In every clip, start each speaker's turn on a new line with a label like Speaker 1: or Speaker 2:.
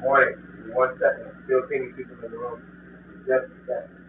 Speaker 1: Morning. One second. Still seeing people in the room. Just a second.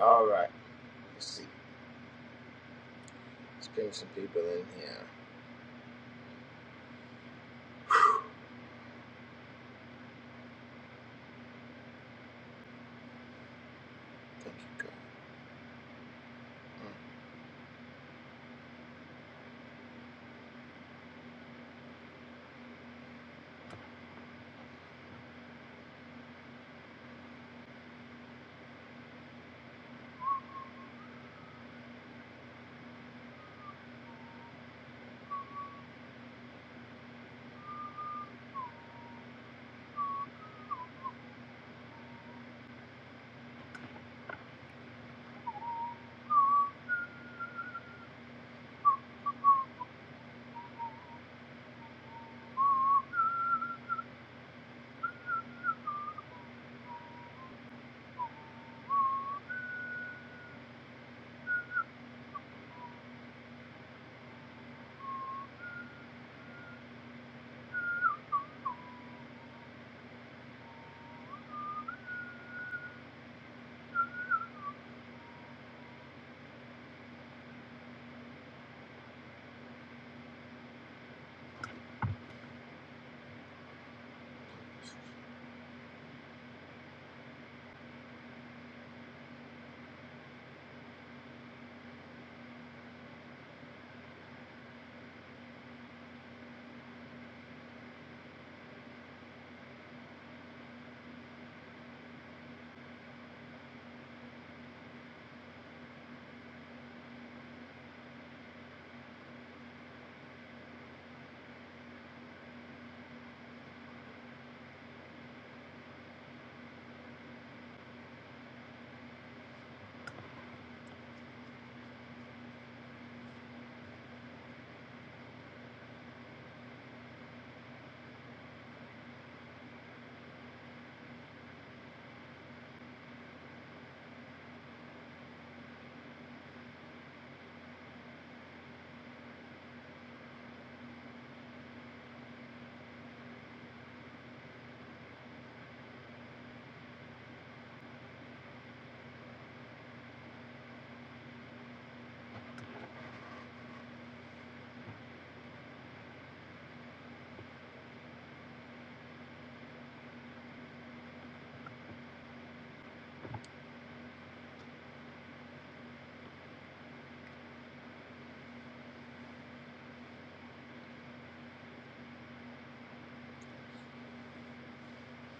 Speaker 2: All right. Let's see. Let's bring some people in here. Thank you, God.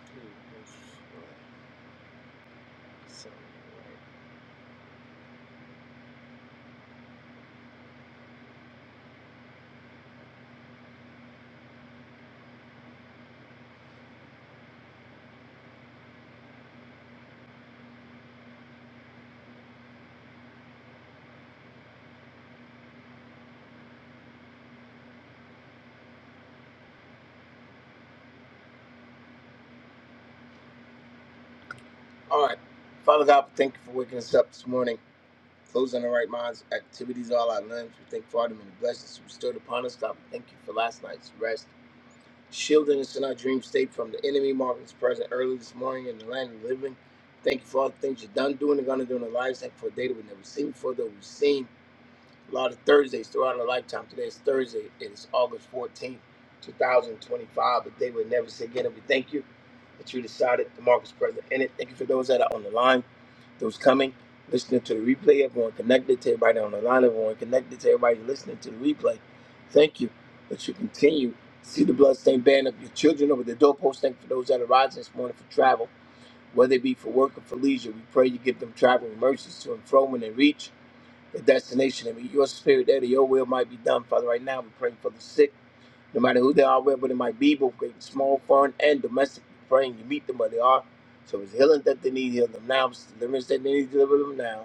Speaker 2: Mm. All right. Father God, we thank you for waking us up this morning. Closing the right minds, activities, all our limbs. We thank you for all the many blessings you bestowed upon us, God. We thank you for last night's rest. Shielding us in our dream state from the enemy, marking us present early this morning in the land of the living. Thank you for all the things you've done, doing, and going to do in our lives. Thank you for a day that we've never seen before, that we've seen. a lot of Thursdays throughout our lifetime. Today is Thursday. It is August 14th, 2025, But they we'll never say again. And we thank you that you decided the mark is present in it. Thank you for those that are on the line, those coming, listening to the replay, everyone connected to everybody on the line, everyone connected to everybody listening to the replay. Thank you that you continue to see the bloodstained banner of your children over the doorpost. Thank you for those that are rising this morning for travel, whether it be for work or for leisure. We pray you give them traveling mercies to and fro when they reach the destination and your spirit there, that your will might be done, Father. Right now, we're praying for the sick no matter who they are, wherever they might be, both great and small, foreign and domestic, praying you meet them where they are. So if it's healing that they need, heal them now. If it's deliverance that they need, deliver them now.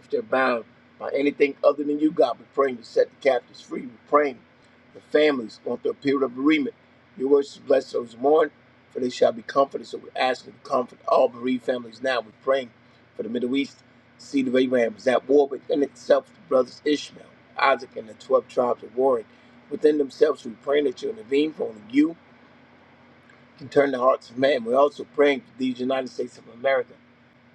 Speaker 2: If they're bound by anything other than you, God, we're praying you set the captives free. We're praying the families going through a period of bereavement. Your words is blessed those who mourn, for they shall be comforted. So we're asking to comfort all bereaved families now. We're praying for the Middle East. The seed of Abraham is at war within itself, the brothers Ishmael, Isaac, and the 12 tribes are warring within themselves. We're praying that you intervene for only you can turn the hearts of man. We're also praying for these United States of America.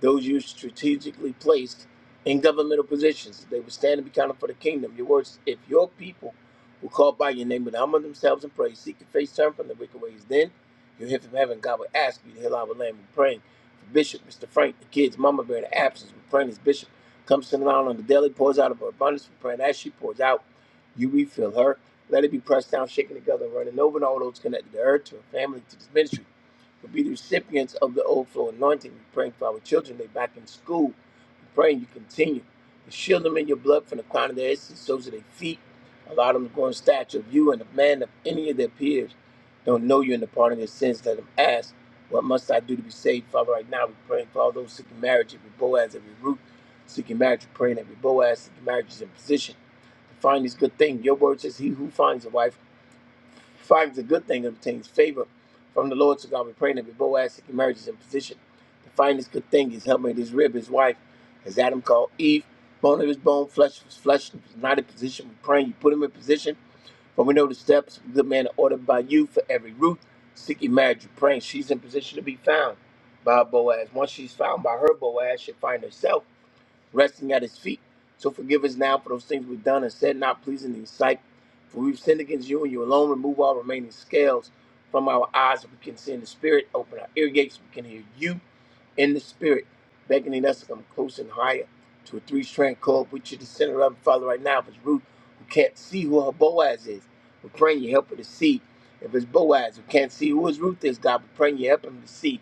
Speaker 2: Those you strategically placed in governmental positions, they would stand and be counted for the kingdom. Your words, if your people who call by your name and humble themselves and pray, seek your face, turn from the wicked ways, then you'll hear from heaven. God will ask you to heal our land. We're praying for Bishop, Mr. Frank, the kids, Mama Bear, the absence. We're praying as Bishop comes to the line on the daily, pours out of her abundance. We're praying as she pours out, you refill her. Let it be pressed down, shaken together, running over, and all those connected to her, to her family, to this ministry will be the recipients of the overflow anointing. We're praying for our children. They're back in school. We're praying you continue to shield them in your blood from the crown of their heads to the soles of their feet. Allow them to grow in stature of you and of man of any of their peers. Don't know you in the pardon of their sins. Let them ask, What must I do to be saved? Father, right now we're praying for all those seeking marriage, every Boaz, every Ruth seeking marriage. We're praying every Boaz seeking marriage is in position to find this good thing. Your word says, He who finds a wife finds a good thing and obtains favor from the Lord. So God, we pray that Boaz seeking marriage is in position to find this good thing, his helpmate, his rib, his wife, as Adam called Eve, bone of his bone, flesh of his flesh. If he's not in position, we pray you put him in position. For we know the steps of a good man are ordered by you for every root seeking marriage. you praying she's in position to be found by her Boaz. Once she's found by her Boaz, she'll find herself resting at his feet. So forgive us now for those things we've done and said not pleasing in his sight. For we've sinned against you and you alone. Remove all remaining scales from our eyes that we can see in the spirit. Open our ear gates, we can hear you in the spirit, beckoning us to come close and higher to a three-strand cord, which you the center of, Father, right now. If it's Ruth who can't see who her Boaz is, we're praying you help her to see. If it's Boaz who can't see who his Ruth is, God, we're praying you help him to see.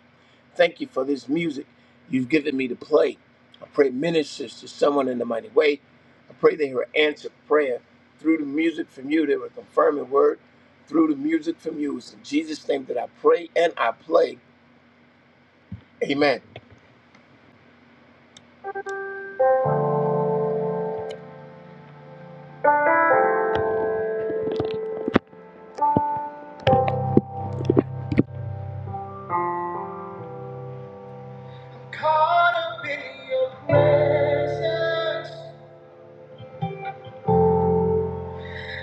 Speaker 2: Thank you for this music you've given me to play. I pray it ministers to someone in the mighty way. I pray they hear answered prayer through the music from you. They were confirming word through the music from you. It's in Jesus' name that I pray and I play. Amen. Caught up in your presence,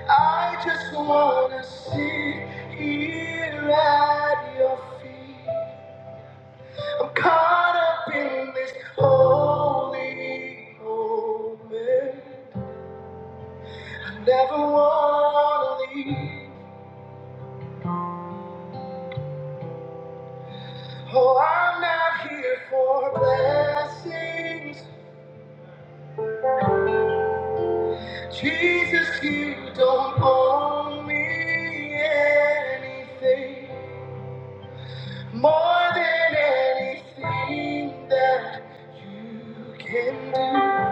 Speaker 2: I just wanna sit here at your feet. I'm caught up in this holy moment. I never wanna leave. Oh, I'm not here for blessings. Jesus, you don't owe me anything. More than anything that you can do,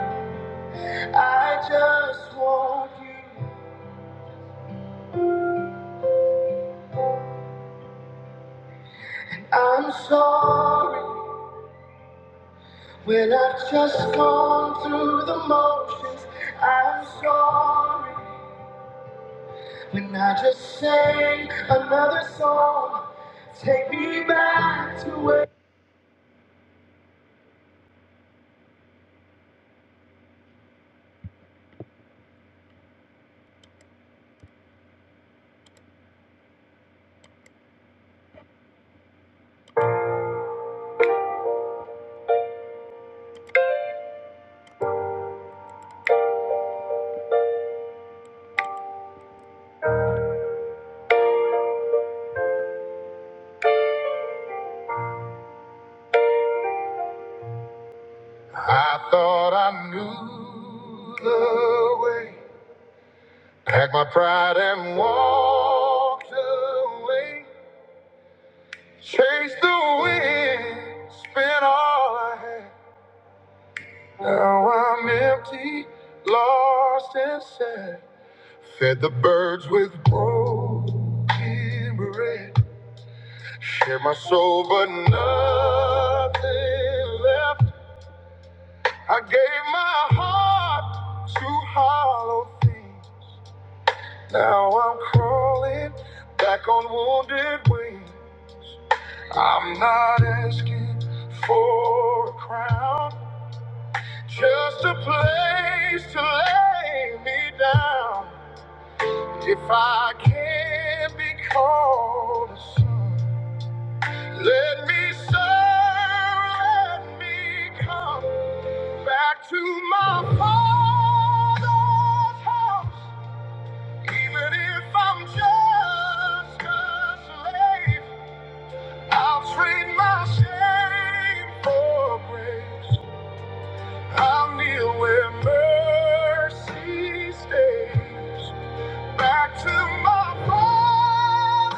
Speaker 2: I just want you. I'm sorry when I've just gone through the motions. I'm sorry when I just sang another song. Take me back to where I thought I knew the way. Packed my pride and walked away. Chase the wind, spent all I had. Now I'm empty, lost and sad. Fed the birds with broken bread. Shared my soul, but nothing left. I gave my heart to hollow things. Now I'm crawling back on wounded wings. I'm not asking for a crown. Just a place to lay me down. If I can be called a son, let me serve, let me come back to my father's house. Even if I'm just a slave, I'll trade my shame for grace. I'll kneel where mercy stays. Back to my father's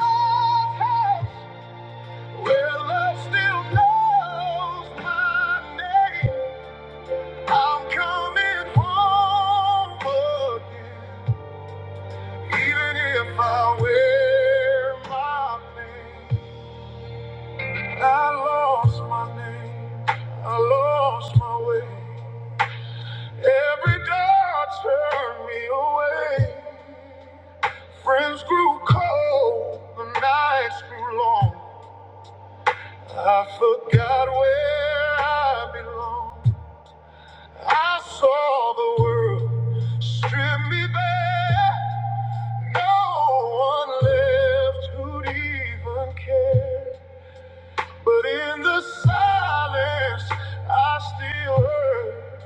Speaker 2: house, where love still knows my name. I'm coming home again, even if I wear my pain. I lost my name, I lost my way. Every door turned me away. Friends grew cold, the nights grew long. I forgot where I belong. I saw the world strip me bare. No one left who'd even care. But in the silence, I still heard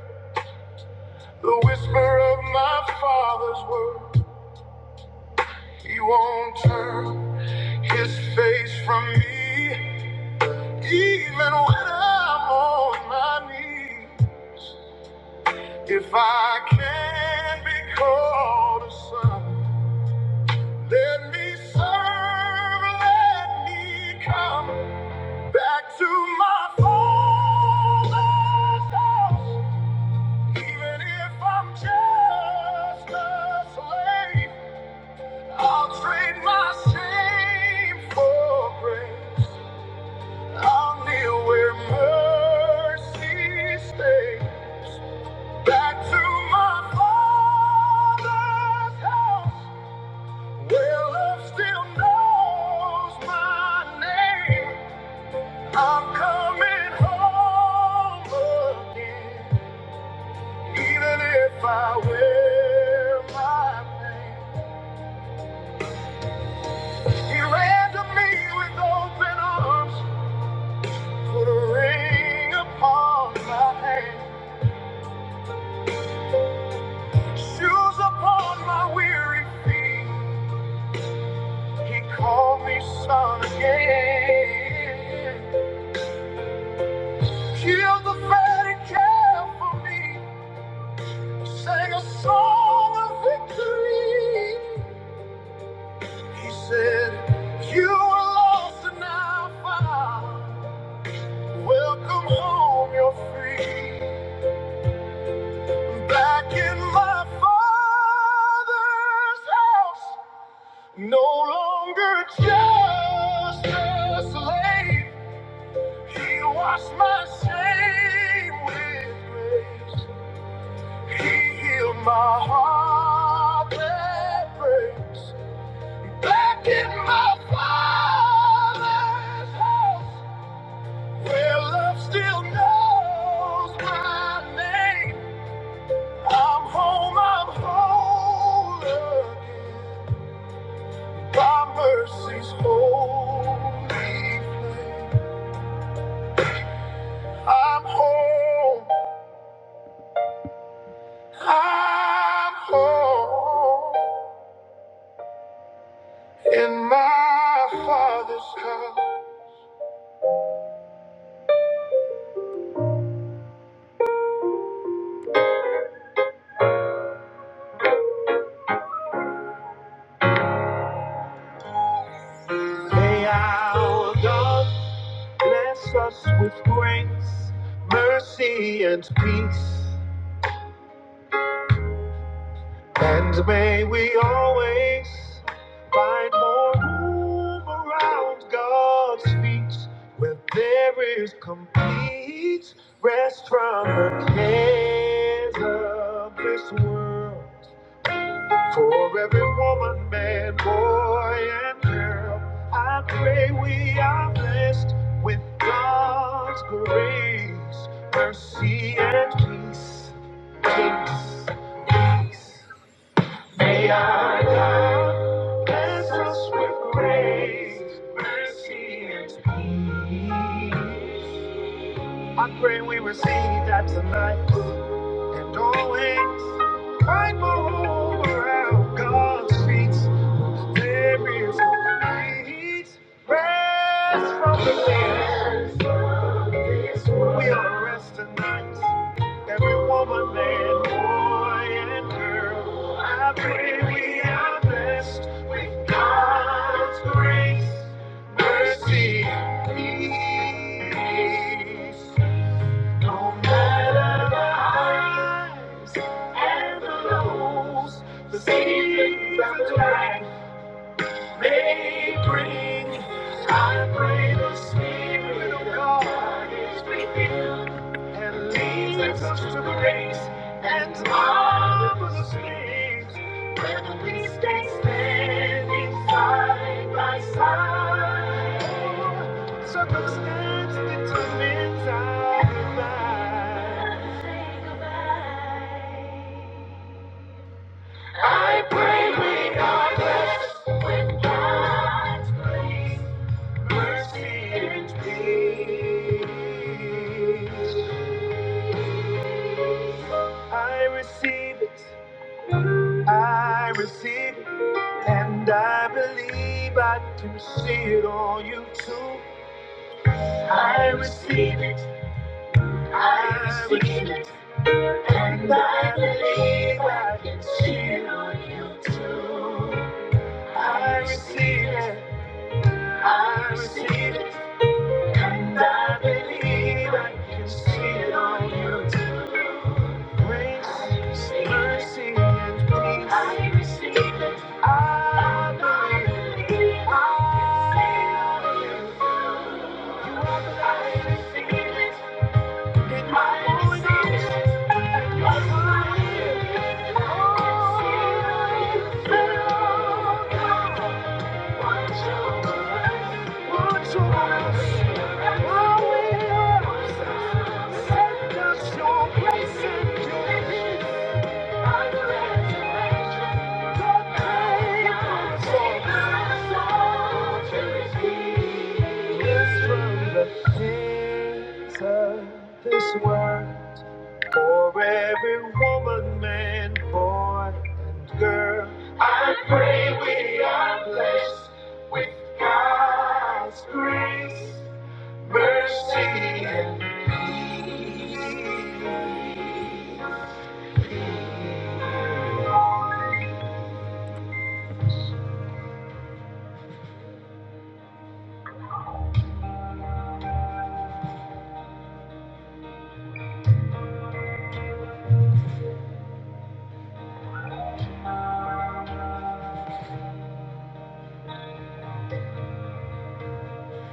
Speaker 2: the whisper of my father's word. He won't turn his face from me. Even when I'm on my knees, if I can be called a son, let me serve, let me come back to my father's house. Even if I'm just a slave, I'll trade my shame for grace. I'll kneel where mercy stays. Back to my father's house. where love still knows my name. I'm coming home again, even if I wear my pain. He ran to me with open arms, put a ring upon my hand, shoes upon my weary feet. He called me son again. Killed the fatty calf for me. Sang a song of victory. He said, You were lost and now found. Welcome home, you're free. Back in my father's house. No longer just a slave. He washed my shame with grace. He healed my heart that breaks. Blackened my father's house, where love still knows my name. I'm home, I'm whole again. Thy mercy's holy flame. I'm home. I'm home in my Father's house. May our God bless us with grace, mercy, and peace. And may we always find more room around God's feet where there is complete rest from the cares of this world. For every woman, man, boy, and girl, I pray we are blessed with God's grace, mercy, and peace. Peace, peace. May our God bless us with grace, mercy, and peace. I pray we receive that tonight doorways, fight for over out God's streets. There is no peace, rest from the fears. We are rest tonight, every woman, man, boy, and girl. I pray we are blessed with God's grace, mercy, peace. No matter the highs and the lows, the seasons and the rain. May bring, I pray the Spirit of God is revealed and leads us to grace and marvelous things. Whether we stay standing side by side, circumstance determines our life. I pray we are blessed with God's grace mercy and peace. I receive it, I receive it, and I believe I can see it on you too. I receive it, I receive it, and I believe I can see it on you too. I receive it, I receive it, and I believe I can see it on you too. Grace, mercy, and peace. I receive it. I believe. I am filled. You are the light. I receive it. In my own eyes. I receive it. Oh, fill my heart. This world for every woman, man, boy, and girl. I pray we are blessed. Grace, mercy, and peace.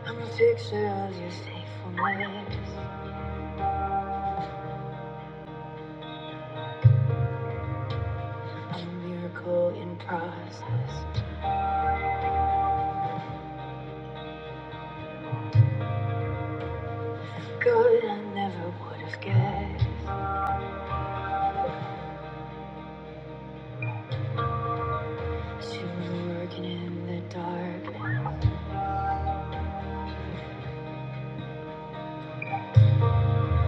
Speaker 2: I'm a picture of your faithfulness, a miracle in process. Good, I never would have guessed. You were working in the dark.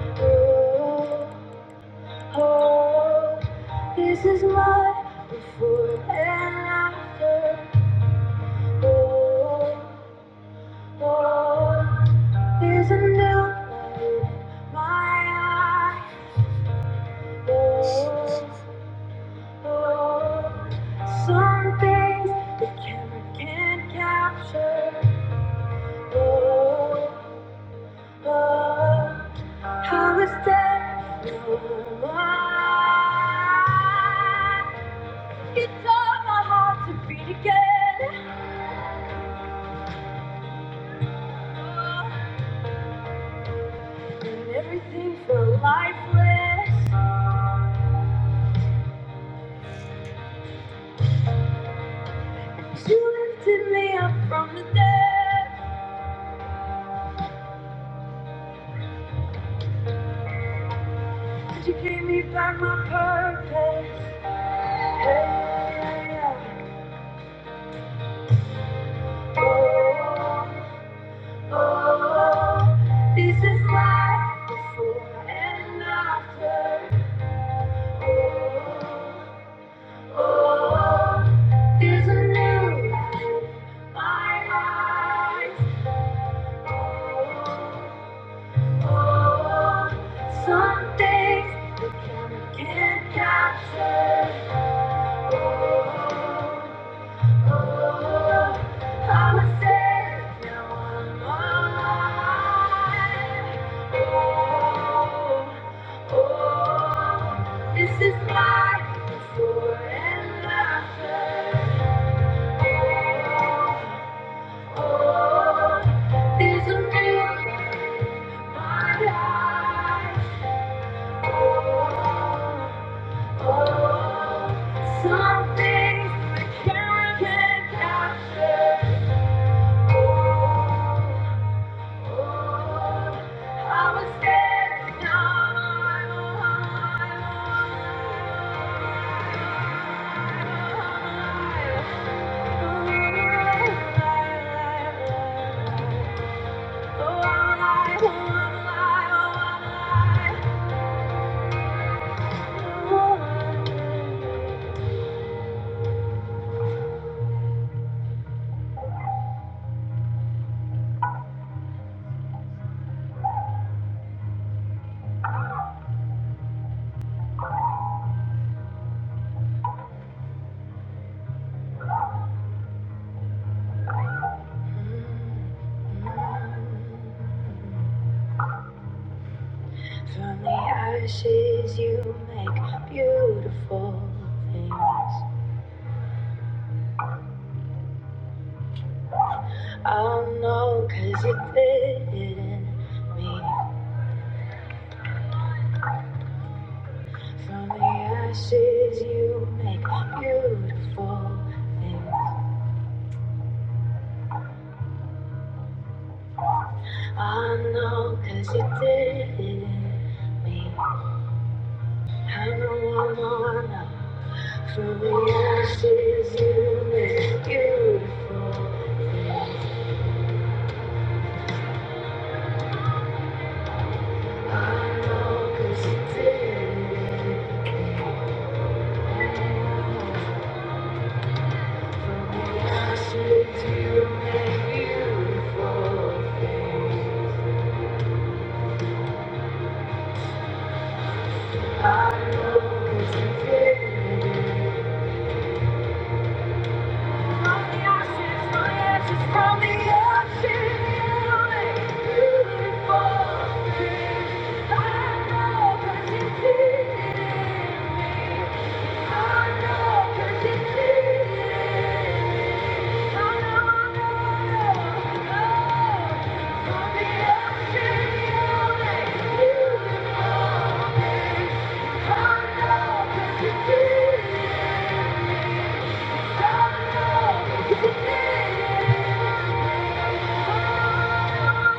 Speaker 2: Oh, oh, this is my before and after. Oh, oh, there's a new light in my eyes. Some things the camera can't capture. Oh, oh, how is that? No lie. You taught my heart to beat again, and everything felt lifeless. You lifted me up there. Could you give? Hey, oh. Oh, this is life before and after. Oh, oh, there's a new light in my eyes. Oh, oh, some things can't capture. I'm a sinner, now I'm alive. Oh, oh, this is life before and after. Oh, there's a reason in my life. Oh, oh, some things I can't capture. From the ashes you make beautiful things. I'll know cause you did not mean. From the ashes you make beautiful things I know cause you did not mean. I know I know I know From the ashes you make beautiful things I know cause you did not mean. Beautiful things. I know it's a Thank you. did it. I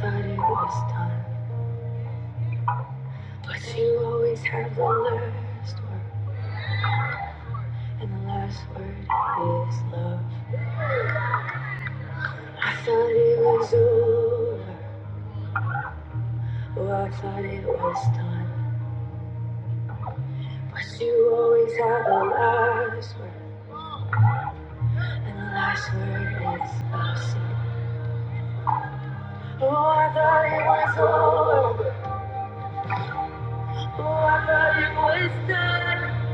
Speaker 2: thought it was done, but you always have the last word, and the last word is love. I thought it was over, oh, I thought it was done, but you always have the last word, and the last word is love. So, oh, I thought it was over. Oh, I thought it was done,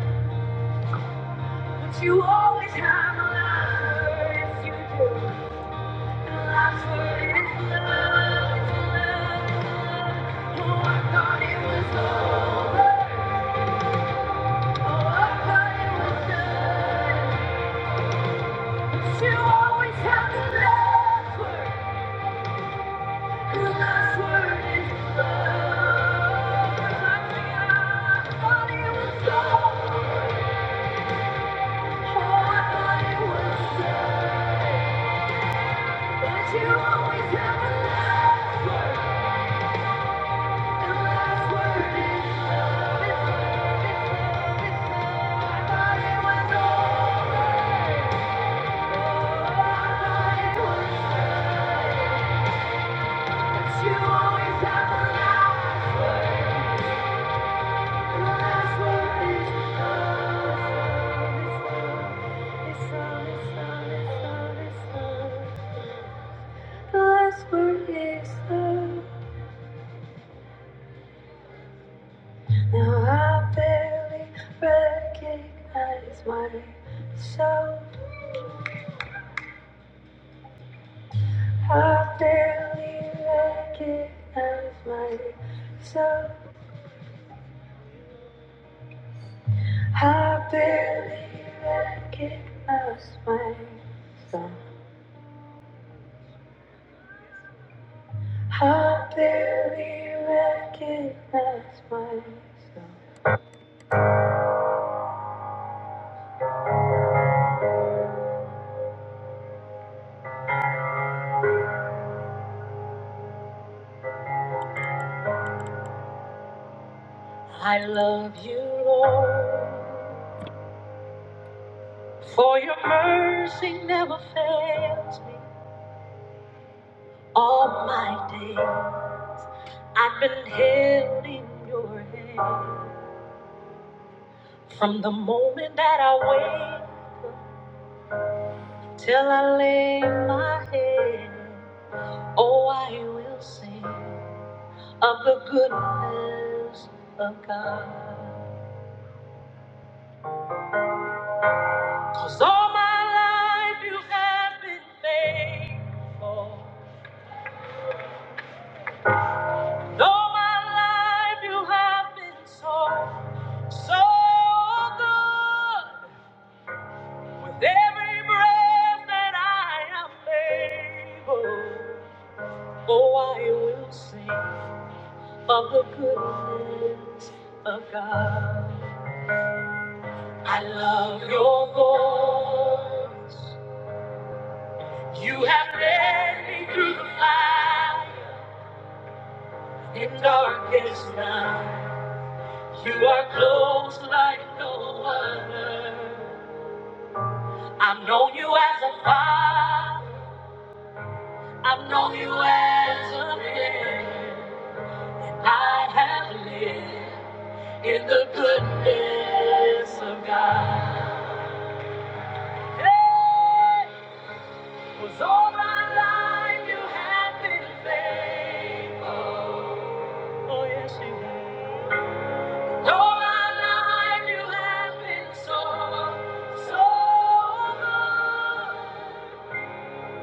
Speaker 2: but you always have a laugh for it. You do. A laugh for it is love, it's love, it's love. Oh, I thought it was over. Oh, I thought it was done, but you always have a laugh for it. A laugh for it is love. I thought it was over. Oh, I thought it was done. That you always have a last, word. and the last word is love, love, it's love, it's love. I thought it was alright. Oh, I thought it was right. But you always have a last, word, and the last word is love, it's love, it's love, it's love, it's love, it's love. The last word is love. Now I barely recognize myself. I barely recognize myself. I barely recognize myself. I barely recognize myself. For your mercy never fails me. All my days, I've been held in your hand. From the moment that I wake up till I lay my head, oh, I will sing of the goodness of God. 'Cause all my life you have been faithful. And all my life you have been so, so good. With every breath that I am able, oh, I will sing of the goodness of God. I love your voice. You have led me through the fire in darkest night. You are close like no other. I've known you as a father. I've known you as a friend. I have lived in the goodness of God. Hey, was all my life you have been faithful. Oh yes, you have. All my life you have been so, so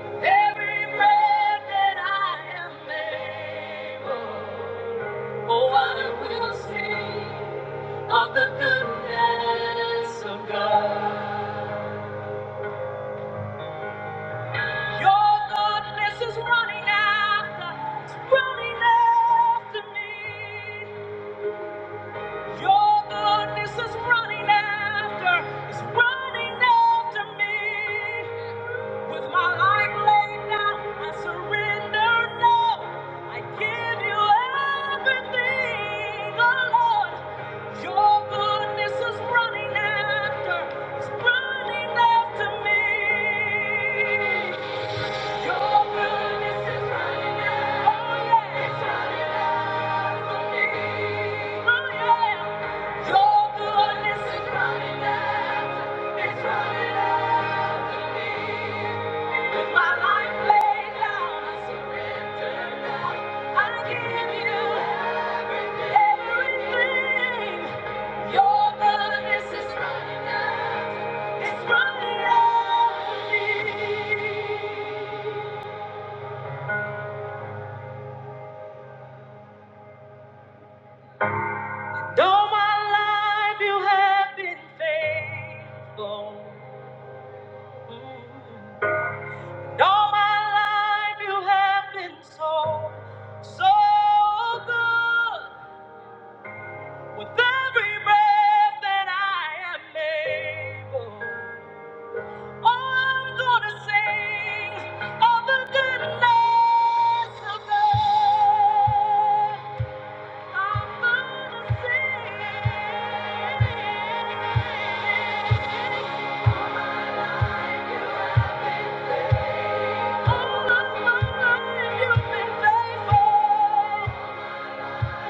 Speaker 2: good. Every breath that I am able, oh I will sing. of the goodness of God. Your goodness is running after, it's running after me. Your goodness is running after, it's running after me. With my life laid down, I surrender now. I give you everything, oh Lord. Your goodness is running after, is running after me. Your goodness is running out. Oh, yeah. It's running out for me. Oh, yeah. Your goodness is running out. It's running out for me. With my life laid down, I surrender now. I give you everything. Your goodness is running out. It's running out for me. All my life you have been faithful. And all my life you have been so, so good. With every breath that I am able, oh, I'm gonna sing of the goodness of God. Thank you. Thank you.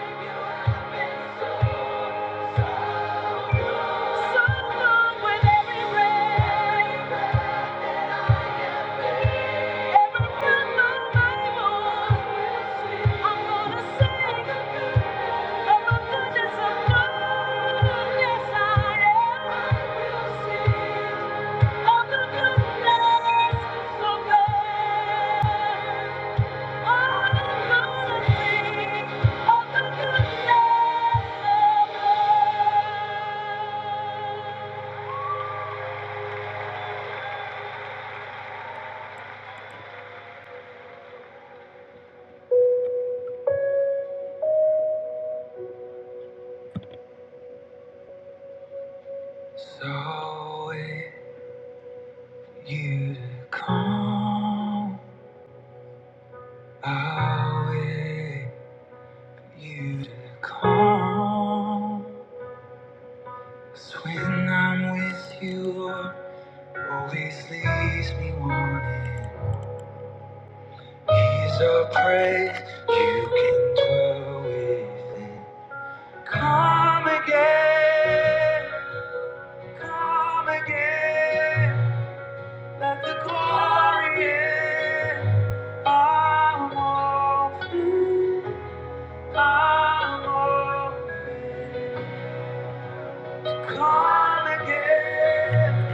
Speaker 2: So wait you to come. I'll wait you to come. So come again.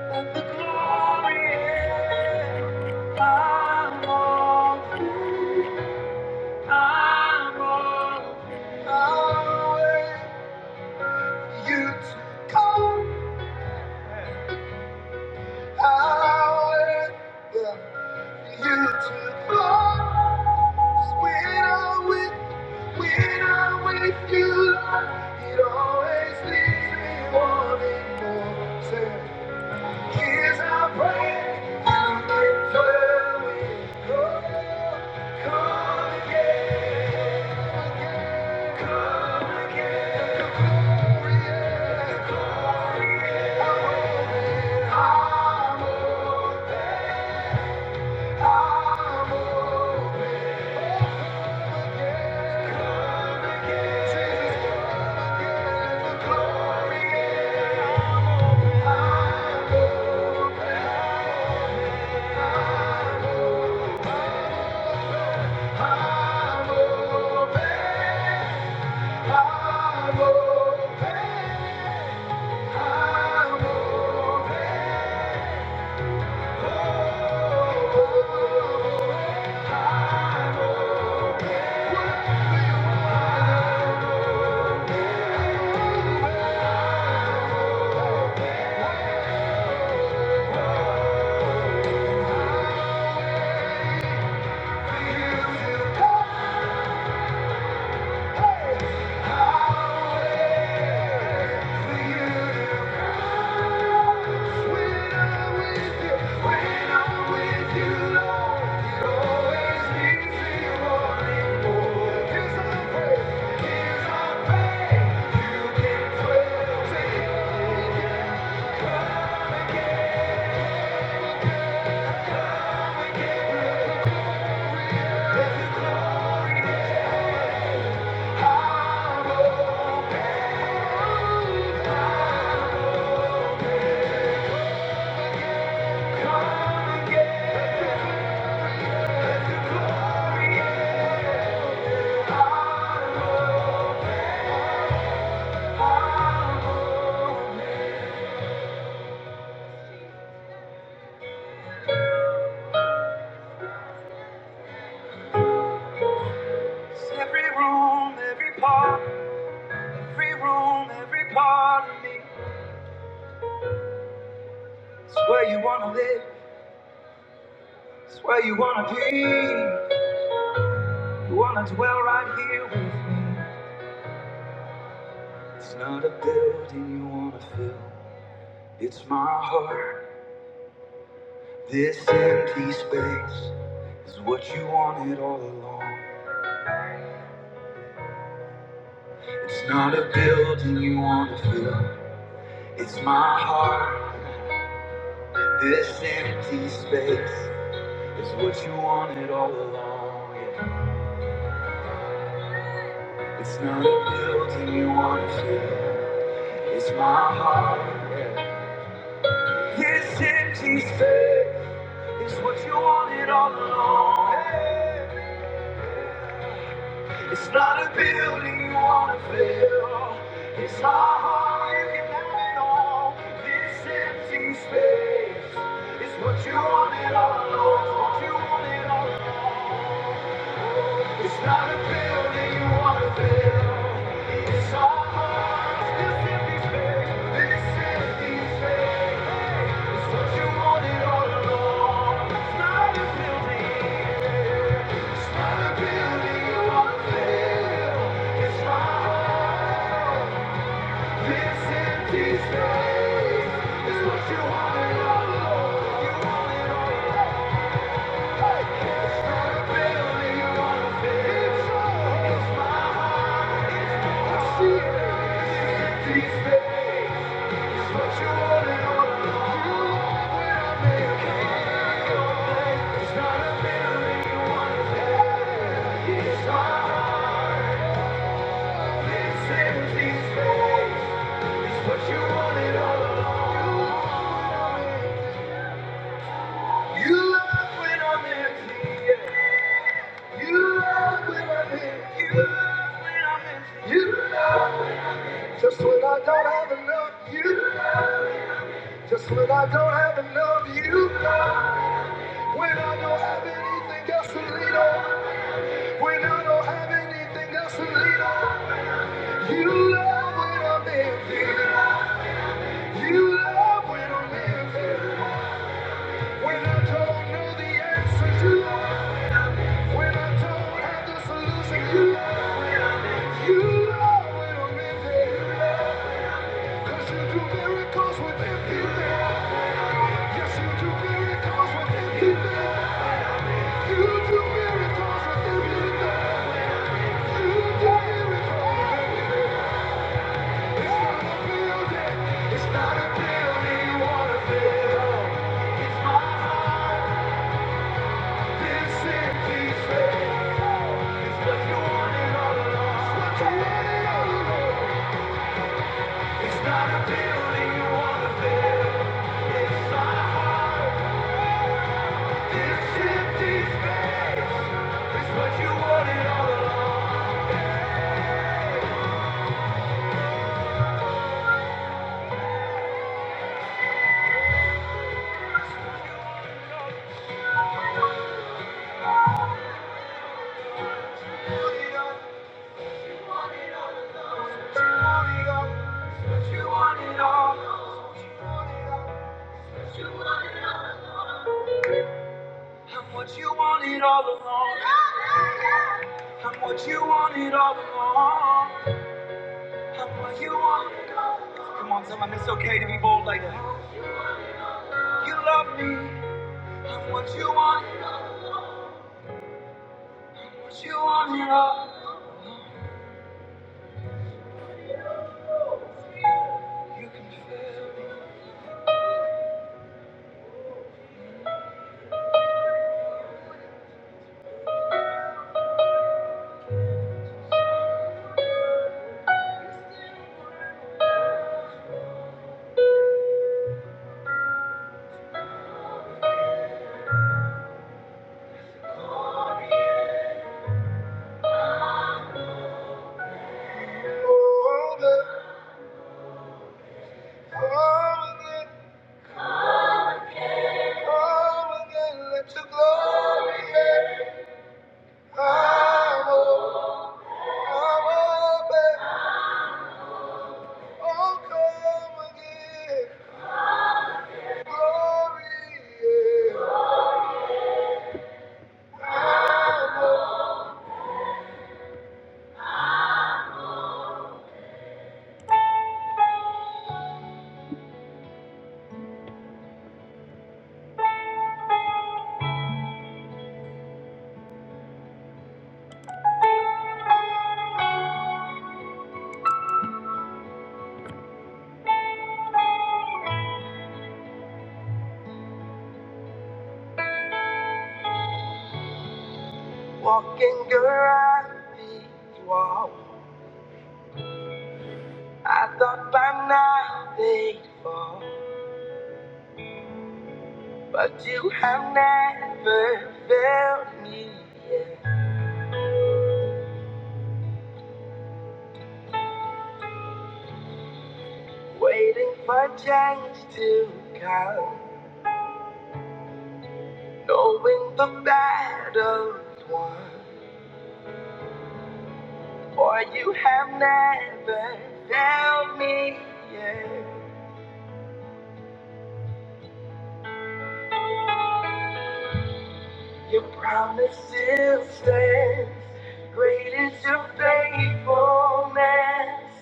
Speaker 2: Let the glory in. I'm all free. I'm all free. I'll wait. You took all power. Yeah. You took all. When I'm with, when I'm with you, Lord, it always leaves me wanting more. Say, here's our prayer. You can dwell with us. Come again. I'm open, Every room, every part. Every room, every part of me. It's where you wanna live, it's where you wanna be. You wanna dwell right here with me. It's not a building you wanna fill, it's my heart. This empty space is what you wanted all along. It's not a building you wanna fill, it's my heart. This empty space is what you wanted all along. yeah. It's not a building you wanna fill. It's my heart. yeah. This empty space is what you wanted all along. yeah. It's not a building you wanna fill. It's my heart. You can have it all. This empty space is what you wanted all along. what you wanted all along. It's not a pill that you want to fill. It's our hearts just in despair. This is despair. It's what you wanted all along. It's not a building. It's not a building you want to fill. It's my heart. This empty space is these things. It's what you wanted all along. You want a building you want to fill. It's my secret. This empty space. Just when I don't have enough, you love. me. Just when I don't have enough of you, when I don't have anything else to lean on, when I don't have anything else to lean on, you love when I'm empty. You love when I'm empty. When I don't know the answer, you love. When I don't have the solution, you love. You love when I'm empty. Cause you do miracles with empty things. Yes, you do miracles with empty things. You do miracles with the You do miracles. It's not a building. It's not a building you wanna build. It's my heart. This empty space. It's what you wanted all along. It's not a building you wanna build. It's my heart. This empty space. It's what you wanted all along. It's okay to be bold like that. You love me. What you want, what you want, you know. Oh, the- oh, the- oh, the- let your glory in. I'm i I'm open. Oh, come again. Glory, in. Walking around these walls, I thought by now they'd fall, but you have never failed me. yet. Waiting for change to come, knowing the battle's won. For you have never failed me yet. Your promise still stands. Great is your faithfulness,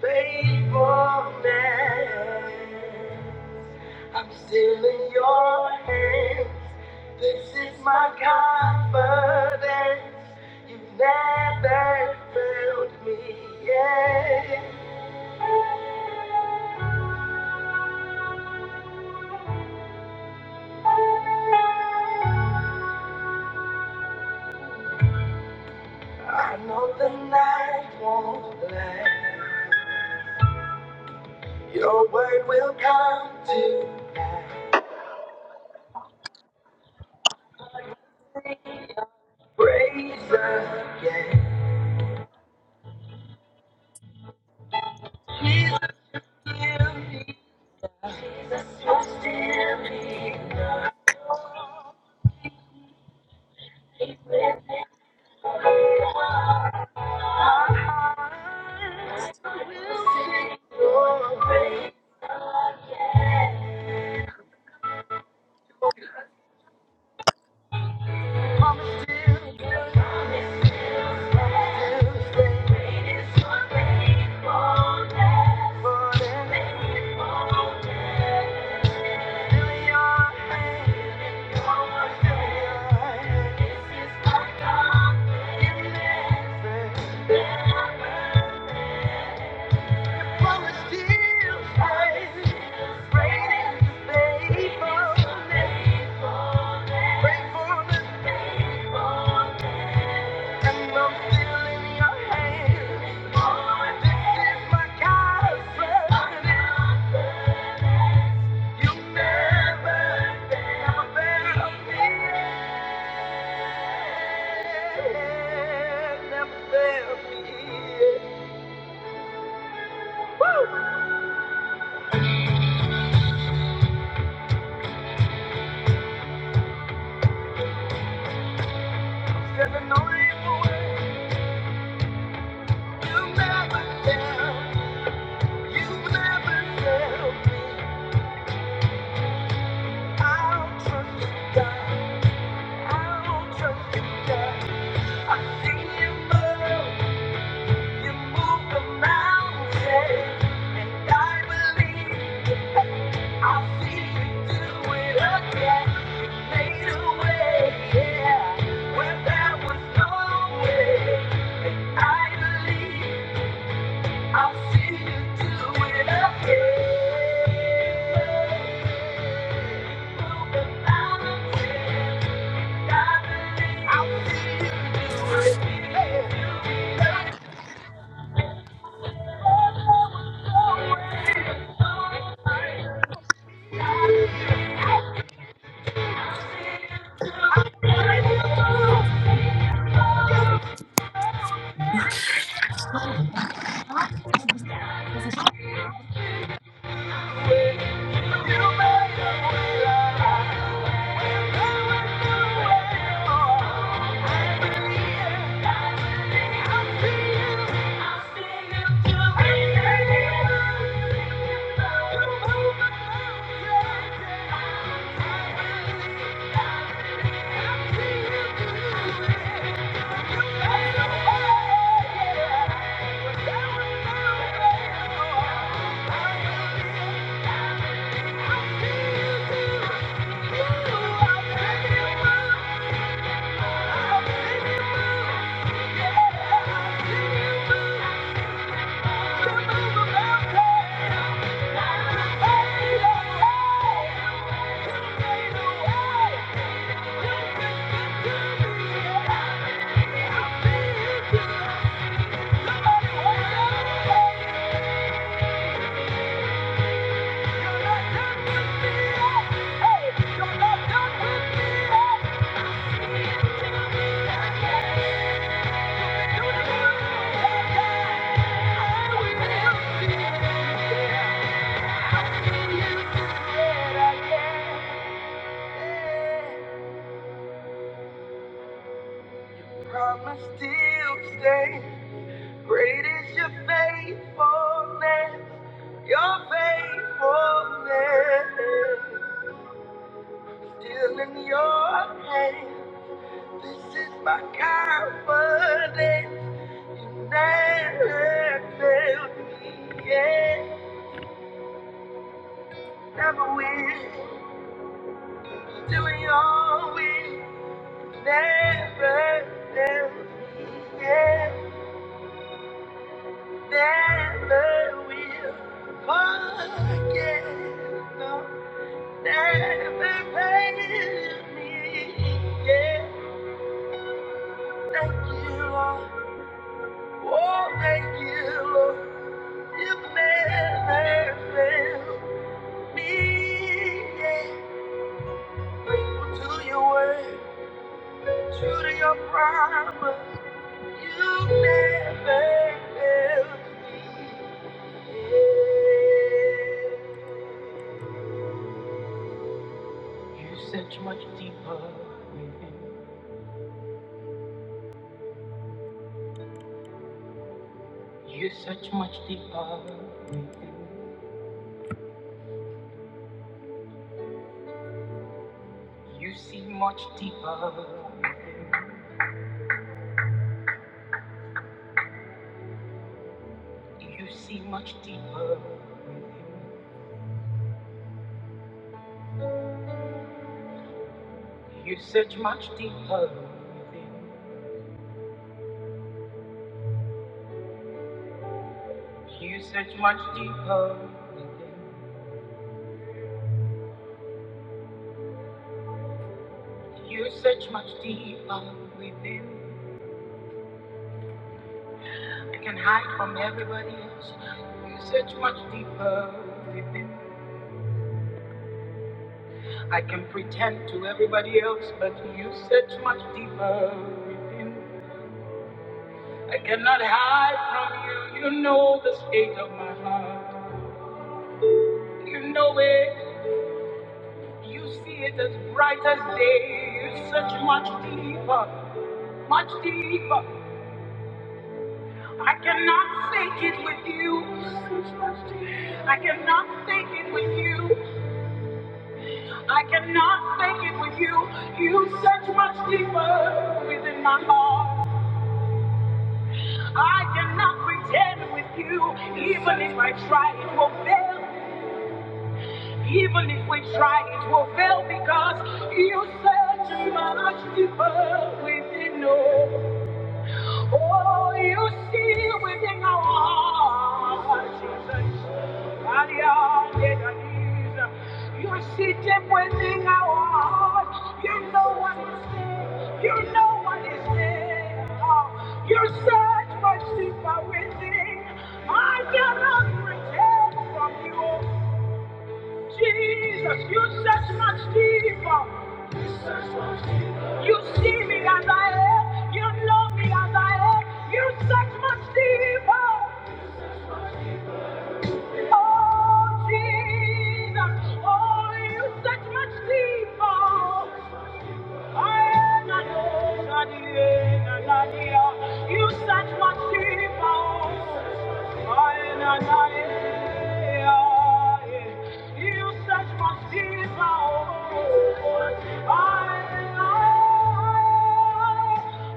Speaker 2: faithfulness. I'm still in your hands. This is my confidence. You've never failed me yet. I know night won't last. It will come to pass. Praise again. It will never. My heart will sing your praise. Thank you. You never tell me I'll trust God. I'll see you do it again. Move the mountains. Thank you. Thank you. Hey! Promise still stay. Great is your faithfulness, your faithfulness. Still in your hands, this is my confidence. You never failed me yet, never will. Still in your will, never failed me yet, never will. Forget, no. Never failed Yeah, thank you, Lord. Oh, thank you, Lord. you never failed Yeah, faithful to your word, true to your promise. You never failed. You see much deeper. You search much deeper. within. You search much deeper. within. You search much deeper within. I can hide from everybody else. You search much deeper within. I can pretend to everybody else, but you search much deeper within. I cannot hide from you. You know the state of my heart. You know it. You see it as bright as day. You search much deeper, much deeper. I cannot fake it with you. I cannot fake it with you. I cannot fake it with you. You search much deeper within my heart. I cannot pretend with you. Even if I try, it will fail. Even if we try, it will fail because you search much deeper within us. Oh, you see within our hearts, Jesus. Maria, Denise, You see deep within our hearts. You know what is there. You know what is there. Oh, you search much deeper within. I cannot pretend from you. Jesus, you search much deeper. You search much deeper. You see me as I am. You know me as I am. You search much deeper. Oh, Jesus. Oh, you search much deeper. You search what she found. I and you search what she found. I and I,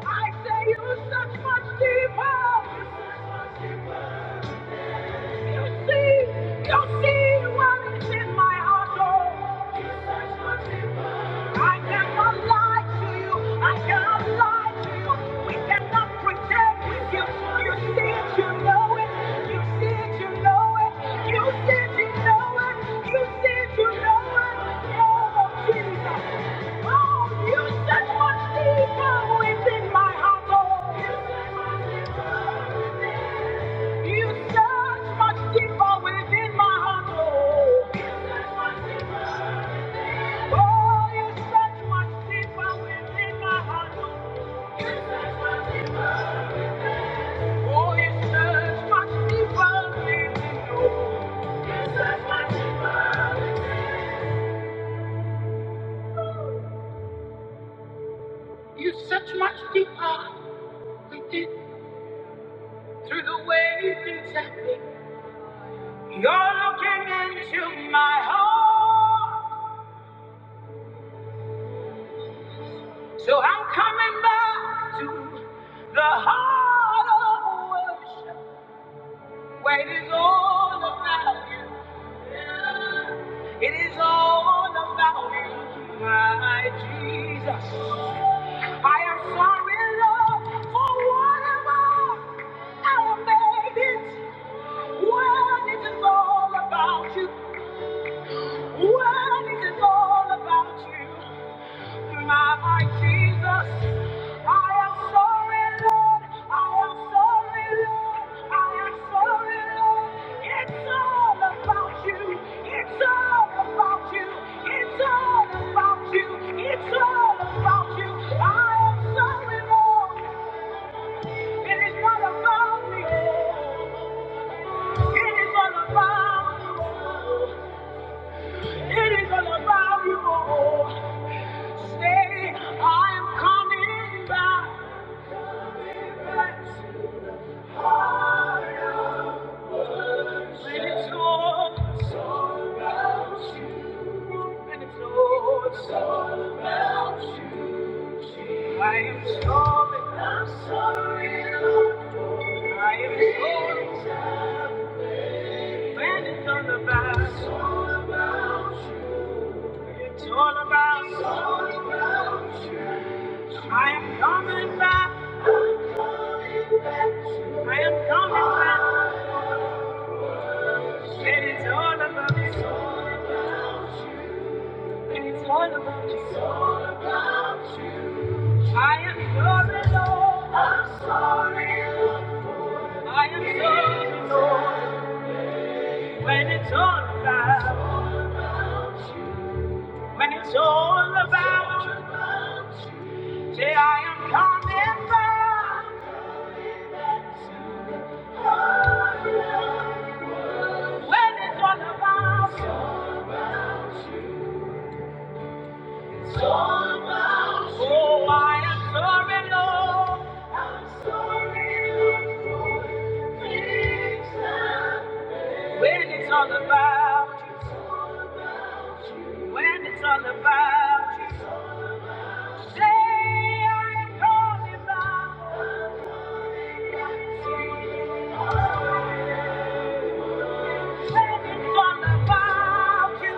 Speaker 2: I say you search much deeper. You see, you see what is in my heart, oh. I cannot lie to you. I cannot lie to you. We cannot pretend you. You see it, you know it. You see it, you know it. You see it, you know it. You see it, you know it. Oh, Jesus. Oh, you search my deeper within my heart, oh. You search my deeper within you search much deeper within my heart, oh. Oh, You search much deeper. Oh, within my heart, oh. Oh, You search much deeper. Oh, within, oh. You You search much deeper within, You're looking into my heart. So I'm coming back to the heart of worship where it is all about you. Yeah. It is all about you, my Jesus. I am sorry, Lord, for whatever I made it. When it is all about you, when it is all about you. My Jesus, I am sorry, Lord. I am sorry, Lord. I am sorry, Lord. It's all about you. It's all about you. It's all about you. It's all about you. I am sorry, Lord. It is not about me. It is all about you. It is all about you. Say, I am coming back. It's all about. you. I am coming back. I am sorry, Lord. I'm sorry, Lord. I am sorry, Lord. When it's all about, when it's all about you, say I am coming back. When it's all about, it's all about you. Oh, I am sorry, Lord. I'm sorry, Lord. for things When it's all about you, when it's all about you, say I'm calling about you. When it's all about you,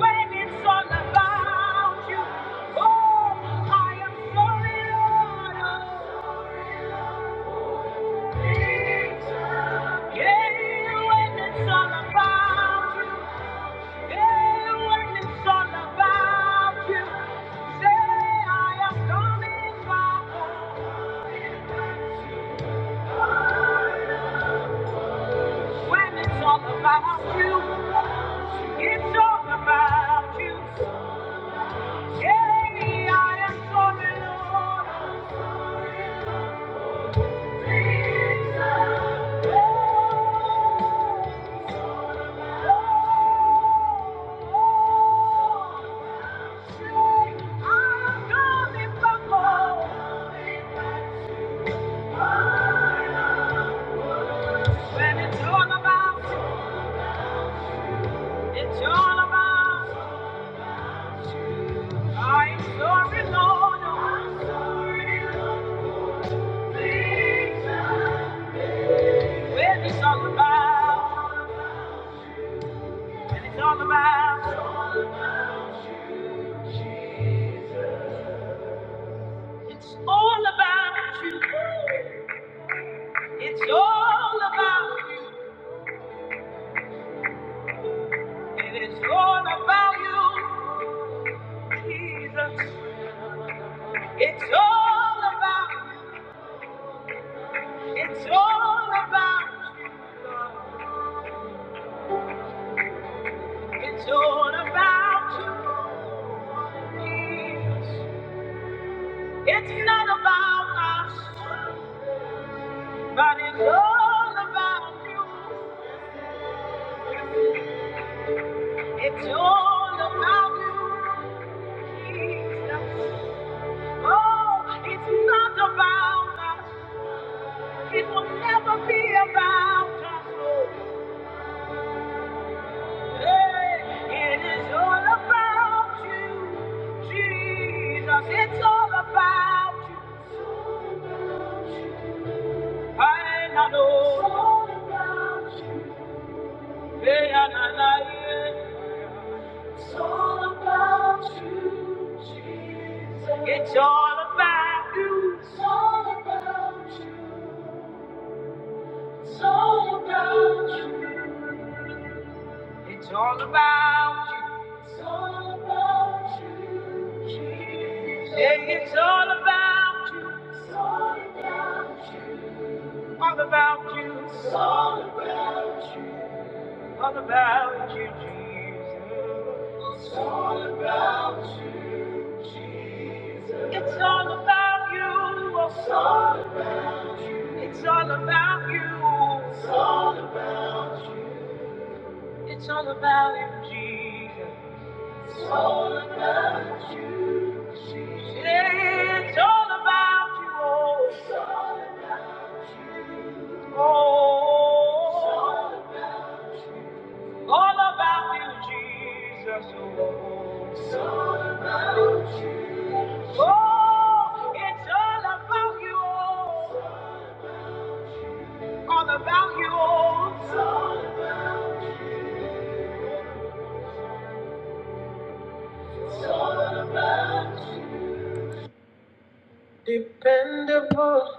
Speaker 2: when it's all about you, oh, I am sorry, Lord. oh. Yeah, when it's all about you. Thank you. When it's all about, it's all about. I'm sorry, Lord. I'm sorry, Lord. Please. When it's all about, when it's all about, it's all about you. It's all about you. it's all about you, Jesus. It's all about, it's all about, it's all about you, Jesus. It's not about us, but it's all about you. It's all about you, Jesus. Oh, it's not about us. It will never be about us. Hey, It is all about you, Jesus. It's all about you. I know. Hey, It's all about you. It's all about you. Hey, it's all about you. All about you. It's all about you. All about you, Jesus. It's all about you. It's all about you. It's all about you. It's all about, it's all about you, Jesus. It's all about you, Jesus. Yeah, it's all about you, oh. It's all, oh. It's all, about, all about you, Jesus. Oh. It's all about you. Oh, it's all about you, oh. All about you, oh. It's all, it's all about you. Dependable,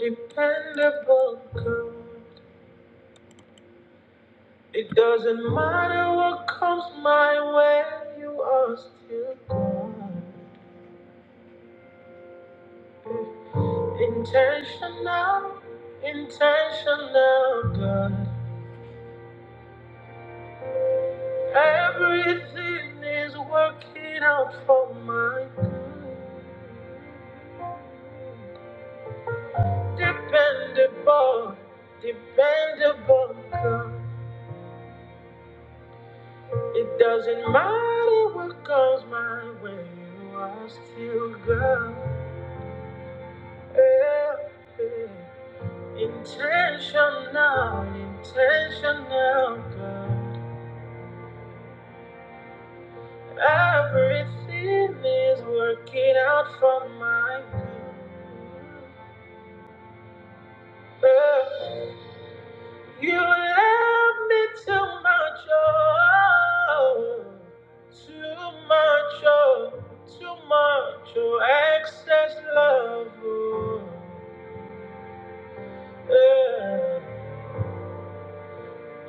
Speaker 2: dependable girl. It doesn't matter what comes my way, you are still good. Intentional, intentional God. Everything is working out for my good. Dependable, dependable God. You love me too much, oh, too much, oh, too much, oh, excess love, oh, yeah.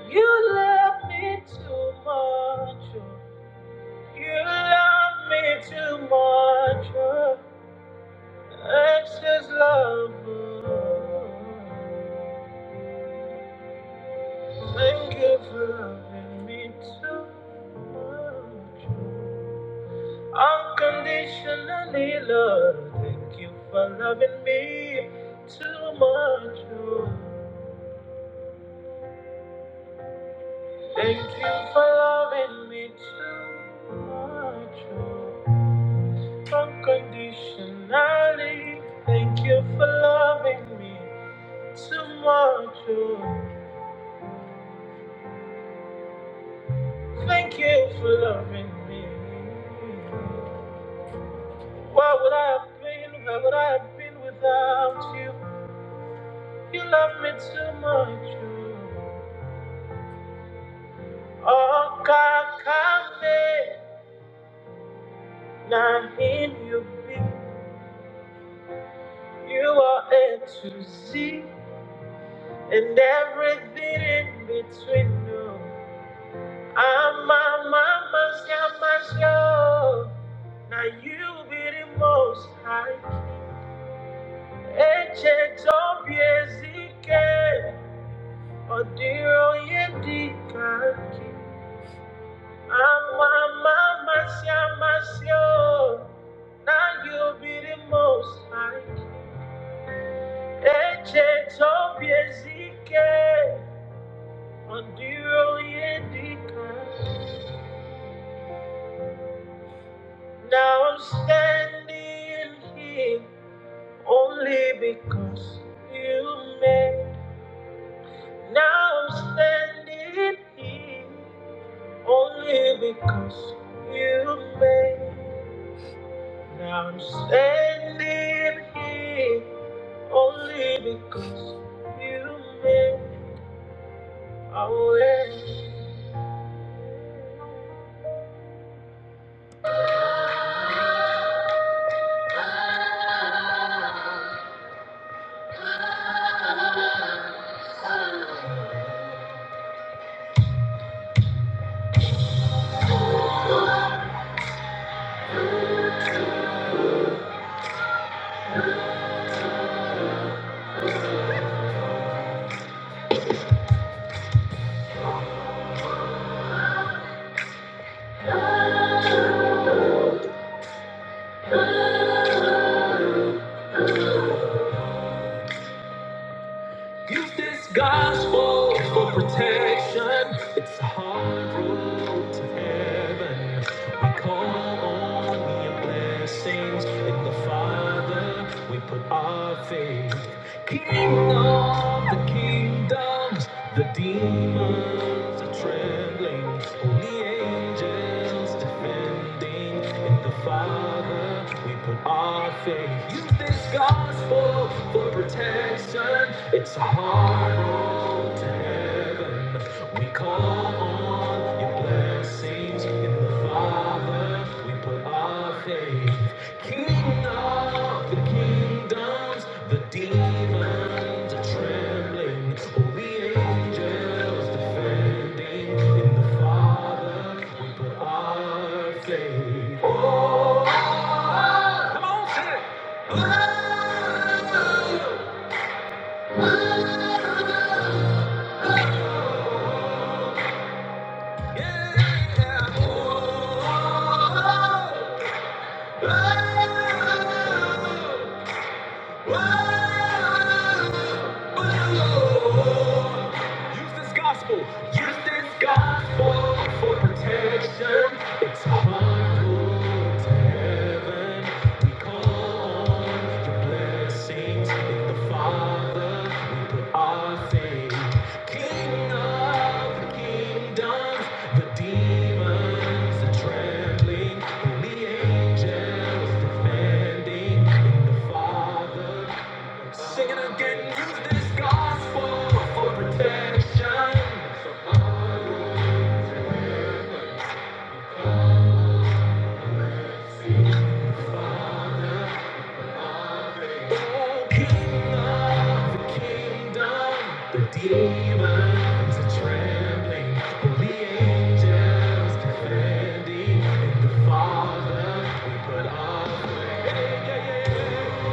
Speaker 2: You love me too much, oh, you love me too much, oh, excess love, oh. Thank you for loving me too much. oh. Unconditionally, Lord, thank you for loving me too much. oh. Thank you for loving me too much. oh. Unconditionally, thank you for loving me too much. oh. Thank you for loving me. Why would I have been? Where would I have been without you? You love me too much. oh. Okakame, now in you be, you are A to Z, and everything in between. No, I'm a mama's yamasho. Now you be the most high. Eche tobiezike, odiro yedikaki. I'm a mama's yamasho. Now you be the most high. Eche topiezike, mandiri endika. Now I'm standing here only because you made. Now I'm standing here only because you made. Now I'm standing here only because you made a way. Use this gospel for protection. It's a hard road to heaven. We call on your blessings in the Father. We put our faith. King of the kingdoms, the demons are trembling. Only angels defending. In the Father, we put our faith. Use this gospel for protection. It's a hard road to heaven. We call on your blessings in the Father. We put our faith. King of the kingdoms, the demons are trembling. All the angels defending in the Father. We put our faith. Yeah. Oh, oh, oh. Use this gospel. Use this gospel for protection. It's harmful heaven. We call on your blessings in the Father. We put our faith. King of the kingdoms, the demons are trembling. Holy angels defending in the Father. Singing again, use this gospel for protection. Oh, King of the kingdom, the demons are trembling. all the angels defending. In the Father, we put our faith. Yeah, yeah,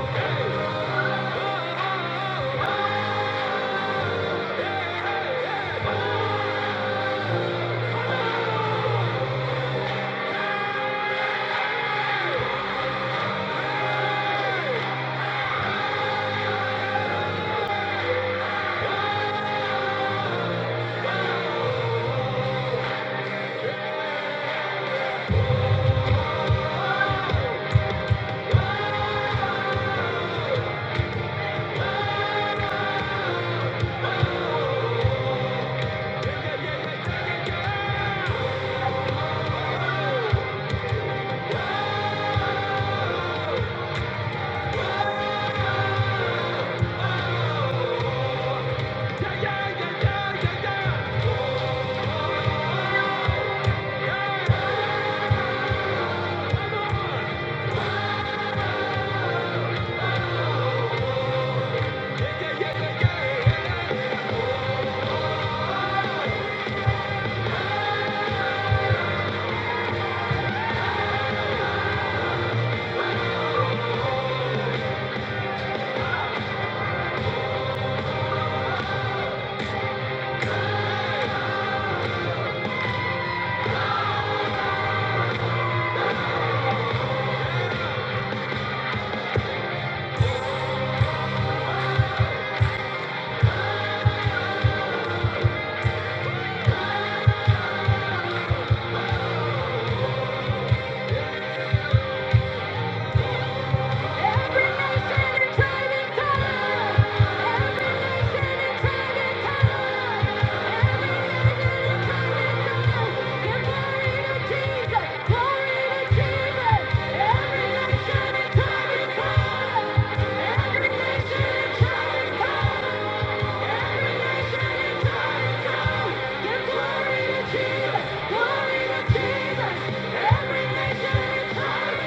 Speaker 2: yeah. Every nation and tribe and tongue. Every sin and tribe and tongue. every Jesus! Every nation and tongue,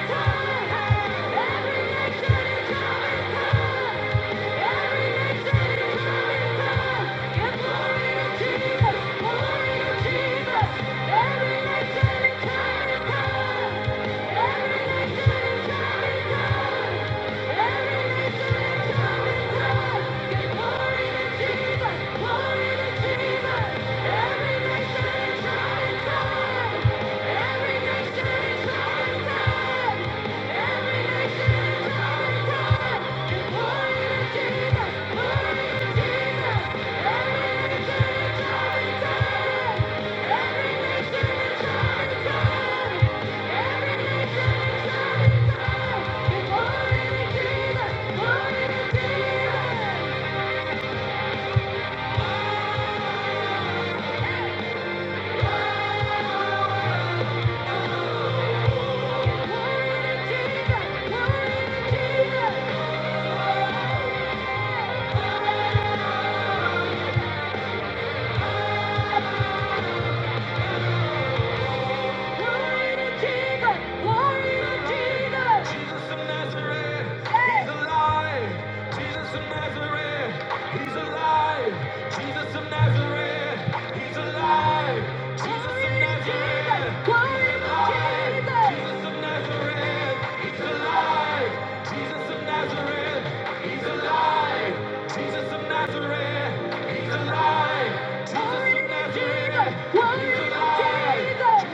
Speaker 2: tongue, hey! Every nation. Every nation, every tongue, every Every nation Jesus! Jesus! Glory to Jesus. Glory to Jesus. Jesus of Nazareth. He's alive. Jesus of Nazareth. He's alive. Jesus of Nazareth. He's alive. Jesus of Nazareth. He's alive. Jesus. He's alive.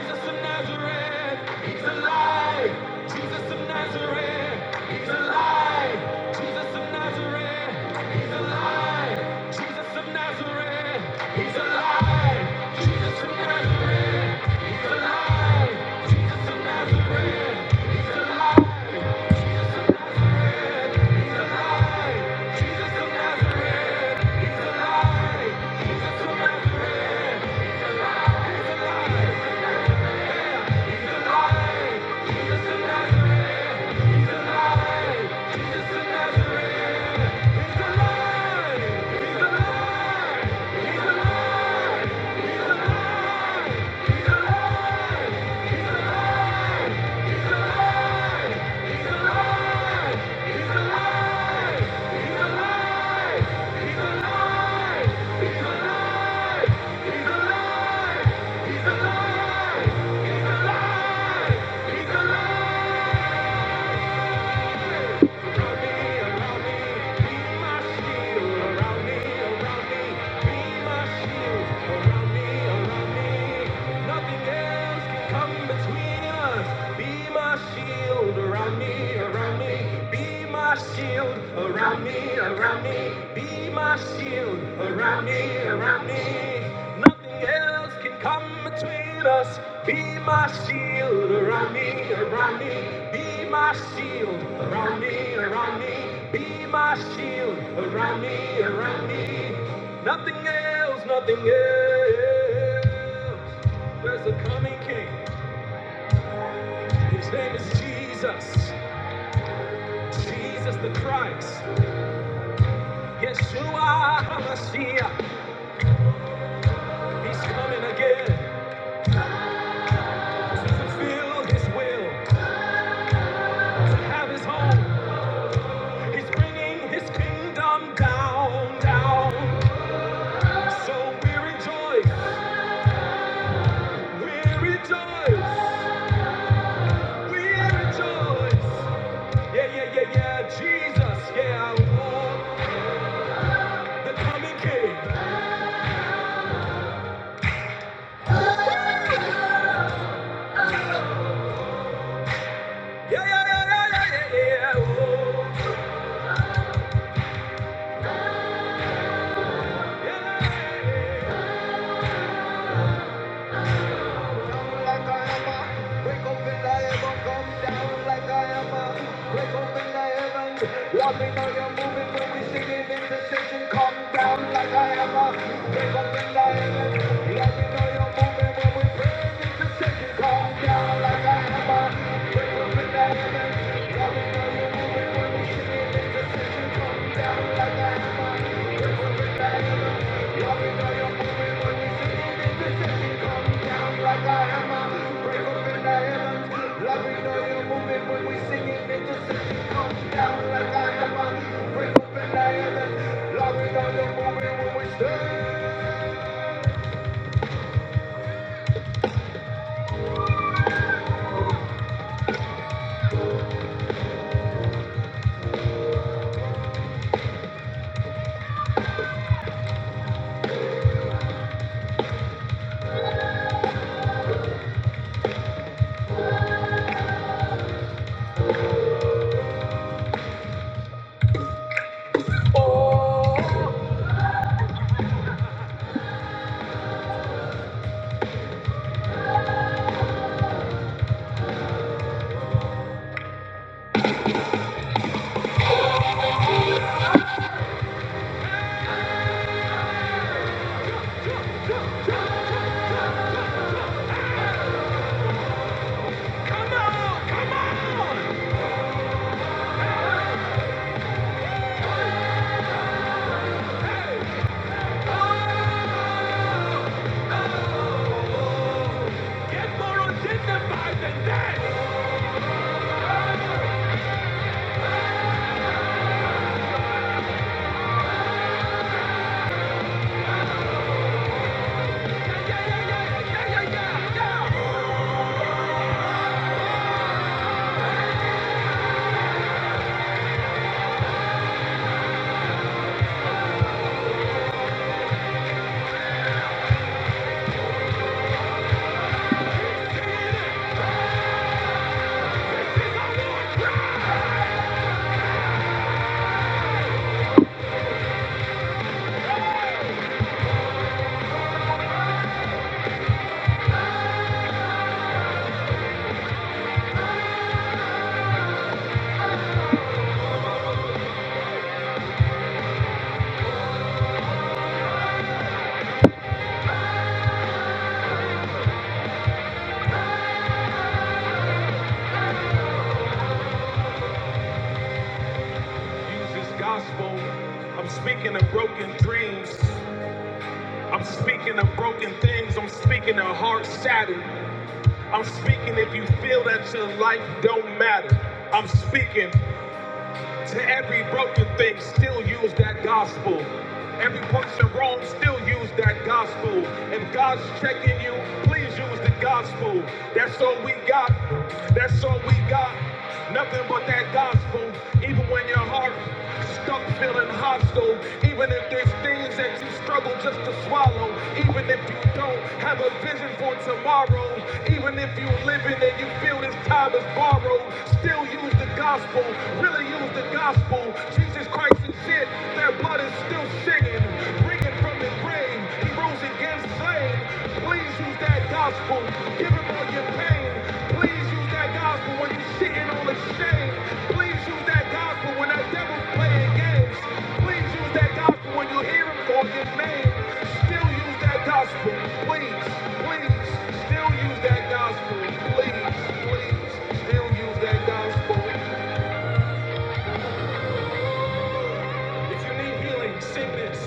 Speaker 2: shield Around me, around me, be my shield. Around me, around me, nothing else can come between us. Be my shield around me, around me. Be my shield around me, around me, around me. Yeshua, yeah, he's coming again. Feel his way. Yeah. Like I am, uh, break open the heaven, come down like I am, uh, break open the heavens. Let me know you're moving when we sing in intercession. Come down like I am, uh, break open the heavens. Let me know you're moving when we pray in intercession. Come down like I am, uh, break open the heavens. Get more identified than that. Yeah, yeah, yeah, yeah, yeah, yeah, yeah, yeah. Use this gospel. I'm speaking of broken dreams. I'm speaking of broken things. I'm speaking of hearts shattered. I'm speaking if you feel that your life don't matter. I'm speaking. To every broken thing, still use that gospel. Every person wrong, still use that gospel. If God's checking you, please use the gospel. That's all we got. That's all we got. Nothing but that gospel. Even when your heart stuck feeling hostile, even if there's things that you struggle just to swallow, even if you don't have a vision for tomorrow, even if you're living and you feel this time is borrowed, still you use the gospel, really use the gospel. Jesus Christ is it, their blood is still singing, bringing from the grave. He rose against slain. Please use that gospel, give him all your pain. Please use that gospel when you're sitting on the shame. Please use that that gospel when that devil's playing games. Please use that gospel when you hear him call your name. Still use that gospel. Please, please, still use that gospel. Please, please, still use that gospel. If you need healing, sing this.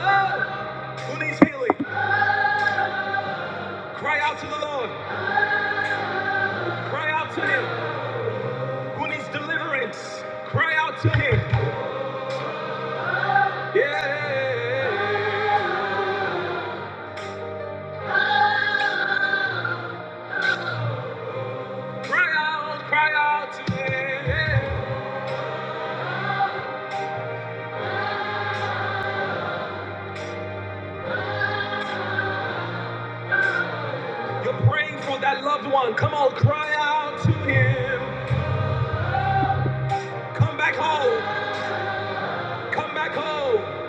Speaker 2: Oh. Who needs healing? Cry out to the Lord. Cry out to him. Who needs deliverance? Cry out to him. Yeah. Cry out, cry out to him. You're praying for that loved one. Come on, cry out to him. Come back home. Come back home.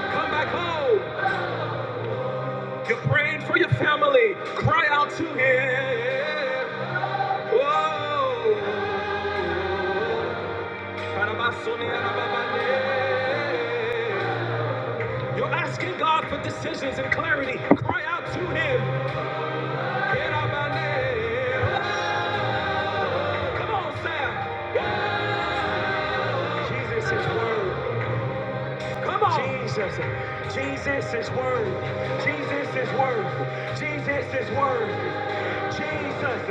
Speaker 2: Come back home. You're praying for your family. Cry out to him. Whoa. You're asking God for decisions and clarity. Cry out to him. Come on, Sam. Jesus is word. Come on. Jesus. Jesus is worthy. Jesus is worthy. Jesus is worthy. Jesus.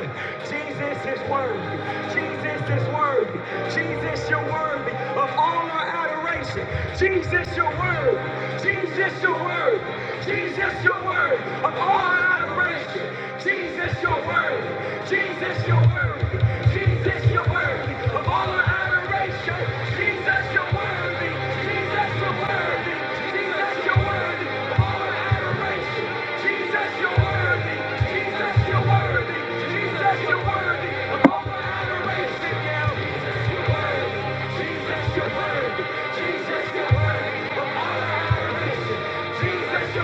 Speaker 2: Jesus is worthy. Jesus is worthy. Jesus, you're worthy of all our adoration. Jesus, you're worthy. Jesus, you're worthy. Jesus, you're worthy of all our adoration. Jesus, you're worthy. Jesus, you're worthy. Jesus, you're worthy of all our adoration. Jesus, you're worthy. Jesus, you're worthy. Jesus, you're worthy of all our adoration. Jesus, you're worthy. Jesus, you're worthy. Jesus, you're worthy of all our adoration. Now, Jesus, you're worthy. Jesus, you're worthy. Jesus, you're worthy of all our adoration. Jesus,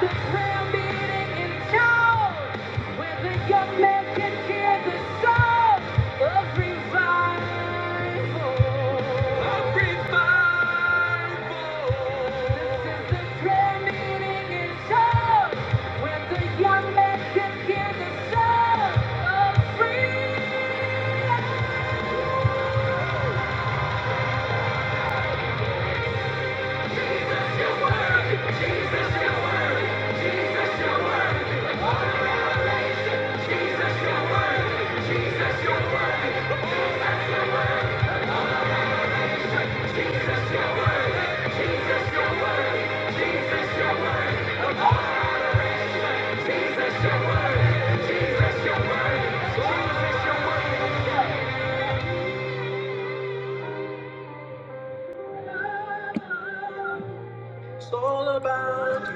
Speaker 2: the prayer meeting in Charles, where the young men can hear the song of revival. revival. This is the prayer meeting in Charles, where the young men can hear the song of freedom. It's all about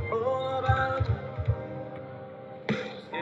Speaker 2: you, all about you. Uh,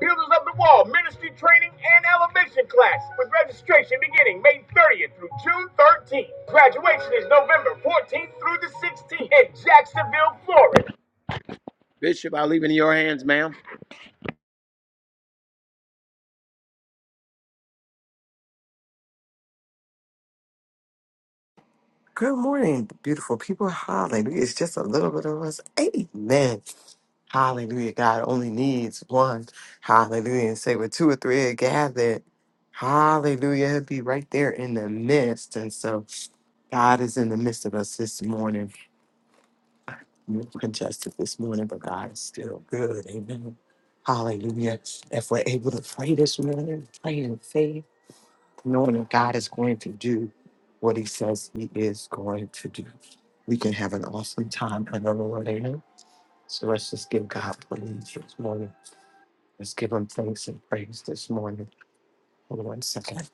Speaker 2: Builders of the Wall Ministry Training and Elevation Class with registration beginning May 30th through June 13th. Graduation is November 14th through the 16th in Jacksonville, Florida.
Speaker 3: Good morning, beautiful people. Hallelujah. It's just a little bit of us. Amen. Hallelujah. God only needs one. Hallelujah. And say, where two or three are gathered, hallelujah. He'll be right there in the midst. And so God is in the midst of us this morning. We're congested this morning, but God is still good. Amen. Hallelujah. If we're able to pray this morning, pray in faith knowing that God is going to do what he says he is going to do. We can have an awesome time another Lord. Amen. So let's just give God praise this morning. Let's give him thanks and praise this morning. Hold on one second.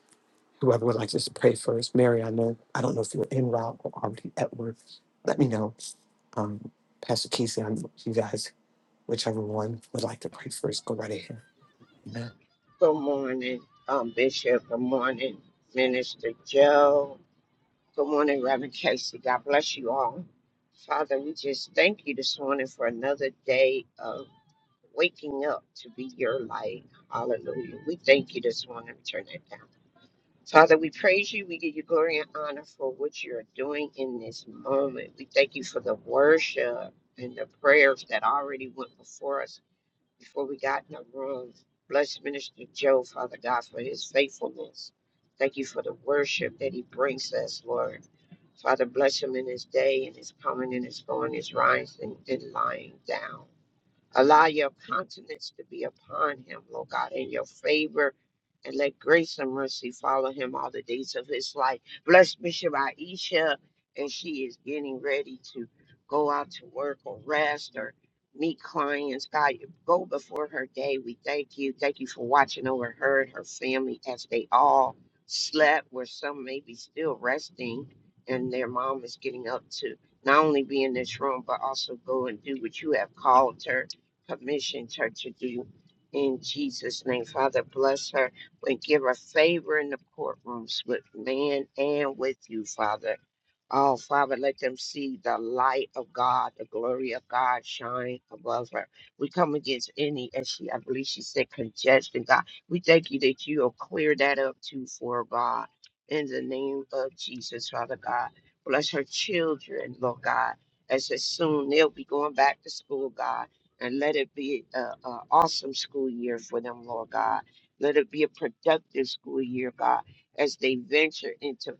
Speaker 3: Whoever would like to just pray first. Mary, I know, I don't know if you're en route or already at work. Let me know. Um, Pastor Casey, I'm, you guys, whichever one would like to pray first, go right ahead. Amen.
Speaker 4: Good morning, um, Bishop. Good morning, Minister Joe. Good morning, Reverend Casey. God bless you all. Father, we just thank you this morning for another day of waking up to be your light. Hallelujah. We thank you this morning. Turn it down. Father, we praise you. We give you glory and honor for what you're doing in this moment. We thank you for the worship and the prayers that already went before us before we got in the room. Bless Minister Joe, Father God, for his faithfulness. Thank you for the worship that he brings us, Lord. Father, bless him in his day and his coming and his going, his rising and lying down. Allow your countenance to be upon him, Lord God, in your favor. And let grace and mercy follow him all the days of his life. Bless Bishop Aisha and she is getting ready to go out to work or rest or meet clients. God, you go before her day. We thank you. Thank you for watching over her and her family as they all slept, where some may be still resting, and their mom is getting up to not only be in this room, but also go and do what you have called her commissioned her to do in Jesus' name. Father, bless her and give her favor in the courtrooms with man and with you, Father. Oh, Father, let them see the light of God, the glory of God shine above her. We come against any, as she, I believe she said, congestion, God. We thank you that you'll clear that up too for her, God. In the name of Jesus, Father God. Bless her children, Lord God, as as soon they'll be going back to school, God and let it be an awesome school year for them, Lord God. Let it be a productive school year, God, as they venture into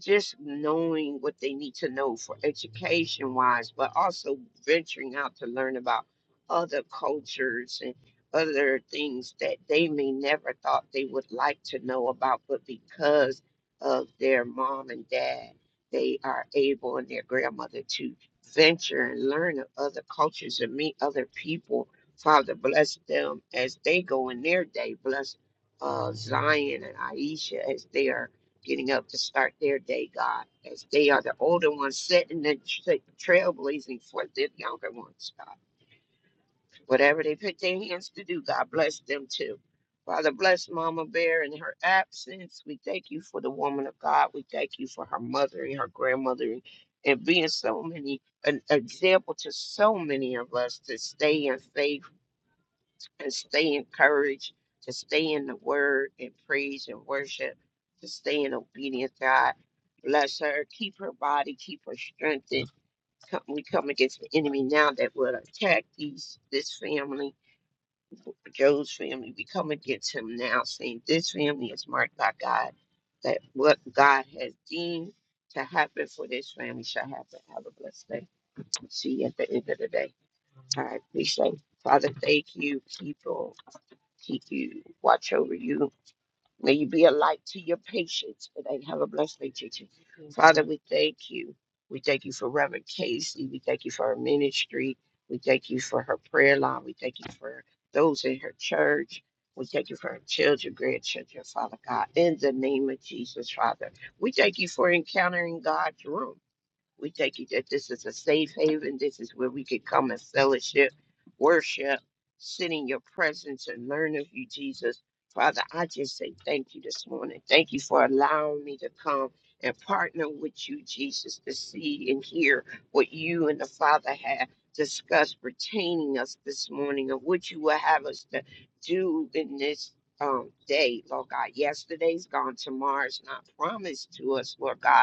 Speaker 4: just knowing what they need to know for education wise, but also venturing out to learn about other cultures and other things that they may never thought they would like to know about, but because of their mom and dad, they are able and their grandmother to venture and learn of other cultures and meet other people. Father, bless them as they go in their day. Bless uh, Zion and Aisha as they are getting up to start their day, God, as they are the older ones setting the tra- trailblazing for their younger ones, God. Whatever they put their hands to do, God bless them too. Father, bless Mama Bear in her absence. We thank you for the woman of God. We thank you for her mother and her grandmother and and being so many an example to so many of us to stay in faith and stay encouraged to stay in the word and praise and worship, to stay in obedience, God. Bless her, keep her body, keep her strengthened. Come- We come against the enemy now that will attack these this family, Joe's family. We come against him now, saying this family is marked by God, that what God has deemed to happen for this family shall happen. Have a blessed day. See you at the end of the day. All right, be safe. Father, thank you, people keep you, watch over you. May you be a light to your patients And they Have a blessed day, teacher. Father, we thank you. We thank you for Reverend Casey. We thank you for her ministry. We thank you for her prayer line. We thank you for those in her church. We thank you for her children, grandchildren, Father God. In the name of Jesus, Father, we thank you for encountering God's room. We thank you that this is a safe haven. This is where we could come and fellowship, worship, sit in your presence and learn of you, Jesus. Father, I just say thank you this morning. Thank you for allowing me to come and partner with you, Jesus, to see and hear what you and the Father have discussed pertaining us this morning of what you will have us to do in this um, day, Lord God. Yesterday's gone, tomorrow's not promised to us, Lord God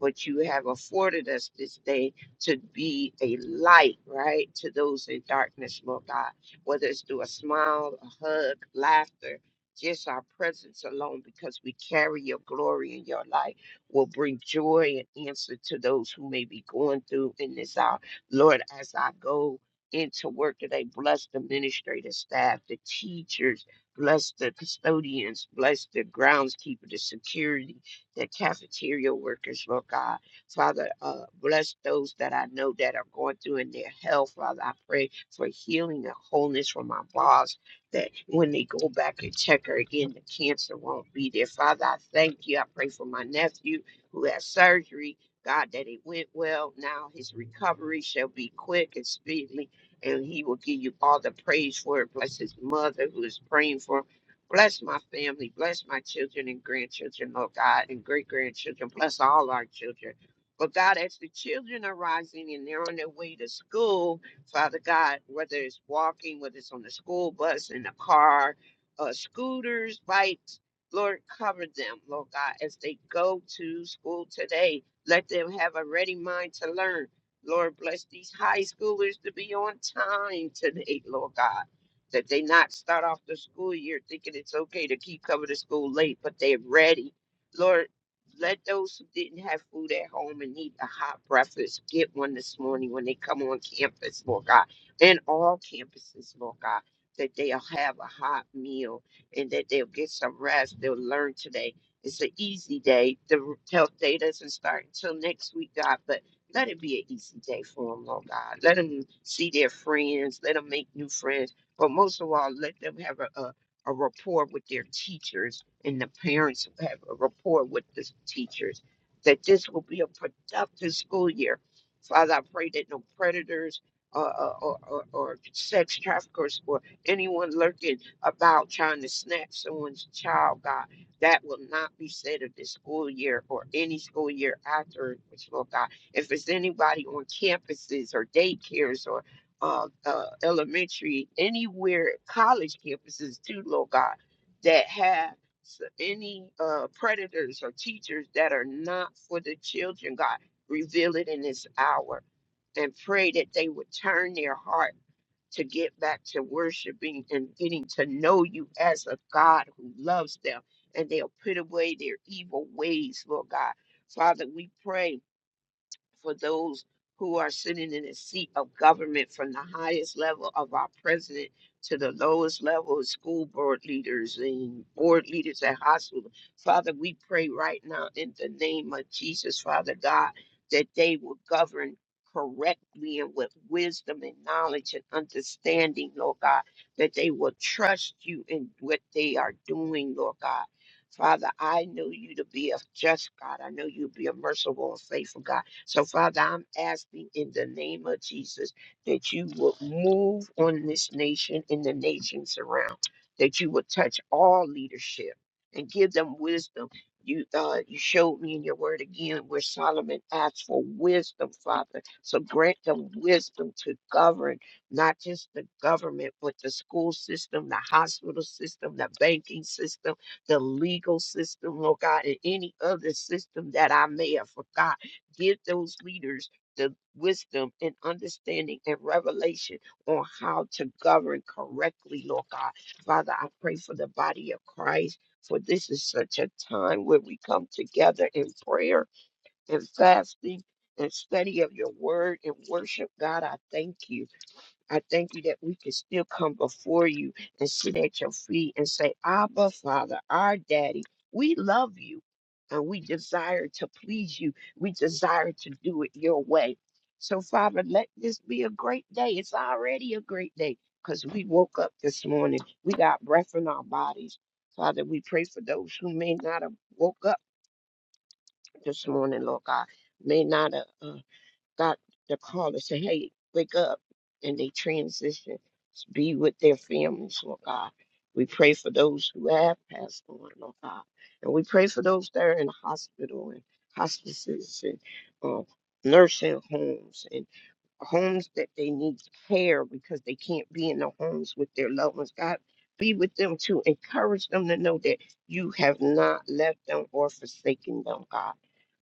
Speaker 4: but you have afforded us this day to be a light, right, to those in darkness, Lord God, whether it's through a smile, a hug, laughter, just our presence alone, because we carry your glory in your light, will bring joy and answer to those who may be going through in this hour. Lord, as I go into work today, bless the administrative staff, the teachers, bless the custodians, bless the groundskeeper, the security the cafeteria workers, Lord God. Father, uh, bless those that I know that are going through in their health. Father, I pray for healing and wholeness from my boss, that when they go back and check her again, the cancer won't be there. Father, I thank you. I pray for my nephew who had surgery. God, that it went well. Now his recovery shall be quick and speedily, and he will give you all the praise for it. Bless his mother who is praying for him Bless my family, bless my children and grandchildren, Lord God, and great grandchildren. Bless all our children. But God, as the children are rising and they're on their way to school, Father God, whether it's walking, whether it's on the school bus, in the car, uh, scooters, bikes, Lord, cover them, Lord God, as they go to school today. Let them have a ready mind to learn. Lord, bless these high schoolers to be on time today, Lord God that they not start off the school year thinking it's okay to keep coming to school late, but they're ready. Lord, let those who didn't have food at home and need a hot breakfast get one this morning when they come on campus, Lord God, and all campuses, Lord God, that they'll have a hot meal and that they'll get some rest. They'll learn today. It's an easy day. The health day doesn't start until next week, God, but let it be an easy day for them, Lord God. Let them see their friends. Let them make new friends but most of all, let them have a, a, a rapport with their teachers and the parents have a rapport with the teachers, that this will be a productive school year. Father, I pray that no predators or, or, or, or sex traffickers or anyone lurking about trying to snatch someone's child, God, that will not be said of this school year or any school year after, which, Lord God, if it's anybody on campuses or daycares or uh, uh, elementary, anywhere, college campuses too, Lord God, that have s- any uh, predators or teachers that are not for the children, God, reveal it in this hour and pray that they would turn their heart to get back to worshiping and getting to know you as a God who loves them and they'll put away their evil ways, Lord God. Father, we pray for those who are sitting in the seat of government from the highest level of our president to the lowest level of school board leaders and board leaders at hospitals. Father, we pray right now in the name of Jesus, Father God, that they will govern correctly and with wisdom and knowledge and understanding, Lord God, that they will trust you in what they are doing, Lord God. Father, I know you to be a just God. I know you to be a merciful and faithful God. So, Father, I'm asking in the name of Jesus that you will move on this nation and the nations around, that you will touch all leadership and give them wisdom. You, uh, you showed me in your word again where Solomon asked for wisdom, Father. So grant them wisdom to govern not just the government, but the school system, the hospital system, the banking system, the legal system, Lord God, and any other system that I may have forgotten. Give those leaders the wisdom and understanding and revelation on how to govern correctly, Lord God. Father, I pray for the body of Christ, for this is such a time where we come together in prayer and fasting and study of your word and worship. God, I thank you. I thank you that we can still come before you and sit at your feet and say, Abba, Father, our daddy, we love you and we desire to please you. We desire to do it your way. So, Father, let this be a great day. It's already a great day because we woke up this morning. We got breath in our bodies. Father, we pray for those who may not have woke up this morning, Lord God, may not have. Uh, Got the call to say, hey, wake up. And they transition to be with their families, Lord God. We pray for those who have passed on, Lord God. And we pray for those that are in the hospital and hospices and uh, nursing homes homes that they need care because they can't be in the homes with their loved ones. God, be with them to encourage them to know that you have not left them or forsaken them, God.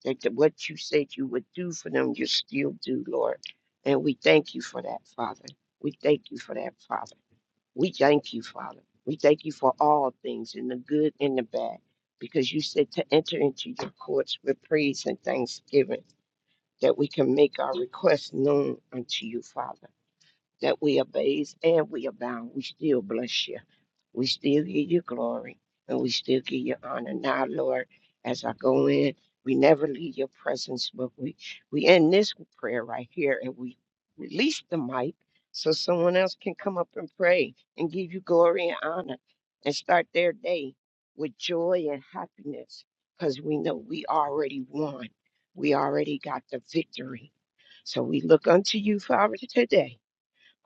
Speaker 4: That the- what you said you would do for them, you still do, Lord. And we thank you for that, Father. We thank you for that, Father. We thank you, Father. We thank you for all things, in the good and the bad, because you said to enter into your courts with praise and thanksgiving that we can make our requests known unto you, Father that we are abase and we abound. We still bless you. We still give you glory and we still give you honor. Now, Lord, as I go in, we never leave your presence, but we, we end this prayer right here and we release the mic so someone else can come up and pray and give you glory and honor and start their day with joy and happiness because we know we already won. We already got the victory. So we look unto you, Father, today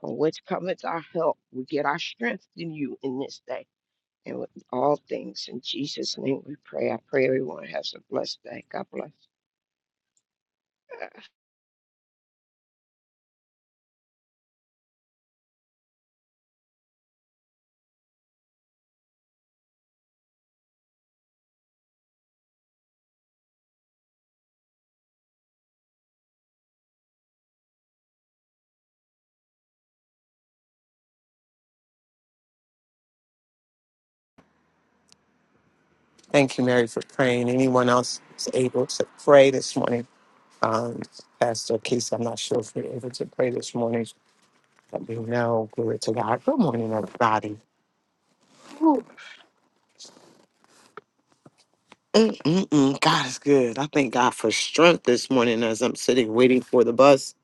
Speaker 4: from which cometh our help. We get our strength in you in this day. And with all things in Jesus' name we pray. I pray everyone has a blessed day. God bless. Uh,
Speaker 3: Thank you, Mary, for praying. Anyone else is able to pray this morning? Um, Pastor Keith, I'm not sure if you're able to pray this morning. Let me know. Glory to God. Good morning, everybody. Mm-mm-mm. God is good. I thank God for strength this morning as I'm sitting waiting for the bus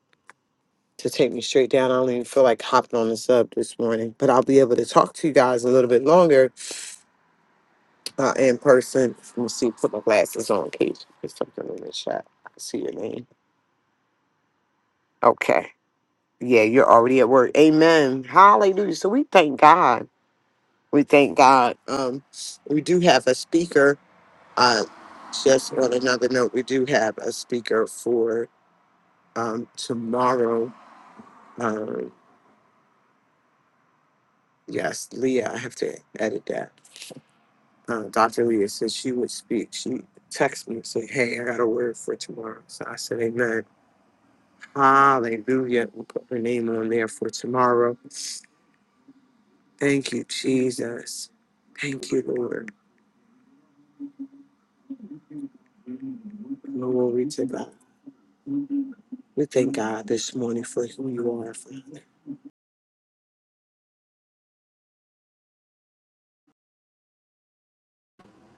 Speaker 3: to take me straight down. I don't even feel like hopping on this up this morning, but I'll be able to talk to you guys a little bit longer uh, in person. Let me see. Put my glasses on, Kate. Put something in the chat. I see your name. Okay. Yeah, you're already at work. Amen. Hallelujah. So we thank God. we thank God. Um, we do have a speaker. Uh, just on another note, we do have a speaker for um, tomorrow. Um, yes, Leah, I have to edit that. Uh, Dr. Leah said she would speak. She texted me and said, Hey, I got a word for tomorrow. So I said, Amen. Hallelujah. We put her name on there for tomorrow. Thank you, Jesus. Thank you, Lord. Glory to God. We thank God this morning for who you are, Father.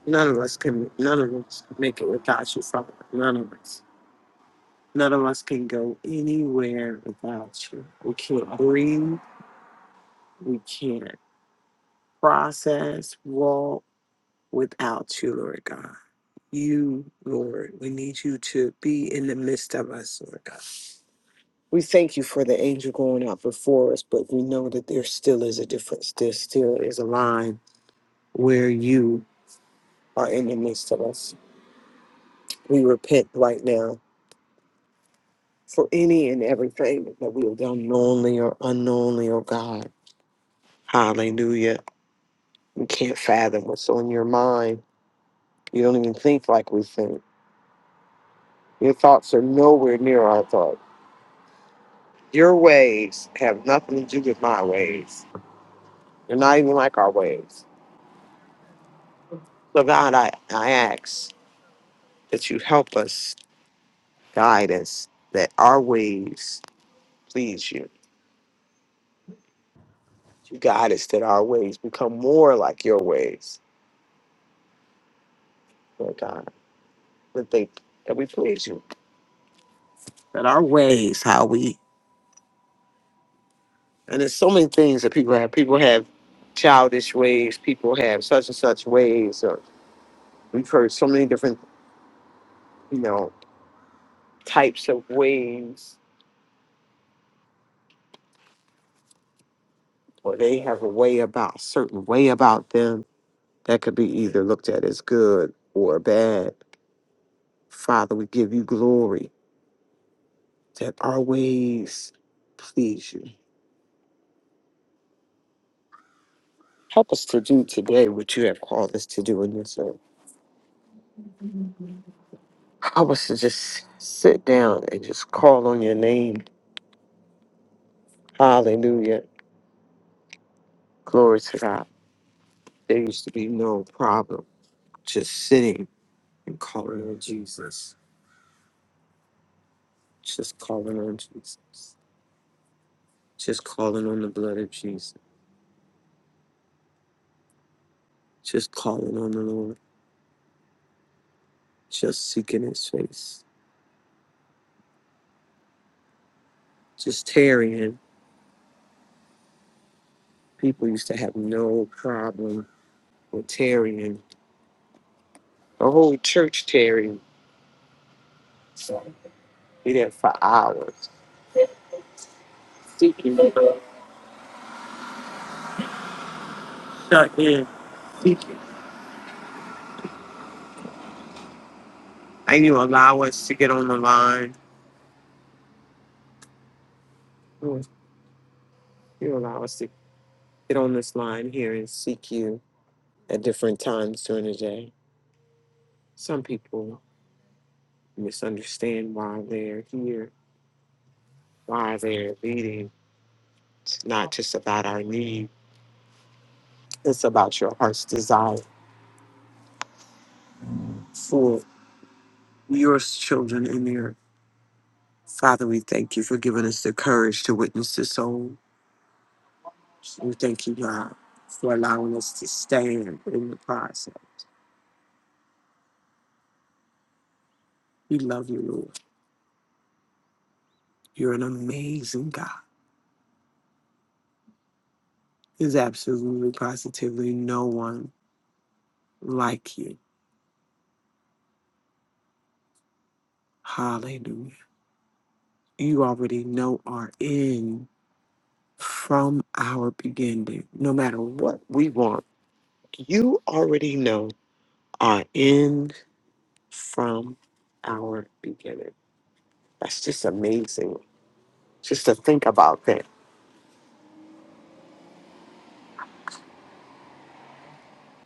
Speaker 3: None of us can. None of us can make it without you, Father. None of us. None of us can go anywhere without you. We can't breathe. We can't process, walk without you, Lord God. You, Lord, we need you to be in the midst of us, Lord God. We thank you for the angel going out before us, but we know that there still is a difference. There still is a line where you are in the midst of us. We repent right now for any and everything that we have done knowingly or unknowingly, oh God. Hallelujah. We can't fathom what's on your mind. You don't even think like we think. Your thoughts are nowhere near our thoughts. Your ways have nothing to do with my ways. They're not even like our ways. So God, I, I ask that you help us, guide us, that our ways please you. You guide us that our ways become more like your ways, Lord God, that they that we please you. that our ways, how we, and there's so many things that people have. People have childish ways. People have such and such ways. Or we've heard so many different, you know, types of ways. Or they have a way about certain way about them that could be either looked at as good or bad. Father, we give you glory that our ways please you. Help us to do today what you have called us to do in this earth. Help us to just sit down and just call on your name Hallelujah. Glory to God. There used to be no problem just sitting and calling on Jesus. Just calling on Jesus. Just calling on the blood of Jesus. Just calling on the Lord. Just seeking his face. Just tarrying. People used to have no problem with tarrying. The whole church tarrying. Be there for hours. Seeking. Shut in. Seeking. And you allow us to get on the line. You allow us to get on this line here and seek you at different times during the day. Some people misunderstand why they're here, why they're leading. It's not just about our need, it's about your heart's desire for your children in the earth. Father, we thank you for giving us the courage to witness the soul. We thank you, God, for allowing us to stand in the process. We love you, Lord. You're an amazing God. There's absolutely, positively no one like you. Hallelujah. You already know our end from our beginning. No matter what we want, you already know our end from our beginning. That's just amazing. Just to think about that.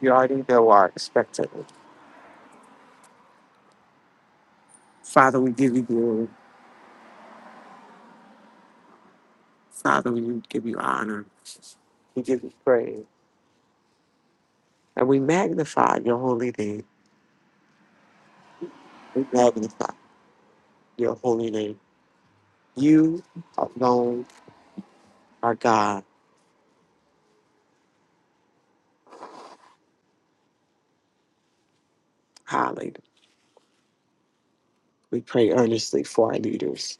Speaker 3: You already know our expectation. Father, we give you glory. Father, we give you honor. We give you praise. And we magnify your holy name. We magnify your holy name. You alone our God. Hallelujah. We pray earnestly for our leaders.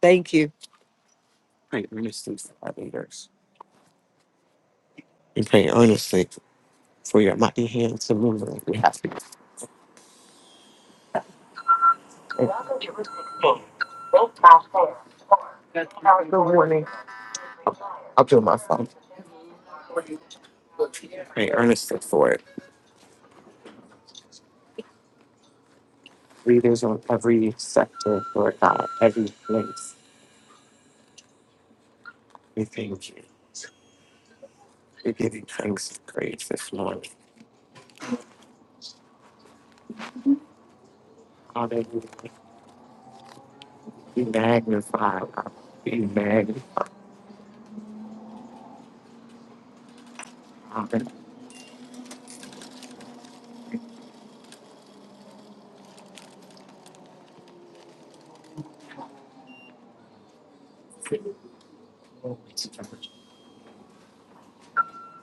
Speaker 3: Thank you. Pray earnestly for our leaders. We pray earnestly for your mighty hand to move. on We have to. I'll do my phone. Pray earnestly for it. Leaders on every sector, Lord God, every place. We thank you. We give you thanks and praise this morning. Hallelujah. Be magnified. God. Be magnified.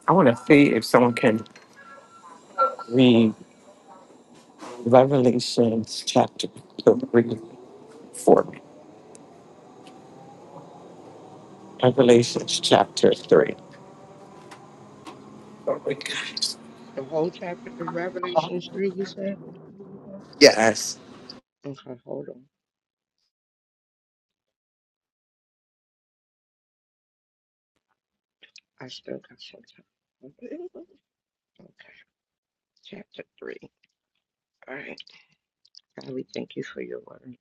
Speaker 3: I want to see if someone can read. Revelations chapter 3, 4. Revelations chapter 3. Oh my gosh.
Speaker 4: The whole chapter of Revelation 3, you said?
Speaker 3: Yes.
Speaker 4: Okay, hold on. I still got some time. Okay, chapter 3. All right. God, we thank you for your word.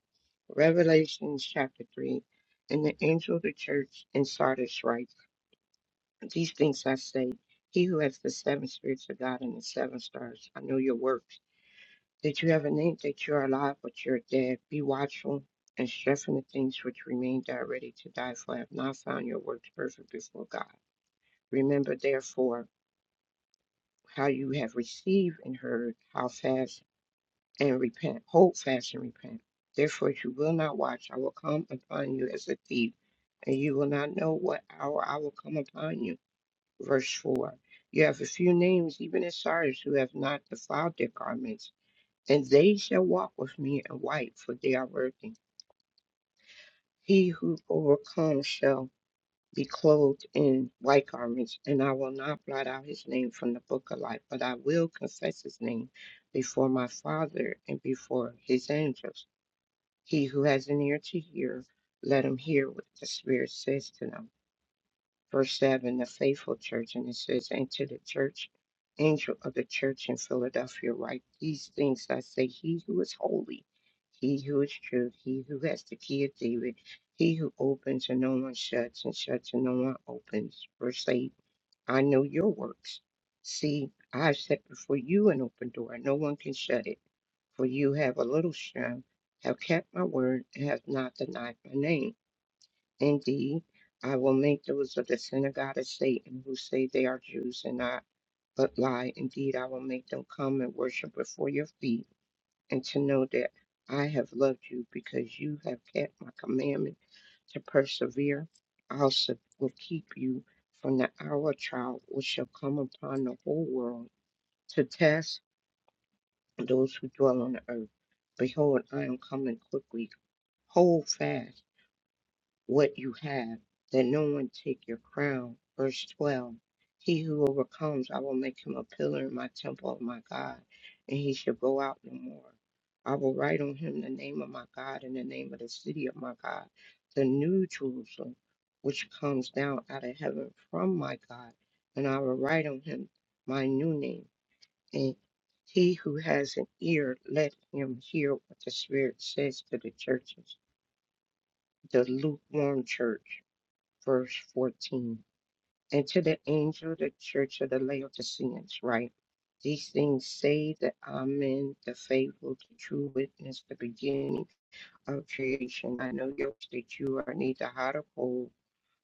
Speaker 4: Revelation chapter 3. And the angel of the church in Sardis writes, These things I say, he who has the seven spirits of God and the seven stars, I know your works Did you ever think that you are alive, but you're dead? Be watchful and strengthen the things which remain that are ready to die, for I have not found your works perfect before God. Remember, therefore, how you have received and heard, how fast and repent. Hold fast and repent. Therefore, if you will not watch, I will come upon you as a thief, and you will not know what hour I will come upon you. Verse 4 You have a few names, even in Sardis, who have not defiled their garments and they shall walk with me in white, for they are worthy. He who overcomes shall be clothed in white garments, and I will not blot out his name from the book of life, but I will confess his name before my Father and before his angels. He who has an ear to hear, let him hear what the Spirit says to them. verse 7, the faithful church, and it says, And to the church, angel of the church in Philadelphia, write these things I say, He who is holy, he who is true, he who has the key of David, he who opens and no one shuts, and shuts and no one opens. Verse 8, I know your works. See, I have set before you an open door, and no one can shut it. For you have a little strength, have kept my word, and have not denied my name. Indeed, I will make those of the synagogue of Satan who say they are Jews and not, but lie. Indeed, I will make them come and worship before your feet, and to know that I have loved you because you have kept my commandment to persevere. I also will keep you from the hour of trial which shall come upon the whole world to test those who dwell on the earth. Behold, I am coming quickly. Hold fast what you have, that no one take your crown. Verse 12 He who overcomes, I will make him a pillar in my temple of my God, and he shall go out no more. I will write on him the name of my God and the name of the city of my God, the new Jerusalem, which comes down out of heaven from my God, and I will write on him my new name. And he who has an ear, let him hear what the Spirit says to the churches, the lukewarm church verse 14. And to the angel of the church of the Laodiceans, write These things say that Amen, the faithful, the true witness, the beginning of creation. I know yours that you are neither hot or cold.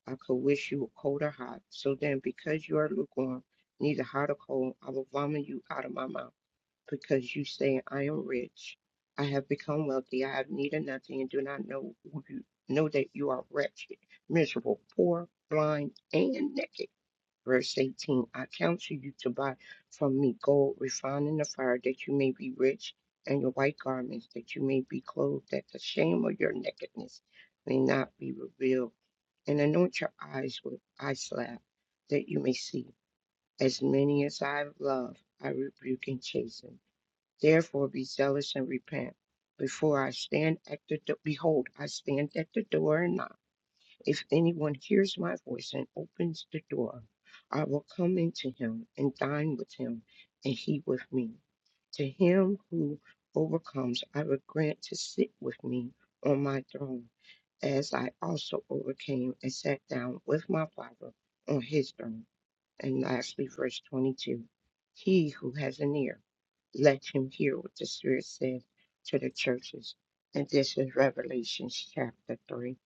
Speaker 4: I could wish you were cold or hot. So then, because you are lukewarm, neither hot or cold, I will vomit you out of my mouth because you say, I am rich, I have become wealthy, I have need of nothing, and do not know who you know that you are wretched, miserable, poor, blind, and naked. Verse 18 I counsel you to buy from me gold refined in the fire, that you may be rich, and your white garments, that you may be clothed, that the shame of your nakedness may not be revealed, and anoint your eyes with eye salve, that you may see. As many as I have loved, I rebuke and chasten. Therefore be zealous and repent. Before I stand at the do- behold, I stand at the door and knock. If anyone hears my voice and opens the door, I will come into him and dine with him, and he with me. To him who overcomes, I will grant to sit with me on my throne, as I also overcame and sat down with my Father on his throne. And lastly, verse 22 He who has an ear, let him hear what the Spirit says to the churches. And this is Revelation chapter 3.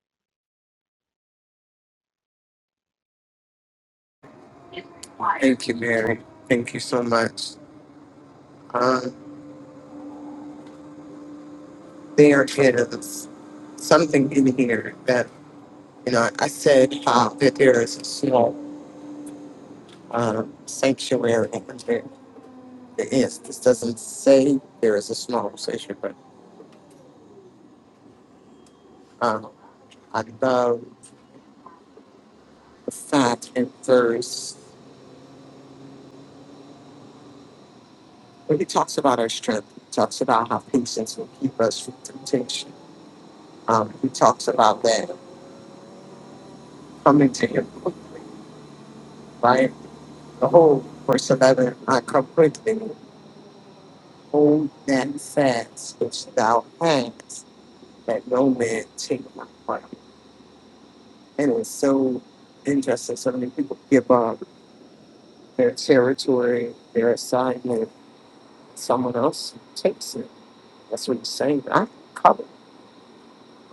Speaker 3: Thank you, Mary. Thank you so much. Um, there is something in here that, you know, I said how that there is a small um, sanctuary. in There there is. This doesn't say there is a small sanctuary, but um, I love the fact in verse. But he talks about our strength. He talks about how patience will keep us from temptation. Um, he talks about that coming to him quickly, right? The whole verse 11, I come quickly, hold that fast which thou hast, that no man take my part. And it's so interesting. So many people give up their territory, their assignment. Someone else takes it. That's what he's saying. I'm coming.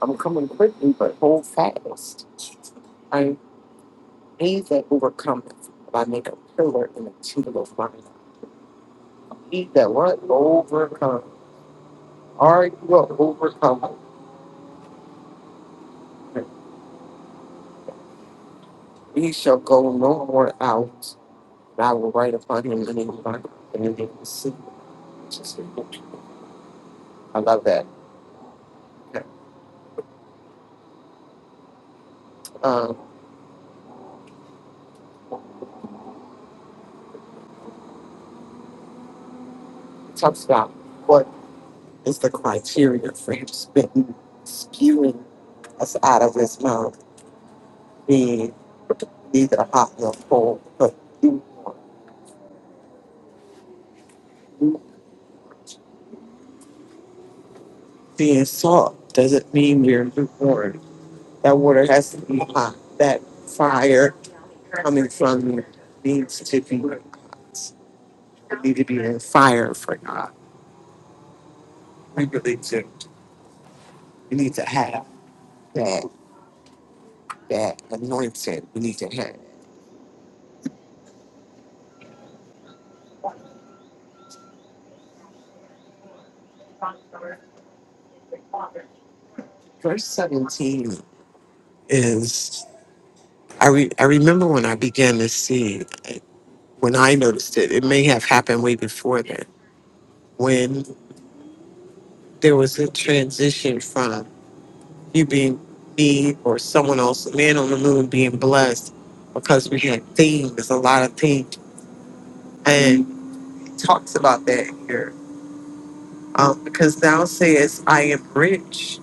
Speaker 3: I'm coming quickly, but hold fast. He that overcometh by make a pillar in a table of fire. He that what? Overcome. Are you a overcomer? He shall go no more out, and I will write upon him the name of my and the name of the city. which is in heaven. I love that. Um, it talks about what is the criteria for him spitting, spewing us out of his mouth, being neither hot nor cold, but lukewarm. being salt doesn't mean we're lukewarm. That water has to be hot. That fire coming from you needs to be hot. We need to be in fire for God. We really do. We need to have that that anointing. We need to have. Verse seventeen is I re, I remember when I began to see when I noticed it. It may have happened way before then when there was a transition from you being me or someone else, a man on the moon being blessed because we had themes, a lot of themes. And he talks about that here. Um, because thou sayest, I am rich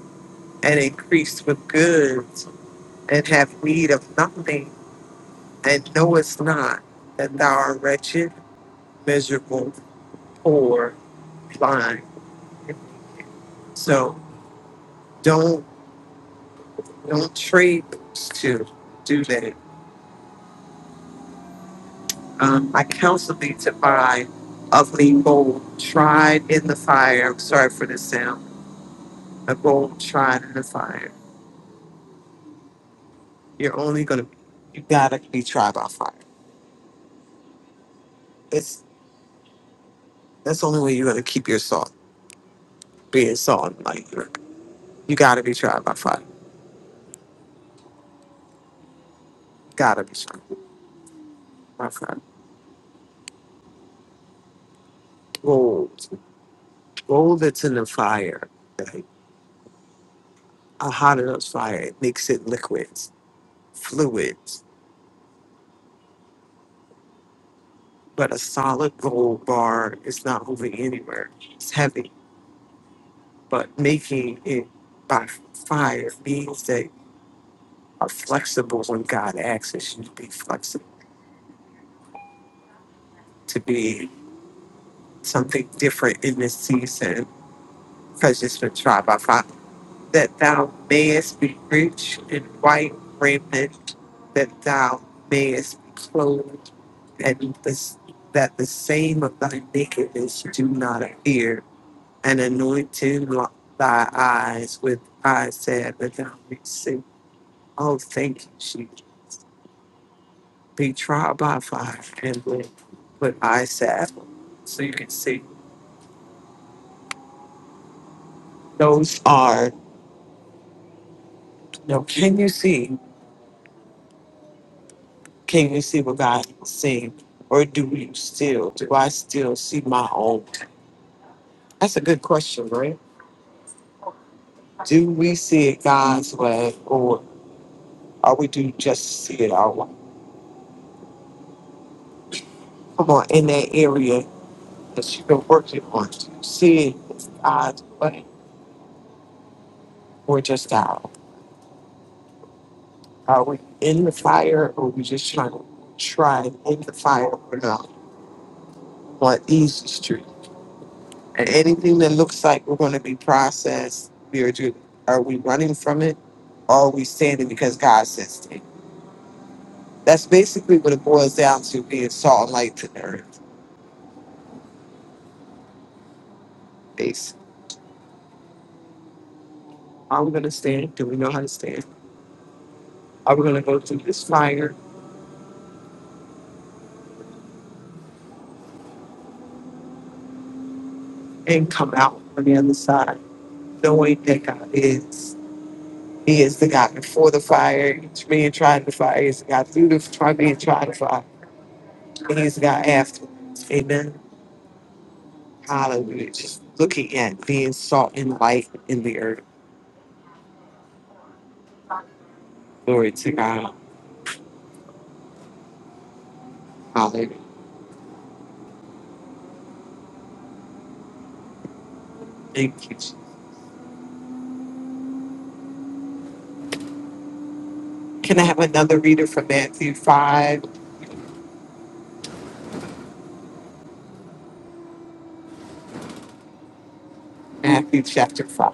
Speaker 3: and increased with goods and have need of nothing, and knowest not that thou art wretched, miserable, poor, blind. So don't don't trade those two. Do that. Um, I counsel thee to buy of me gold tried in the fire. I'm sorry for the sound. A gold tried in the fire. You're only gonna, you gotta be tried by fire. It's that's the only way you're gonna keep your salt, being salt. Like you gotta be tried by fire. Gotta be tried by fire. Gold, gold that's in the fire, like a hot enough fire, it makes it liquids, fluids. But a solid gold bar is not moving anywhere. It's heavy But making it by fire means that you are flexible when God asks us you to be flexible, to be something different in this season. Prejudice been tried by fire. That thou mayest be rich in white raiment, that thou mayest be clothed, and this, that the same of thy nakedness do not appear, and anointing lo- thy eyes with eyes that thou mayest see Oh, thank you, Jesus. Be tried by fire and then put eyes to apple so you can see. Those are, no, can you see? Can you see what God is seeing? Or do you still, do I still see my own? That's a good question, right? Do we see it God's way or are we do just see it our way? Come on, in that area that you've been working on, do you see it God's way or just our own? Are we in the fire or are we just trying to try and in the fire or not on easy street? And anything that looks like we're going to be processed, we are doing. Are we running from it or are we standing because God says stand? That's basically what it boils down to being salt and light to the earth. Basically. Are we going to stand? Do we know how to stand? Are we going to go through this fire and come out on the other side knowing that God is? He is the God before the fire, He's being tried to fire, he's the God through the fire, being tried to fire, and he's the God afterwards. Amen. Hallelujah. Just looking at being salt and light in the earth. Glory to God. Hallelujah. Thank you. Jesus. Can I have another reader from Matthew 5? Matthew chapter 5.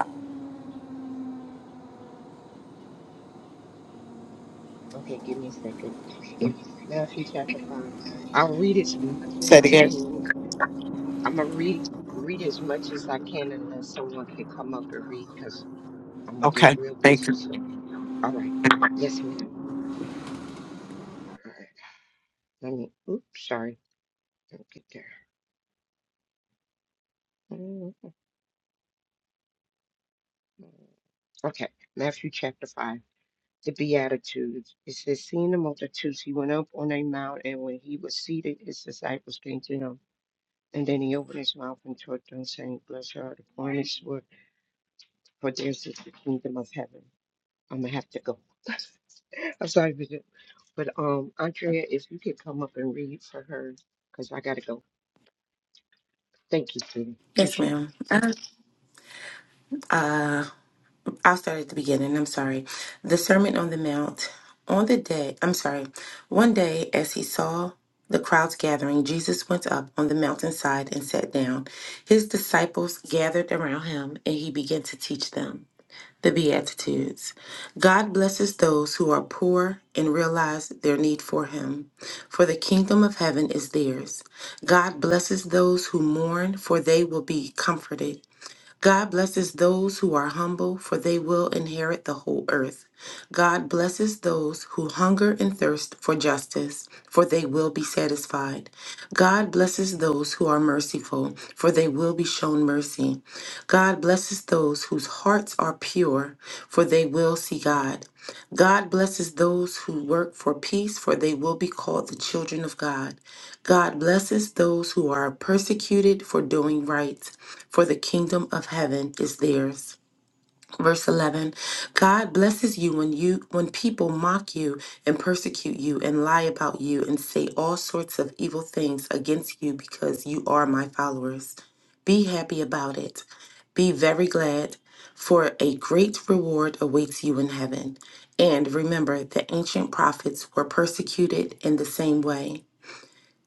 Speaker 4: Okay, give me a second. Matthew chapter 5. I'll read as much
Speaker 3: Say
Speaker 4: as
Speaker 3: it
Speaker 4: I
Speaker 3: again.
Speaker 4: can. I'm going to read, read as much as I can unless someone can come up and read because I'm going to get
Speaker 3: Okay.
Speaker 4: real
Speaker 3: Thank
Speaker 4: busy
Speaker 3: you.
Speaker 4: soon. All right. Yes, ma'am. All right. Let me, oops, sorry. Don't get there. Mm, Okay, Matthew chapter 5 the Beatitudes. It says, Seeing the multitudes, he went up on a mount, and when he was seated, his disciples came to him. And then he opened his mouth and taught them, saying, Blessed are the poor in spirit, for theirs is the kingdom of heaven. I'm going to have to go. I'm sorry, Bishop. But um, Andrea, if you could come up and read for her, because I got to go. Thank you, sweetie.
Speaker 5: Yes,
Speaker 4: Appreciate you.
Speaker 5: ma'am. Uh, uh, I'll start at the beginning. I'm sorry. The Sermon on the Mount. On the day, I'm sorry. One day, as he saw the crowds gathering, Jesus went up on the mountainside and sat down. His disciples gathered around him, and he began to teach them the Beatitudes. God blesses those who are poor and realize their need for him, for the kingdom of heaven is theirs. God blesses those who mourn, for they will be comforted. God blesses those who are humble, for they will inherit the whole earth. God blesses those who hunger and thirst for justice, for they will be satisfied. God blesses those who are merciful, for they will be shown mercy. God blesses those whose hearts are pure, for they will see God. God blesses those who work for peace, for they will be called the children of God. God blesses those who are persecuted for doing right for the kingdom of heaven is theirs. Verse 11 God blesses you when you when people mock you and persecute you and lie about you and say all sorts of evil things against you because you are my followers. Be happy about it. Be very glad, for a great reward awaits you in heaven. And remember, the ancient prophets were persecuted in the same way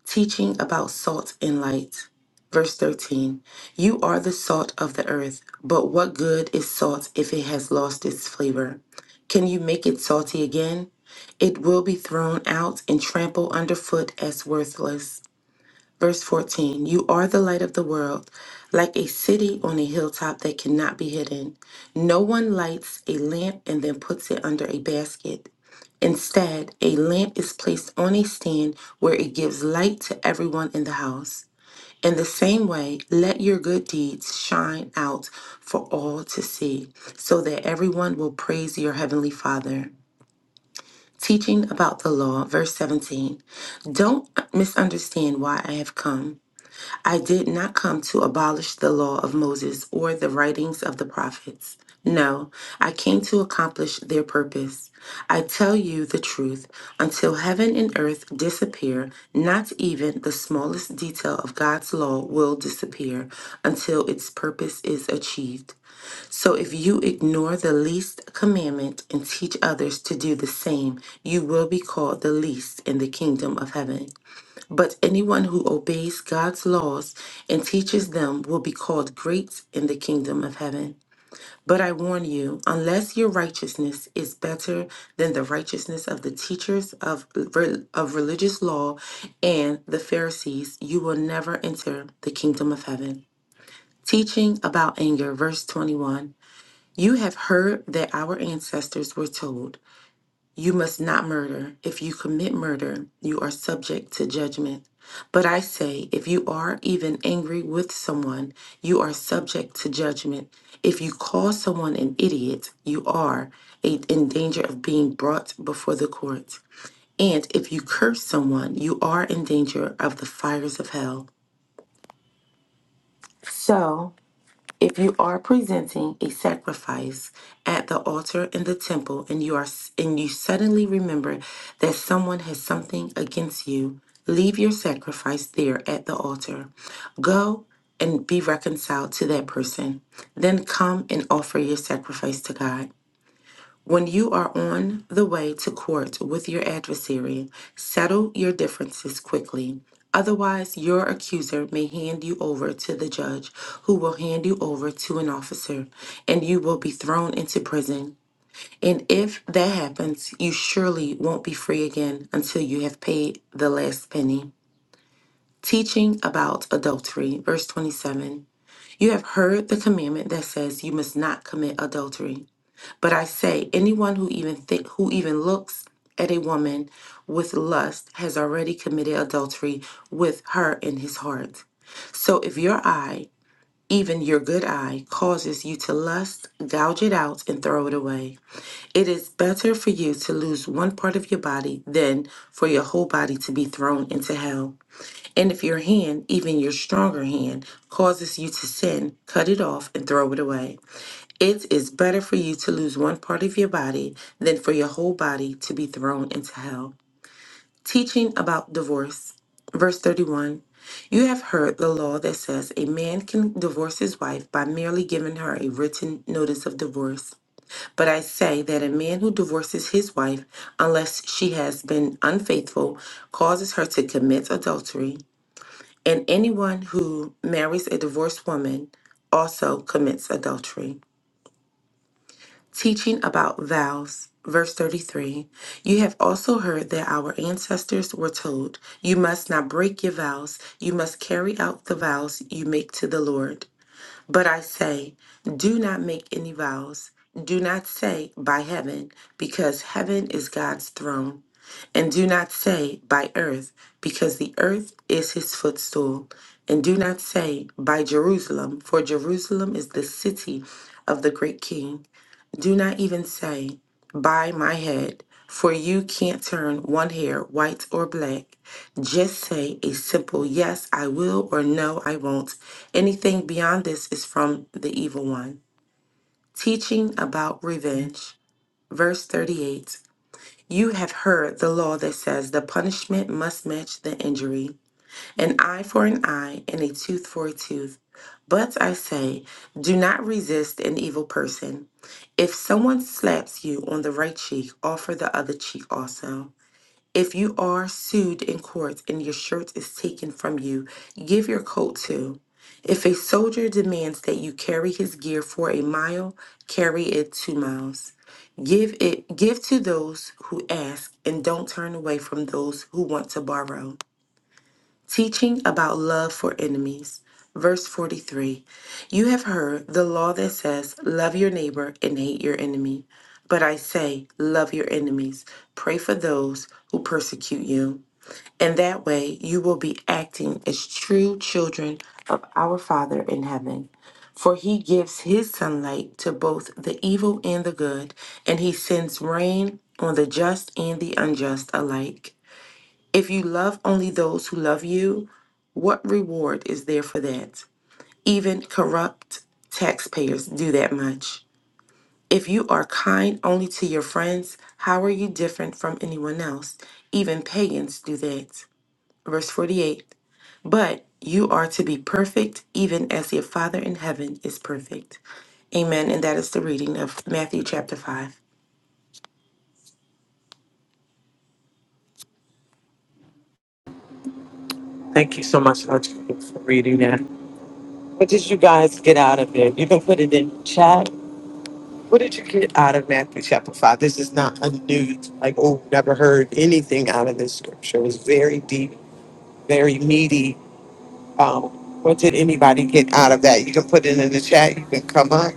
Speaker 5: teaching about salt and light. Verse 13 You are the salt of the earth, but what good is salt if it has lost its flavor? Can you make it salty again? It will be thrown out and trampled underfoot as worthless. Verse 14 You are the light of the world, like a city on a hilltop that cannot be hidden. No one lights a lamp and then puts it under a basket. Instead, a lamp is placed on a stand where it gives light to everyone in the house. In the same way, let your good deeds shine out for all to see, so that everyone will praise your heavenly Father. Teaching about the law, verse 17. Don't misunderstand why I have come. I did not come to abolish the law of Moses or the writings of the prophets. No, I came to accomplish their purpose. I tell you the truth, until heaven and earth disappear, not even the smallest detail of God's law will disappear until its purpose is achieved. So if you ignore the least commandment and teach others to do the same, you will be called the least in the kingdom of heaven. But anyone who obeys God's laws and teaches them will be called great in the kingdom of heaven. But I warn you, unless your righteousness is better than the righteousness of the teachers of, re- of religious law and the Pharisees, you will never enter the kingdom of heaven. Teaching about anger, verse 21. You have heard that our ancestors were told. You must not murder. If you commit murder, you are subject to judgment. But I say, if you are even angry with someone, you are subject to judgment. If you call someone an idiot, you are a- in danger of being brought before the courts. And if you curse someone, you are in danger of the fires of hell. So, if you are presenting a sacrifice at the altar in the temple and you are and you suddenly remember that someone has something against you, leave your sacrifice there at the altar. Go and be reconciled to that person. Then come and offer your sacrifice to God. When you are on the way to court with your adversary, settle your differences quickly. Otherwise, your accuser may hand you over to the judge, who will hand you over to an officer, and you will be thrown into prison. And if that happens, you surely won't be free again until you have paid the last penny. Teaching about adultery, verse 27. You have heard the commandment that says you must not commit adultery. But I say, anyone who even think, who even looks at a woman with lust has already committed adultery with her in his heart. So if your eye, even your good eye, causes you to lust, gouge it out and throw it away. It is better for you to lose one part of your body than for your whole body to be thrown into hell. And if your hand, even your stronger hand, causes you to sin, cut it off and throw it away. It is better for you to lose one part of your body than for your whole body to be thrown into hell. Teaching about divorce. Verse 31 You have heard the law that says a man can divorce his wife by merely giving her a written notice of divorce. But I say that a man who divorces his wife, unless she has been unfaithful, causes her to commit adultery. And anyone who marries a divorced woman also commits adultery. Teaching about vows, verse 33 You have also heard that our ancestors were told, You must not break your vows, you must carry out the vows you make to the Lord. But I say, Do not make any vows. Do not say, By heaven, because heaven is God's throne. And do not say, By earth, because the earth is his footstool. And do not say, By Jerusalem, for Jerusalem is the city of the great king. Do not even say, By my head, for you can't turn one hair white or black. Just say a simple yes, I will, or no, I won't. Anything beyond this is from the evil one. Teaching about revenge. Verse 38 You have heard the law that says the punishment must match the injury an eye for an eye and a tooth for a tooth. But I say, do not resist an evil person. If someone slaps you on the right cheek, offer the other cheek also. If you are sued in court and your shirt is taken from you, give your coat too. If a soldier demands that you carry his gear for a mile, carry it two miles. Give it give to those who ask and don't turn away from those who want to borrow. Teaching about love for enemies. Verse 43 You have heard the law that says, Love your neighbor and hate your enemy. But I say, Love your enemies, pray for those who persecute you. In that way, you will be acting as true children of our Father in heaven. For he gives his sunlight to both the evil and the good, and he sends rain on the just and the unjust alike. If you love only those who love you, what reward is there for that? Even corrupt taxpayers do that much. If you are kind only to your friends, how are you different from anyone else? Even pagans do that. Verse 48 But you are to be perfect, even as your Father in heaven is perfect. Amen. And that is the reading of Matthew chapter 5.
Speaker 3: Thank you so much Audrey, for reading that. What did you guys get out of it? You can put it in chat What did you get out of Matthew chapter 5? This is not a new, like, oh, never heard anything out of this scripture. It was very deep, very meaty. Um, what did anybody get out of that? You can put it in the chat. You can come up.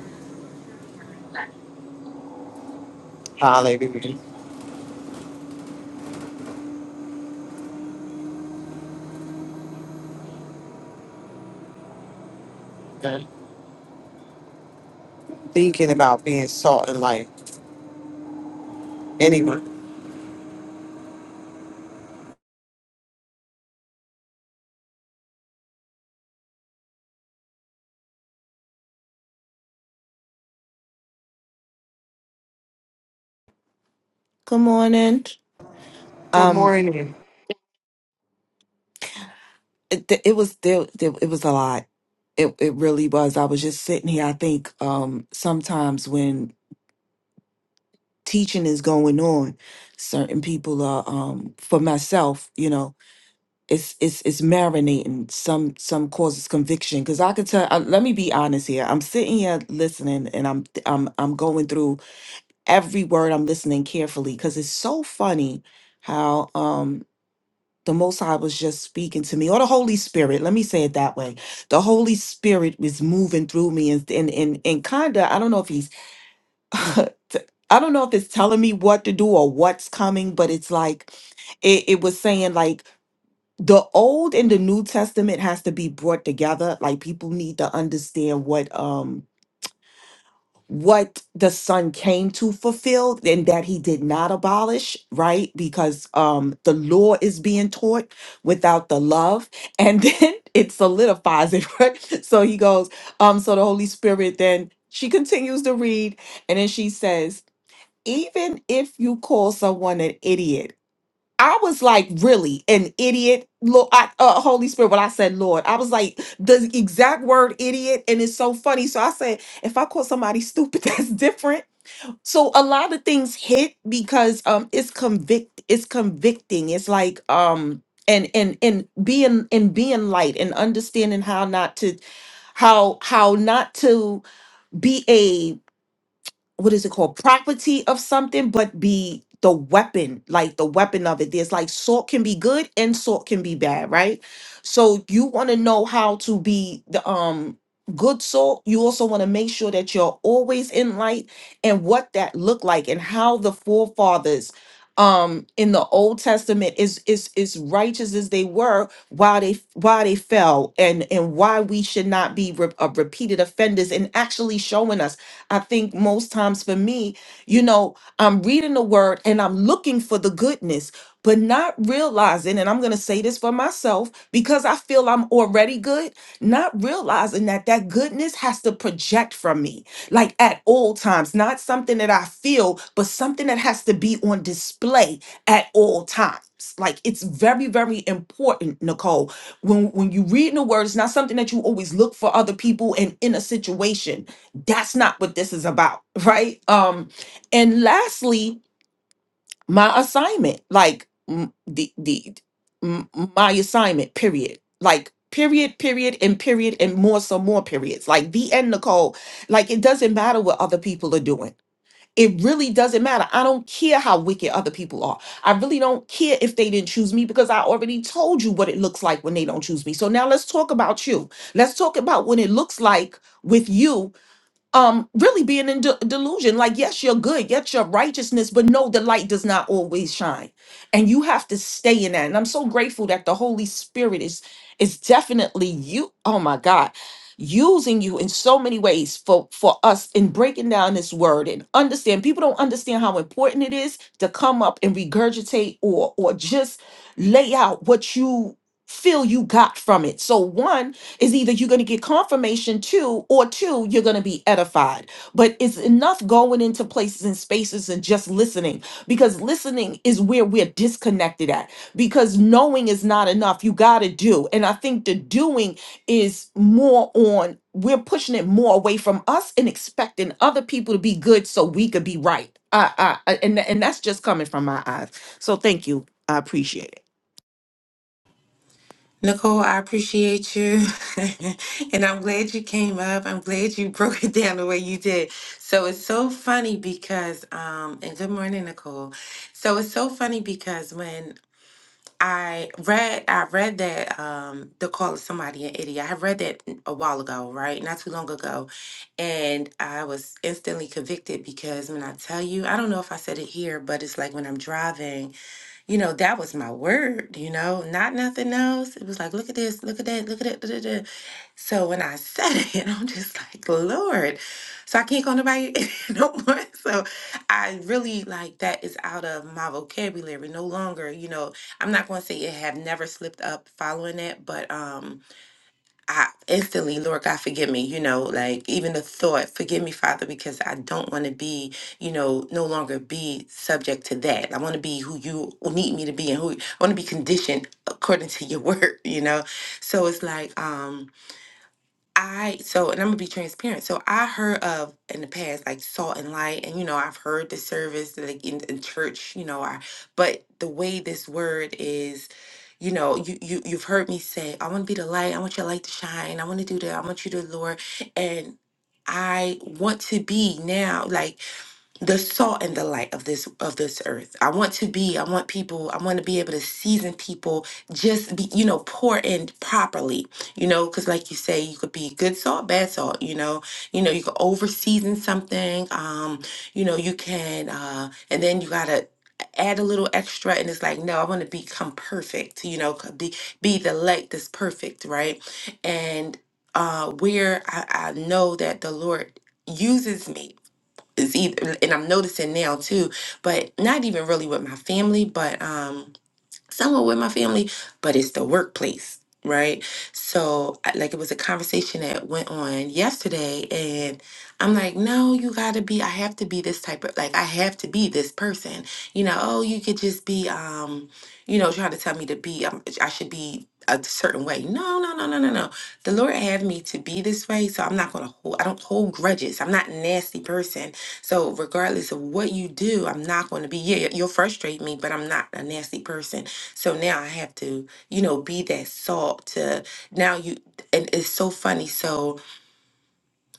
Speaker 3: Hallelujah. Thinking about being salt and light. Anyone.
Speaker 6: Good morning.
Speaker 3: Good
Speaker 6: Um,
Speaker 3: morning.
Speaker 6: it, th- it was there, there. It was a lot. It it really was. I was just sitting here. I think um sometimes when teaching is going on, certain people are um for myself. You know, it's it's it's marinating. Some some causes conviction because I could tell. Uh, let me be honest here. I'm sitting here listening, and I'm I'm I'm going through every word. I'm listening carefully because it's so funny how um the Most High was just speaking to me, or the Holy Spirit. Let me say it that way. The Holy Spirit was moving through me, and and and, and kinda. I don't know if he's, t- I don't know if it's telling me what to do or what's coming, but it's like, it, it was saying like the Old and the New Testament has to be brought together. Like people need to understand what um what the son came to fulfill and that he did not abolish right because um the law is being taught without the love and then it solidifies it right so he goes um so the holy spirit then she continues to read and then she says even if you call someone an idiot I was like, really, an idiot, Lord, I, uh, Holy Spirit. When I said Lord, I was like the exact word idiot, and it's so funny. So I said, if I call somebody stupid, that's different. So a lot of things hit because um, it's convict, it's convicting. It's like um, and and and being and being light and understanding how not to, how how not to be a what is it called property of something but be the weapon like the weapon of it there's like salt can be good and salt can be bad right so you want to know how to be the um good salt you also want to make sure that you're always in light and what that looked like and how the forefathers um in the old testament is is is righteous as they were why they why they fell and and why we should not be re- uh, repeated offenders and actually showing us I think most times for me, you know, I'm reading the word and I'm looking for the goodness, but not realizing, and I'm going to say this for myself because I feel I'm already good, not realizing that that goodness has to project from me, like at all times, not something that I feel, but something that has to be on display at all times. Like it's very, very important, Nicole. When when you read the word, it's not something that you always look for other people and in a situation that's not what this is about right um and lastly my assignment like m- the the m- my assignment period like period period and period and more some more periods like the end nicole like it doesn't matter what other people are doing it really doesn't matter i don't care how wicked other people are i really don't care if they didn't choose me because i already told you what it looks like when they don't choose me so now let's talk about you let's talk about what it looks like with you um really being in de- delusion like yes you're good yes your righteousness but no the light does not always shine and you have to stay in that and i'm so grateful that the holy spirit is is definitely you oh my god using you in so many ways for for us in breaking down this word and understand people don't understand how important it is to come up and regurgitate or or just lay out what you feel you got from it so one is either you're going to get confirmation too, or two, you're going to be edified. But it's enough going into places and spaces and just listening because listening is where we're disconnected at because knowing is not enough. You got to do. And I think the doing is more on, we're pushing it more away from us and expecting other people to be good so we could be right. I, I, I- and, and that's just coming from my eyes. So thank you. I appreciate it.
Speaker 5: Nicole, I appreciate you. and I'm glad you came up. I'm glad you broke it down the way you did. So it's so funny because, um, and good morning, Nicole. So it's so funny because when I read, I read that um, the call of somebody an idiot. I read that a while ago, right? Not too long ago, and I was instantly convicted because when I tell you, I don't know if I said it here, but it's like when I'm driving you know, that was my word, you know, not nothing else. It was like, look at this, look at that, look at that. Da, da, da. So when I said it, I'm just like, Lord. So I can't call nobody no more. So I really like that is out of my vocabulary no longer, you know. I'm not going to say it have never slipped up following it, but um I instantly, Lord God, forgive me, you know, like even the thought, forgive me, Father, because I don't want to be, you know, no longer be subject to that. I want to be who you need me to be and who I want to be conditioned according to your word, you know? So it's like, um, I so and I'm gonna be transparent. So I heard of in the past like salt and light, and you know I've heard the service like in, in church, you know. I but the way this word is, you know, you you you've heard me say, I want to be the light. I want your light to shine. I want to do that. I want you to Lord, and I want to be now like the salt and the light of this of this earth. I want to be, I want people, I want to be able to season people just be, you know, pour in properly, you know, because like you say, you could be good salt, bad salt, you know, you know, you could over season something, um, you know, you can uh and then you gotta add a little extra and it's like no i want to become perfect you know c- be be the light that's perfect right and uh where I, I know that the lord uses me is either and I'm noticing now too, but not even really with my family, but um Somewhere with my family, but it's the workplace, right? So, I- like, it was a conversation that went on yesterday, and I'm like, no, you gotta be, I have to be this type of, like, I have to be this person. You know, oh, you could just be, um, you know, trying to tell me to be, um, I should be a certain way. No, no, no, no, no, no. The Lord had me to be this way, so I'm not gonna hold, I don't hold grudges. I'm not a nasty person. So, regardless of what you do, I'm not gonna be, yeah, you'll frustrate me, but I'm not a nasty person so now I have to, you know, be that salt to now you and it's so funny. So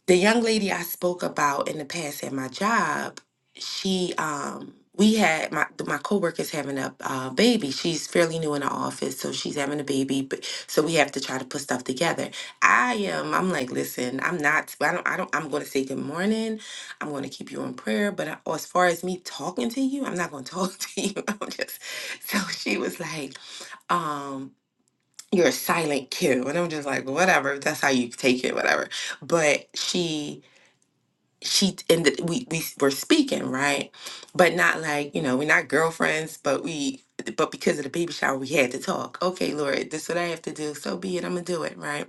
Speaker 5: the young lady I spoke about in the past at my job, she um we had my my coworker's having a uh, baby. She's fairly new in the office, so she's having a baby. But so we have to try to put stuff together. I am. I'm like, listen, I'm not. I don't. I don't. I'm going to say good morning. I'm going to keep you in prayer. But I, as far as me talking to you, I'm not going to talk to you. I'm just. So she was like, um you're a silent Q. And I'm just like, "Well, whatever, if that's how you take it, whatever. But she she and th- we we were speaking right but not like you know we're not girlfriends but we but because of the baby shower we had to talk okay lord this is what i have to do so be it i'm gonna do it right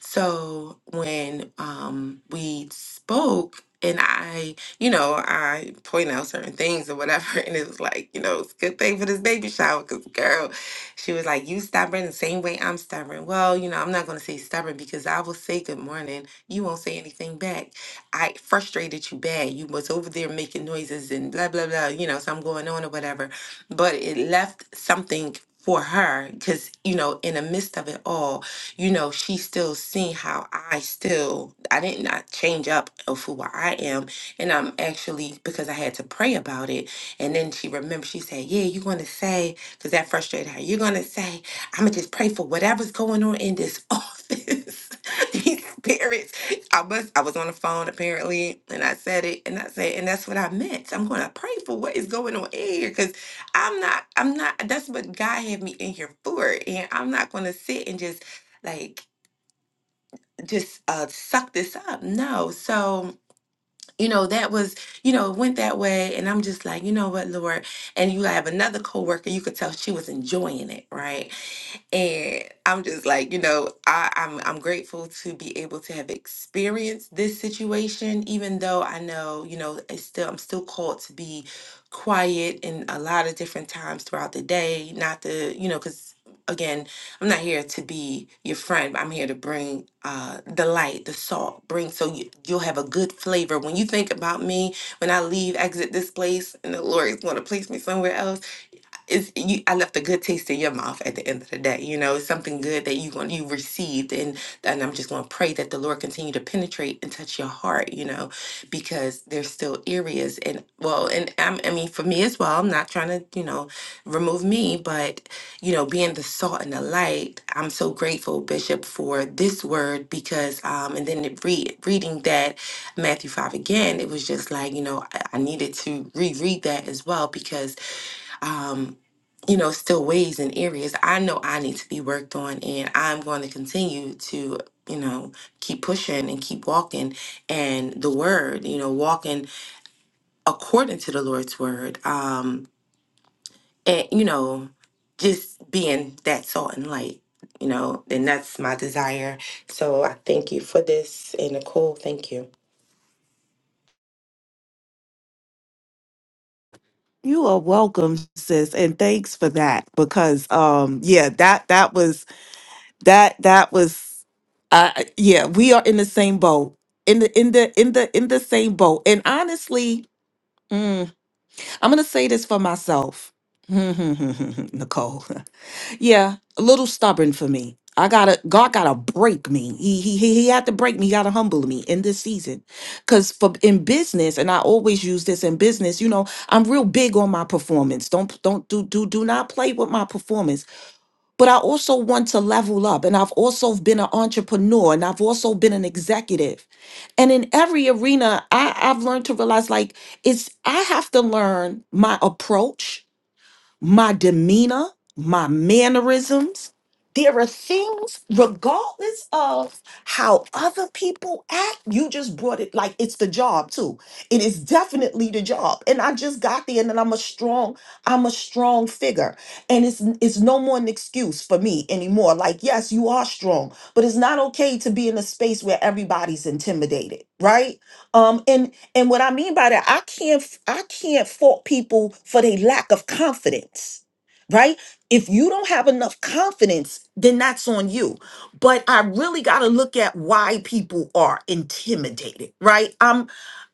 Speaker 5: so when um we spoke and i you know i point out certain things or whatever and it was like you know it's a good thing for this baby shower because girl she was like you stubborn the same way i'm stubborn well you know i'm not gonna say stubborn because i will say good morning you won't say anything back I frustrated you bad. You was over there making noises and blah blah blah, you know, so I'm going on or whatever. But it left something for her because you know in the midst of it all you know she still seen how i still i did not change up of who i am and i'm actually because i had to pray about it and then she remembered she said yeah you're gonna say because that frustrated her you're gonna say i'm gonna just pray for whatever's going on in this office these spirits I was I was on the phone apparently, and I said it, and I said, and that's what I meant. I'm going to pray for what is going on in here, because I'm not, I'm not. That's what God had me in here for, and I'm not going to sit and just like just uh suck this up. No, so you know that was you know it went that way, and I'm just like, you know what, Lord, and you have another coworker, you could tell she was enjoying it, right? And I'm just like, you know, I, I'm I'm grateful to be able to have experienced this situation, even though I know, you know, it's still I'm still called to be quiet in a lot of different times throughout the day, not to, you know, because again, I'm not here to be your friend. but I'm here to bring uh the light, the salt, bring so you, you'll have a good flavor. When you think about me, when I leave, exit this place, and the Lord is going to place me somewhere else it's you I left a good taste in your mouth at the end of the day. You know, it's something good that you want you received and and I'm just gonna pray that the Lord continue to penetrate and touch your heart, you know, because there's still areas and well and I'm, I mean for me as well, I'm not trying to, you know, remove me, but you know, being the salt and the light, I'm so grateful, Bishop, for this word because um and then it read reading that Matthew five again, it was just like, you know, I, I needed to reread that as well because um you know, still ways and areas I know I need to be worked on, and I'm going to continue to, you know, keep pushing and keep walking. And the word, you know, walking according to the Lord's word, um, and you know, just being that salt and light, you know, and that's my desire. So I thank you for this, and Nicole, thank you.
Speaker 6: You are welcome, sis, and thanks for that because um yeah, that that was that that was uh yeah, we are in the same boat. In the in the in the in the same boat. And honestly, mm, I'm gonna say this for myself. Nicole. Yeah, a little stubborn for me. I gotta God gotta break me. He he he he had to break me. He gotta humble me in this season. Cause for in business, and I always use this in business, you know, I'm real big on my performance. Don't don't do do do not play with my performance. But I also want to level up. And I've also been an entrepreneur and I've also been an executive. And in every arena, I, I've learned to realize like it's I have to learn my approach my demeanor, my mannerisms. There are things, regardless of how other people act, you just brought it like it's the job too. It is definitely the job. And I just got there and then I'm a strong, I'm a strong figure. And it's it's no more an excuse for me anymore. Like, yes, you are strong, but it's not okay to be in a space where everybody's intimidated, right? um and and what i mean by that i can't i can't fault people for their lack of confidence right if you don't have enough confidence then that's on you but i really got to look at why people are intimidated right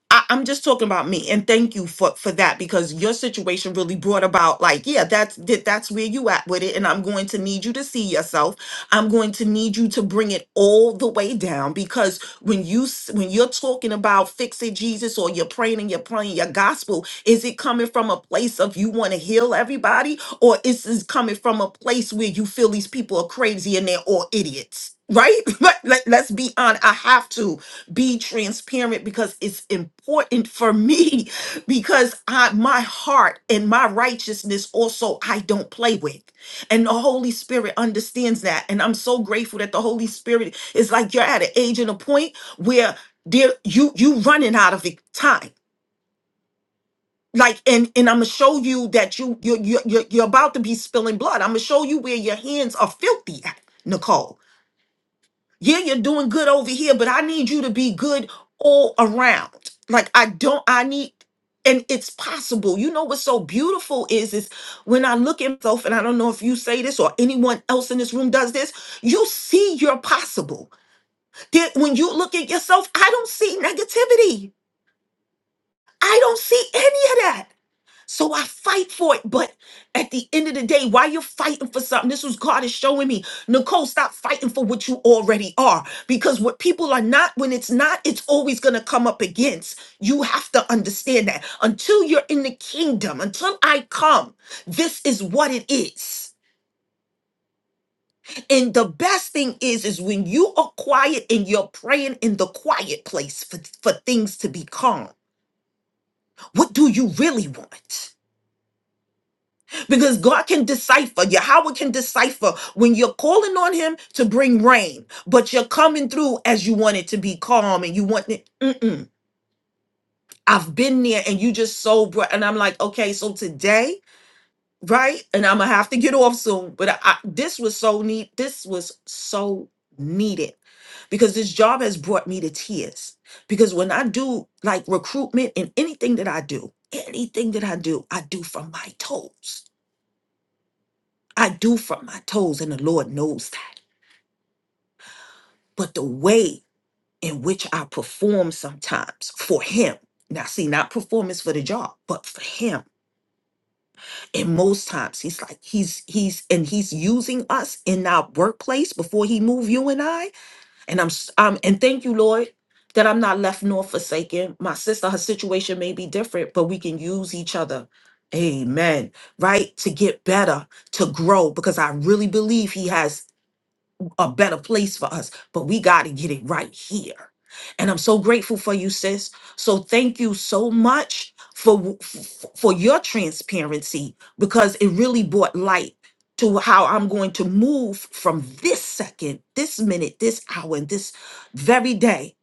Speaker 6: I, I'm just talking about me, and thank you for for that because your situation really brought about like, yeah, that's that, that's where you at with it, and I'm going to need you to see yourself. I'm going to need you to bring it all the way down because when you s- when you're talking about fixing Jesus or you're praying and you're praying your gospel, is it coming from a place of you want to heal everybody, or is this coming from a place where you feel these people are crazy and they're all idiots? Right? Let, let, let's be on. I have to be transparent because it's important for me because I my heart and my righteousness also I don't play with. And the Holy Spirit understands that and I'm so grateful that the Holy Spirit is like you're at an age and a point where there you you running out of it- time. Like and and I'm gonna show you that you you you you're, you're about to be spilling blood. I'm gonna show you where your hands are filthy at, Nicole yeah, you're doing good over here, but I need you to be good all around. Like I don't, I need, and it's possible. You know what's so beautiful is is when I look at myself, and I don't know if you say this or anyone else in this room does this. You see, you're possible. That when you look at yourself, I don't see negativity. I don't see any of that. So I fight for it. But at the end of the day, while you're fighting for something, this was God is showing me. Nicole, stop fighting for what you already are. Because what people are not, when it's not, it's always going to come up against. You have to understand that. Until you're in the kingdom, until I come, this is what it is. And the best thing is, is when you are quiet and you're praying in the quiet place for, for things to be calm. What do you really want? because God can decipher. Yahweh can decipher when you're calling on Him to bring rain, but you're coming through as you want it to be calm and you want it. Mm-mm. I've been there and you just so bright. And I'm like, okay, so today, right? And I'm going to have to get off soon. But I, I- this was so neat. This was so needed because this job has brought me to tears. Because when I do like recruitment and anything that I do, anything that I do, I do from my toes I do from my toes, and the Lord knows that. But the way in which I perform sometimes for Him, now see, not performance for the job, but for Him. And most times He's like, He's, He's, and He's using us in our workplace before He move you and I. And I'm, s- um, and thank you, Lord. That I'm not left nor forsaken. My sister, her situation may be different, but we can use each other. Amen. Right? To get better, to grow, because I really believe he has a better place for us, but we got to get it right here. And I'm so grateful for you, sis. So thank you so much for w- f- for your transparency because it really brought light to how I'm going to move from this second, this minute, this hour, and this very day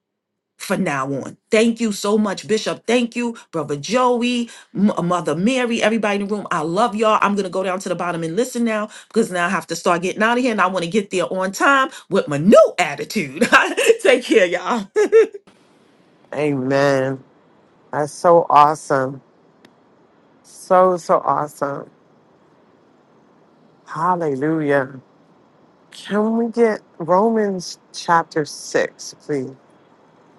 Speaker 6: from now on. Thank you so much, Bishop. Thank you, Brother Joey, M- uh, Mother Mary, everybody in the room. I love y'all. I'm going to go down to the bottom and listen now because now I have to start getting out of here and I want to get there on time with my new attitude. Take care, y'all.
Speaker 3: Amen. That's so awesome. So, so awesome. Hallelujah. Can we get Romans chapter 6, please?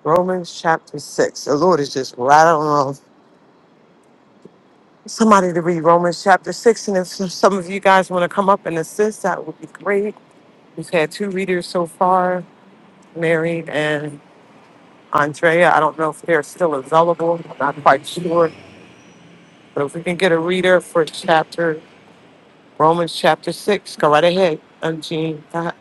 Speaker 3: Romans chapter 6. The Lord is just rattling off. Somebody to read Romans chapter 6. And if some of you guys want to come up and assist, that would be great. We've had two readers so far, Mary and Andrea. I don't know if they're still available. I'm not quite sure. But if we can get a reader for chapter, Romans chapter 6, go right ahead, um, Jean. Uh,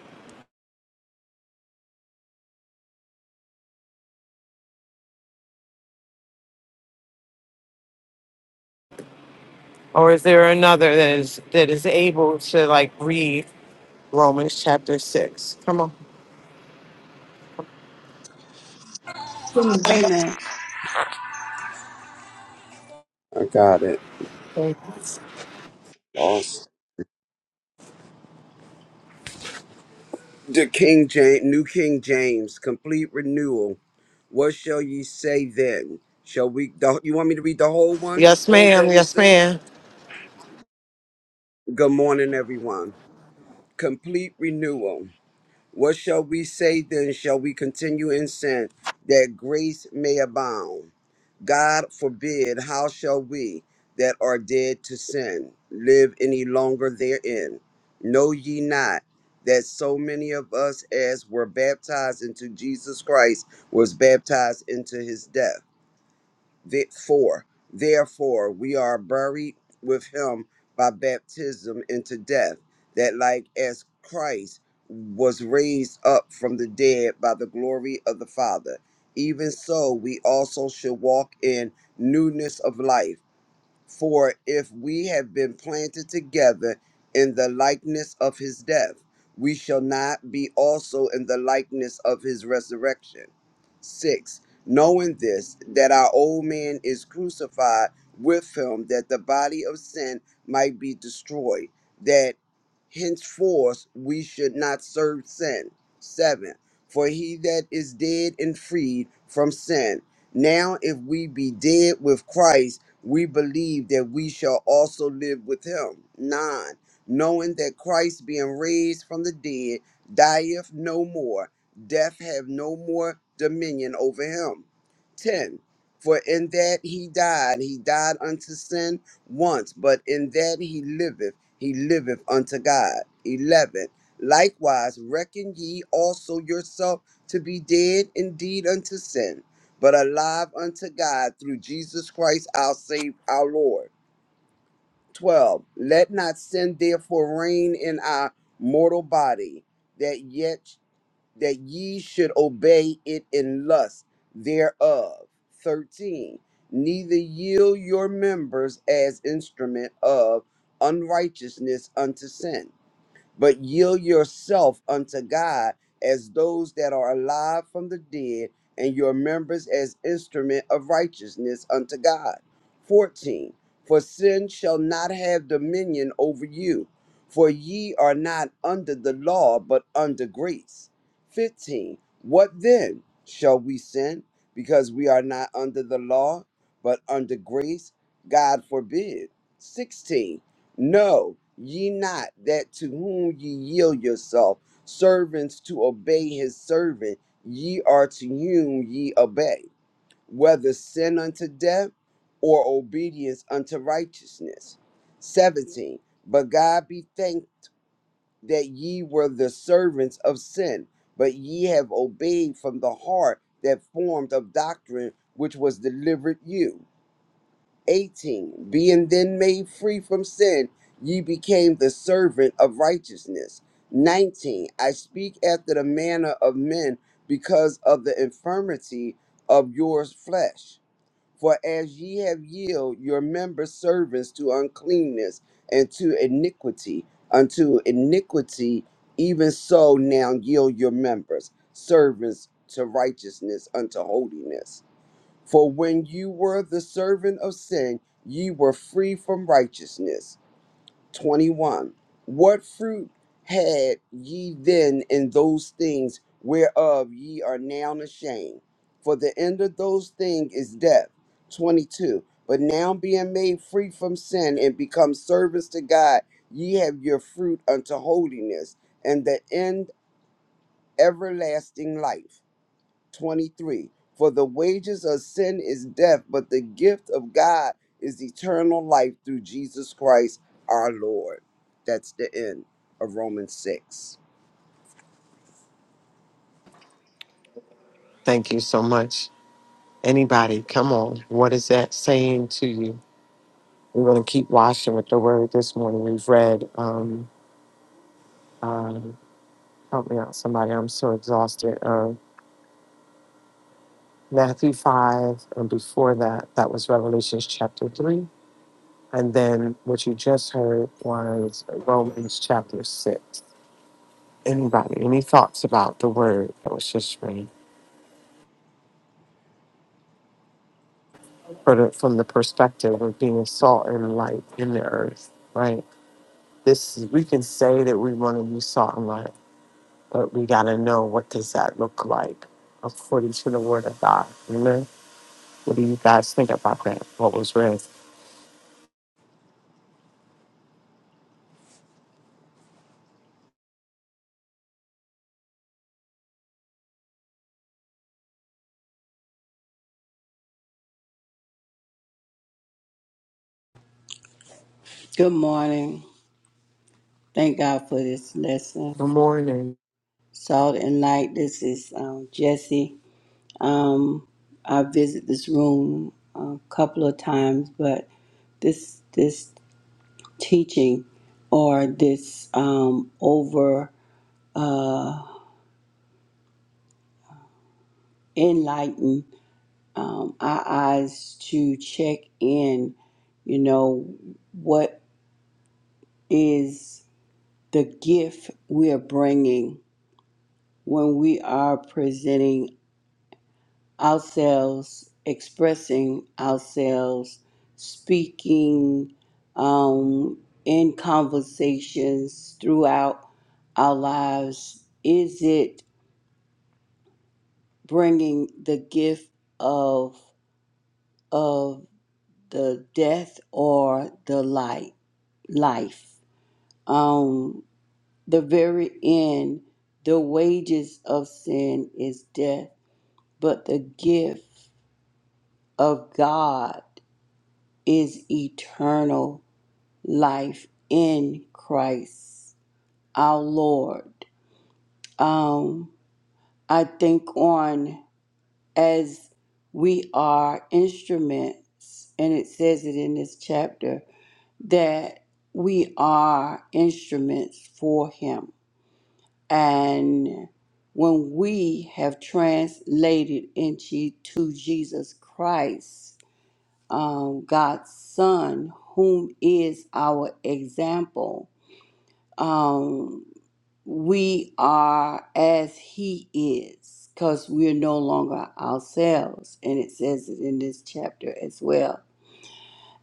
Speaker 3: Or is there another that is, that is able to like read Romans chapter 6? Come on.
Speaker 7: Amen.
Speaker 8: I got it. Lost. The King James, New King James, complete renewal. What shall ye say then? Shall we? The, you want me to read the whole one?
Speaker 3: Yes,
Speaker 8: Whole
Speaker 3: ma'am.
Speaker 8: Romans
Speaker 3: Yes,
Speaker 8: six.
Speaker 3: ma'am.
Speaker 8: Good morning, everyone. Complete renewal. What shall we say then? Shall we continue in sin that grace may abound? God forbid, how shall we that are dead to sin live any longer therein? Know ye not that so many of us as were baptized into Jesus Christ was baptized into his death? The- Therefore, we are buried with him by baptism into death, that like as Christ was raised up from the dead by the glory of the Father, even so we also should walk in newness of life. For if we have been planted together in the likeness of his death, we shall not be also in the likeness of his resurrection. 6. Knowing this, that our old man is crucified with him, that the body of sin might be destroyed, that henceforth we should not serve sin. 7. For he that is dead and freed from sin. Now, if we be dead with Christ, we believe that we shall also live with him. Nine, knowing that Christ being raised from the dead dieth no more, death have no more dominion over him. Ten, for in that he died, he died unto sin once, but in that he liveth, he liveth unto God. Eleven, likewise reckon ye also yourself to be dead indeed unto sin but alive unto God through Jesus Christ our Savior, our Lord. 12. Let not sin therefore reign in our mortal body, that yet that ye should obey it in lust thereof. 13. Neither yield your members as instrument of unrighteousness unto sin but yield yourself unto God as those that are alive from the dead, and your members as instrument of righteousness unto God. 14. For sin shall not have dominion over you, for ye are not under the law, but under grace. 15. What then? Shall we sin because we are not under the law, but under grace? God forbid. 16 no, ye not that to whom ye yield yourself, servants to obey his servant, ye are to whom ye obey, whether sin unto death or obedience unto righteousness. 17. But God be thanked that ye were the servants of sin, but ye have obeyed from the heart that formed of doctrine which was delivered you. 18 Being then made free from sin, ye became the servant of righteousness. 19 I speak after the manner of men because of the infirmity of your flesh. For as ye have yielded your members servants to uncleanness and to iniquity, unto iniquity, even so now yield your members servants to righteousness unto holiness. For when you were the servant of sin, ye were free from righteousness. 21. What fruit had ye then in those things whereof ye are now ashamed? For the end of those things is death. 22. But now being made free from sin and become servants to God, ye have your fruit unto holiness, and the end everlasting life. 23 For the wages of sin is death, but the gift of God is eternal life through Jesus Christ our Lord. That's the end of Romans 6.
Speaker 3: Thank you so much. Anybody, come on. What is that saying to you? We're going to keep washing with the word this morning. We've read, um, um, help me out, somebody. I'm so exhausted. Um, Matthew 5, and before that, that was Revelations chapter 3. And then what you just heard was Romans chapter 6. Anybody, any thoughts about the word that was just read For the- from the perspective of being salt and light in the earth, right? This we can say that we want to be salt and light, but we got to know what does that look like according to the Word of God. Amen. What do you guys think about that? What was read?
Speaker 7: Good morning. Thank God for this lesson.
Speaker 3: Good morning.
Speaker 7: Salt and light. This is um, Jesse. Um, I visit this room a couple of times, but this this teaching or this um, over uh, enlighten um, our eyes to check in. You know what is the gift we are bringing when we are presenting ourselves, expressing ourselves, speaking um, in conversations throughout our lives? Is it bringing the gift of of the death or the light life? Um, the very end, the wages of sin is death, but the gift of God is eternal life in Christ our Lord. Um, I think on as we are instruments, and it says it in this chapter that we are instruments for Him. And when we have translated into to Jesus Christ, um, God's Son, whom is our example. Um, we are as he is because we're no longer ourselves and it says it in this chapter as well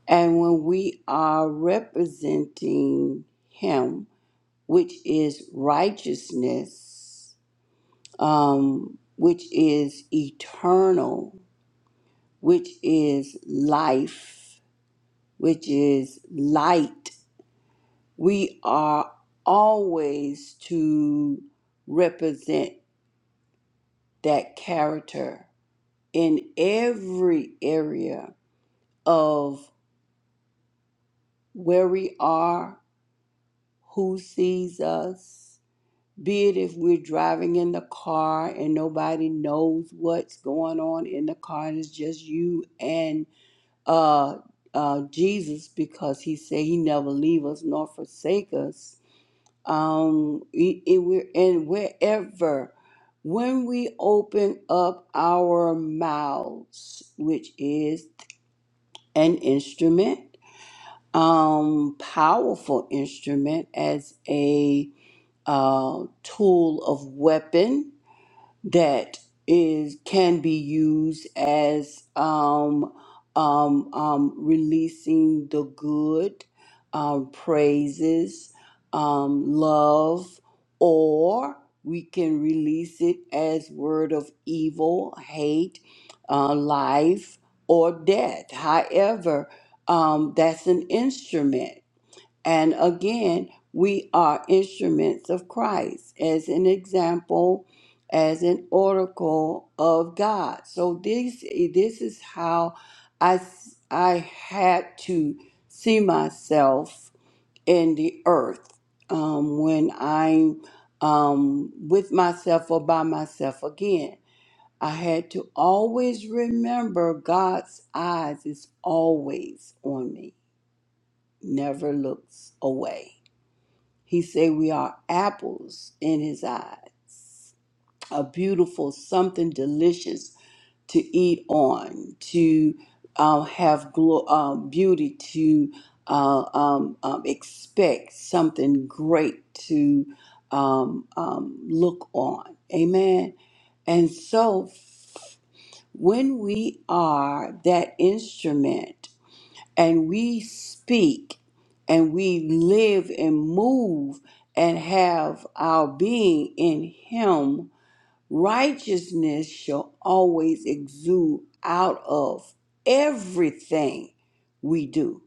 Speaker 7: and when we are representing him which is righteousness um, which is eternal which is life which is light we are always to represent that character in every area of where we are, who sees us, be it if we're driving in the car and nobody knows what's going on in the car and it's just you and uh, uh, Jesus because he said he never leave us nor forsake us. Um, e- e- we're, and wherever when we open up our mouths, which is an instrument, um, powerful instrument as a uh, tool of weapon that is can be used as um, um, um, releasing the good um, praises, um, love, or we can release it as word of evil, hate, uh, life, or death. However, um, that's an instrument. And again, we are instruments of Christ as an example, as an oracle of God. So this this is how I s- I had to see myself in the earth um, when I'm um, with myself or by myself again. I had to always remember God's eyes is always on me, never looks away. He said we are apples in his eyes, a beautiful something delicious to eat on, to uh, have glo- uh, beauty, to uh, um, um, expect something great to um, um, look on. Amen. And so when we are that instrument, and we speak and we live and move and have our being in Him, righteousness shall always exude out of everything we do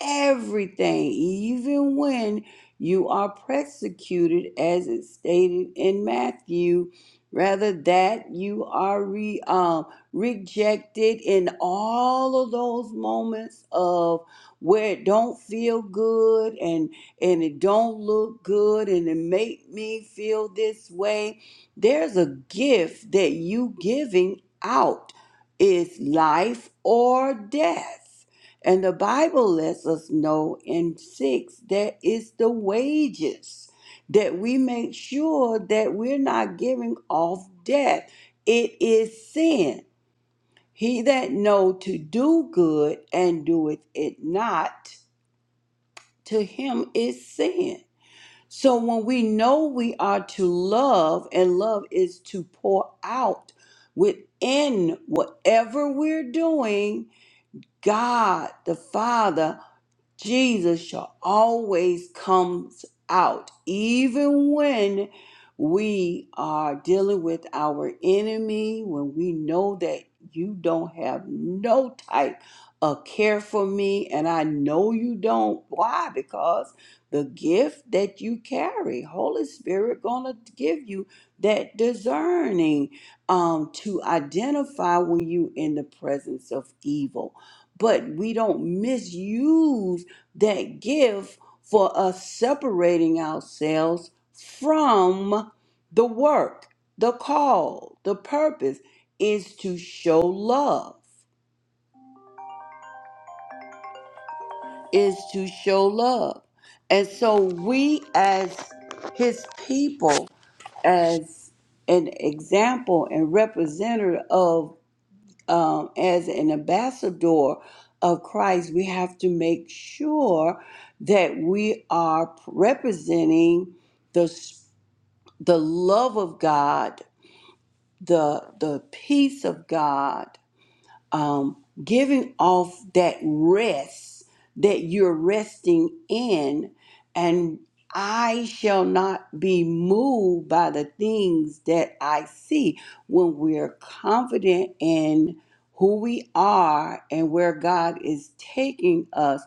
Speaker 7: everything, even when you are persecuted, as it's stated in Matthew. Rather that you are re, um, rejected in all of those moments of where it don't feel good and and it don't look good and it make me feel this way. There's a gift that you giving out is life or death. And the Bible lets us know in 6 that it's the wages that we make sure that we're not giving off death. It is sin. He that know to do good and doeth it not, to him is sin. So when we know we are to love, and love is to pour out within whatever we're doing, God the Father Jesus shall always comes out, even when we are dealing with our enemy, when we know that you don't have no type of care for me, and I know you don't. Why? Because the gift that you carry, Holy Spirit, gonna give you that discerning um, to identify when you in the presence of evil. But we don't misuse that give for us separating ourselves from the work, the call, the purpose is to show love, is to show love. And so we as his people, as an example and representative of. um, as an ambassador of Christ, we have to make sure that we are representing the s- the love of God, the the peace of God, um, giving off that rest that you're resting in, and I shall not be moved by the things that I see. When we're confident in who we are and where God is taking us,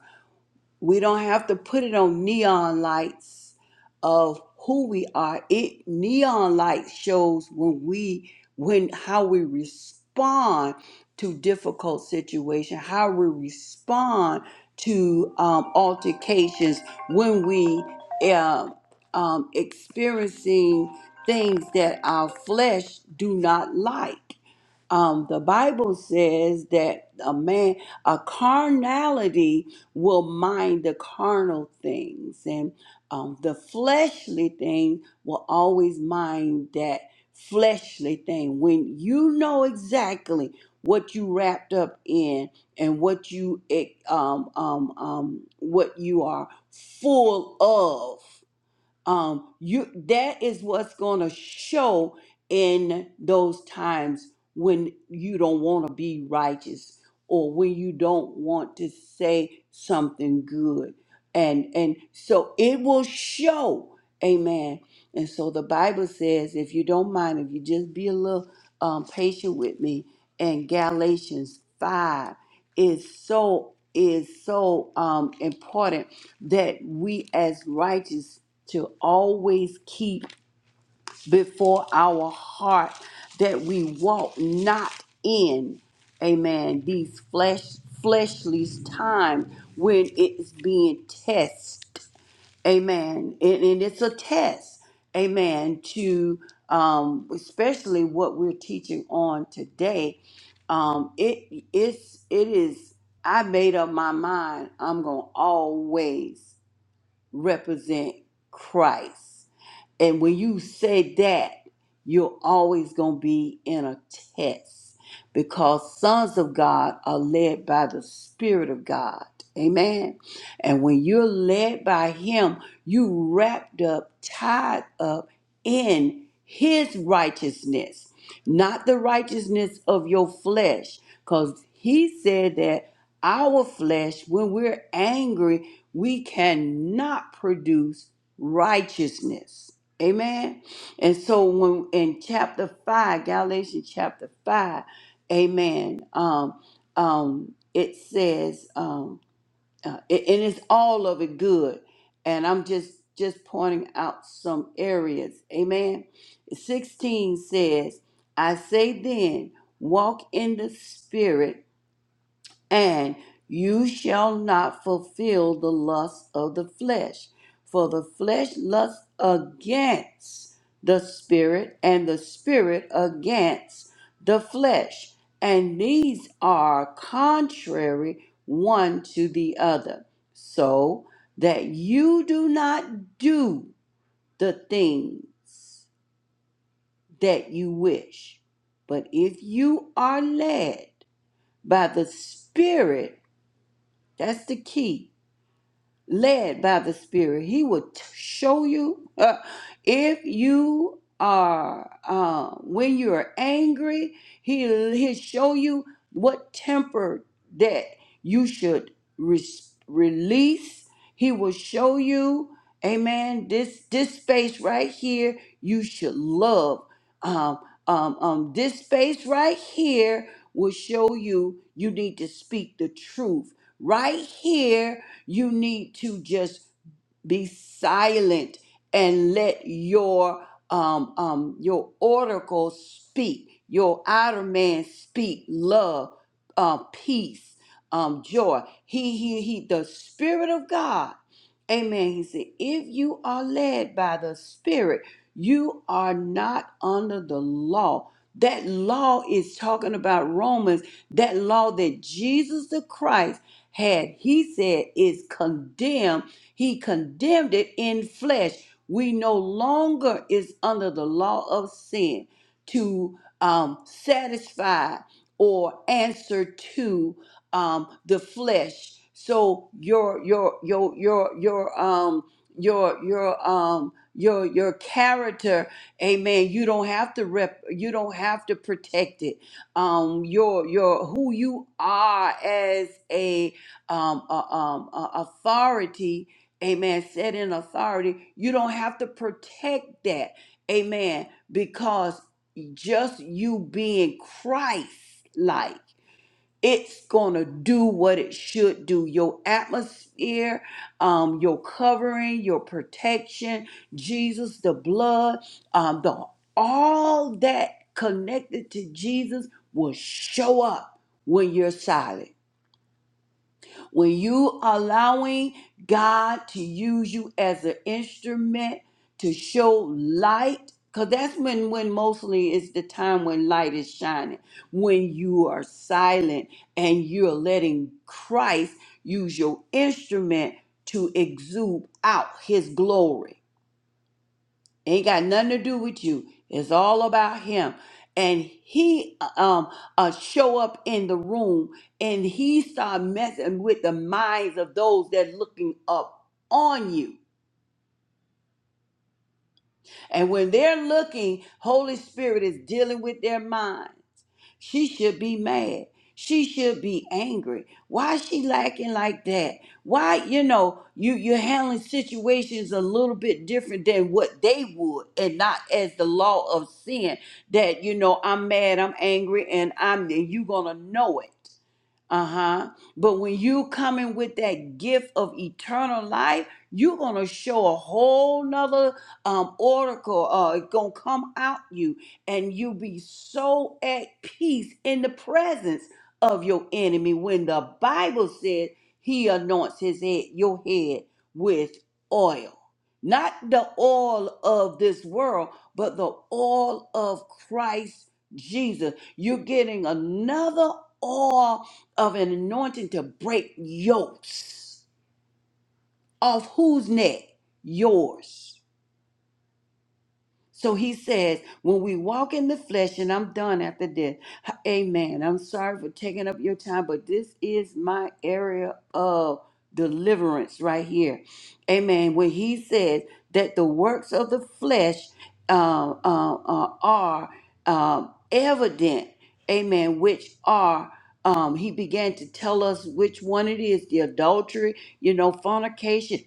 Speaker 7: we don't have to put it on neon lights of who we are. It neon light shows when we when how we respond to difficult situation, how we respond to um, altercations when we uh, um, experiencing things that our flesh do not like um, the Bible says that a man, a carnality will mind the carnal things, and um, the fleshly thing will always mind that fleshly thing. When you know exactly what you wrapped up in and what you eh, um, um, um, what you are full of um you that is what's going to show in those times when you don't want to be righteous or when you don't want to say something good and and so it will show amen and so the Bible says, if you don't mind, if you just be a little um, patient with me, and Galatians 5 is so is so um, important that we as righteous to always keep before our heart that we walk not in amen these flesh fleshly times when it's being tested Amen. And, and it's a test. Amen. To um, especially what we're teaching on today. Um, it it's it is. I made up my mind. I'm gonna always represent Christ. And when you say that, you're always going to be in a test because sons of God are led by the Spirit of God. Amen. And when you're led by Him, you wrapped up, tied up in His righteousness, not the righteousness of your flesh. Because He said that our flesh, when we're angry, we cannot produce righteousness. Amen. And so when in chapter five, Galatians chapter five, Amen. Um, um, it says, um, uh, it, and it's all of it good. And I'm just just pointing out some areas. Amen. Sixteen says, "I say then, walk in the spirit." And you shall not fulfill the lust of the flesh, for the flesh lusts against the spirit, and the spirit against the flesh. And these are contrary one to the other, so that you do not do the things that you wish. But if you are led by the Spirit, that's the key led by the Spirit. He will t- show you uh, if you are uh, when you are angry. He he'll show you what temper that you should res- release. He will show you, Amen. This this space right here, you should love. Um, um, um, this space right here will show you you need to speak the truth right here you need to just be silent and let your um, um, your oracle speak, your outer man speak love, uh, peace, um, joy. He, he, he, the Spirit of God. Amen. He said, if you are led by the Spirit, you are not under the law. That law is talking about Romans, that law that Jesus the Christ had he said is condemned, he condemned it in flesh. We no longer is under the law of sin to um, satisfy or answer to um, the flesh. So your your your your your um your your um your your character, amen. You don't have to rep. You don't have to protect it. Um, your your who you are as um, uh, um, uh, authority, amen, set in authority, you don't have to protect that, amen, because just you being Christ like, it's going to do what it should do. Your atmosphere, um, your covering, your protection, Jesus, the blood, um, the all that connected to Jesus will show up when you're silent when you allowing God to use you as an instrument to show light, because that's when, when mostly is the time when light is shining, when you are silent and you're letting Christ use your instrument to exude out his glory. Ain't got nothing to do with you. It's all about him. And he um uh show up in the room and he start messing with the minds of those that looking up on you. And when they're looking, Holy Spirit is dealing with their mind. She should be mad. She should be angry. Why is she lacking like that? Why, you know, you, you're handling situations a little bit different than what they would and not as the law of sin that, you know, I'm mad, I'm angry, and I'm and you gonna know it. Uh huh. But when you come in with that gift of eternal life, you're gonna show a whole nother um, oracle. Uh, it's gonna come out you, and you be so at peace in the presence of your enemy. When the Bible said He anoints His head, your head with oil, not the oil of this world, but the oil of Christ Jesus. You're getting another oil of an anointing to break yokes off whose neck? Yours. So he says, when we walk in the flesh, and I'm done after this. h- Amen. I'm sorry for taking up your time, but this is my area of deliverance right here. Amen. When he says that the works of the flesh uh, uh, uh, are um, evident, amen, which are. Um, he began to tell us which one it is the adultery, you know, fornication,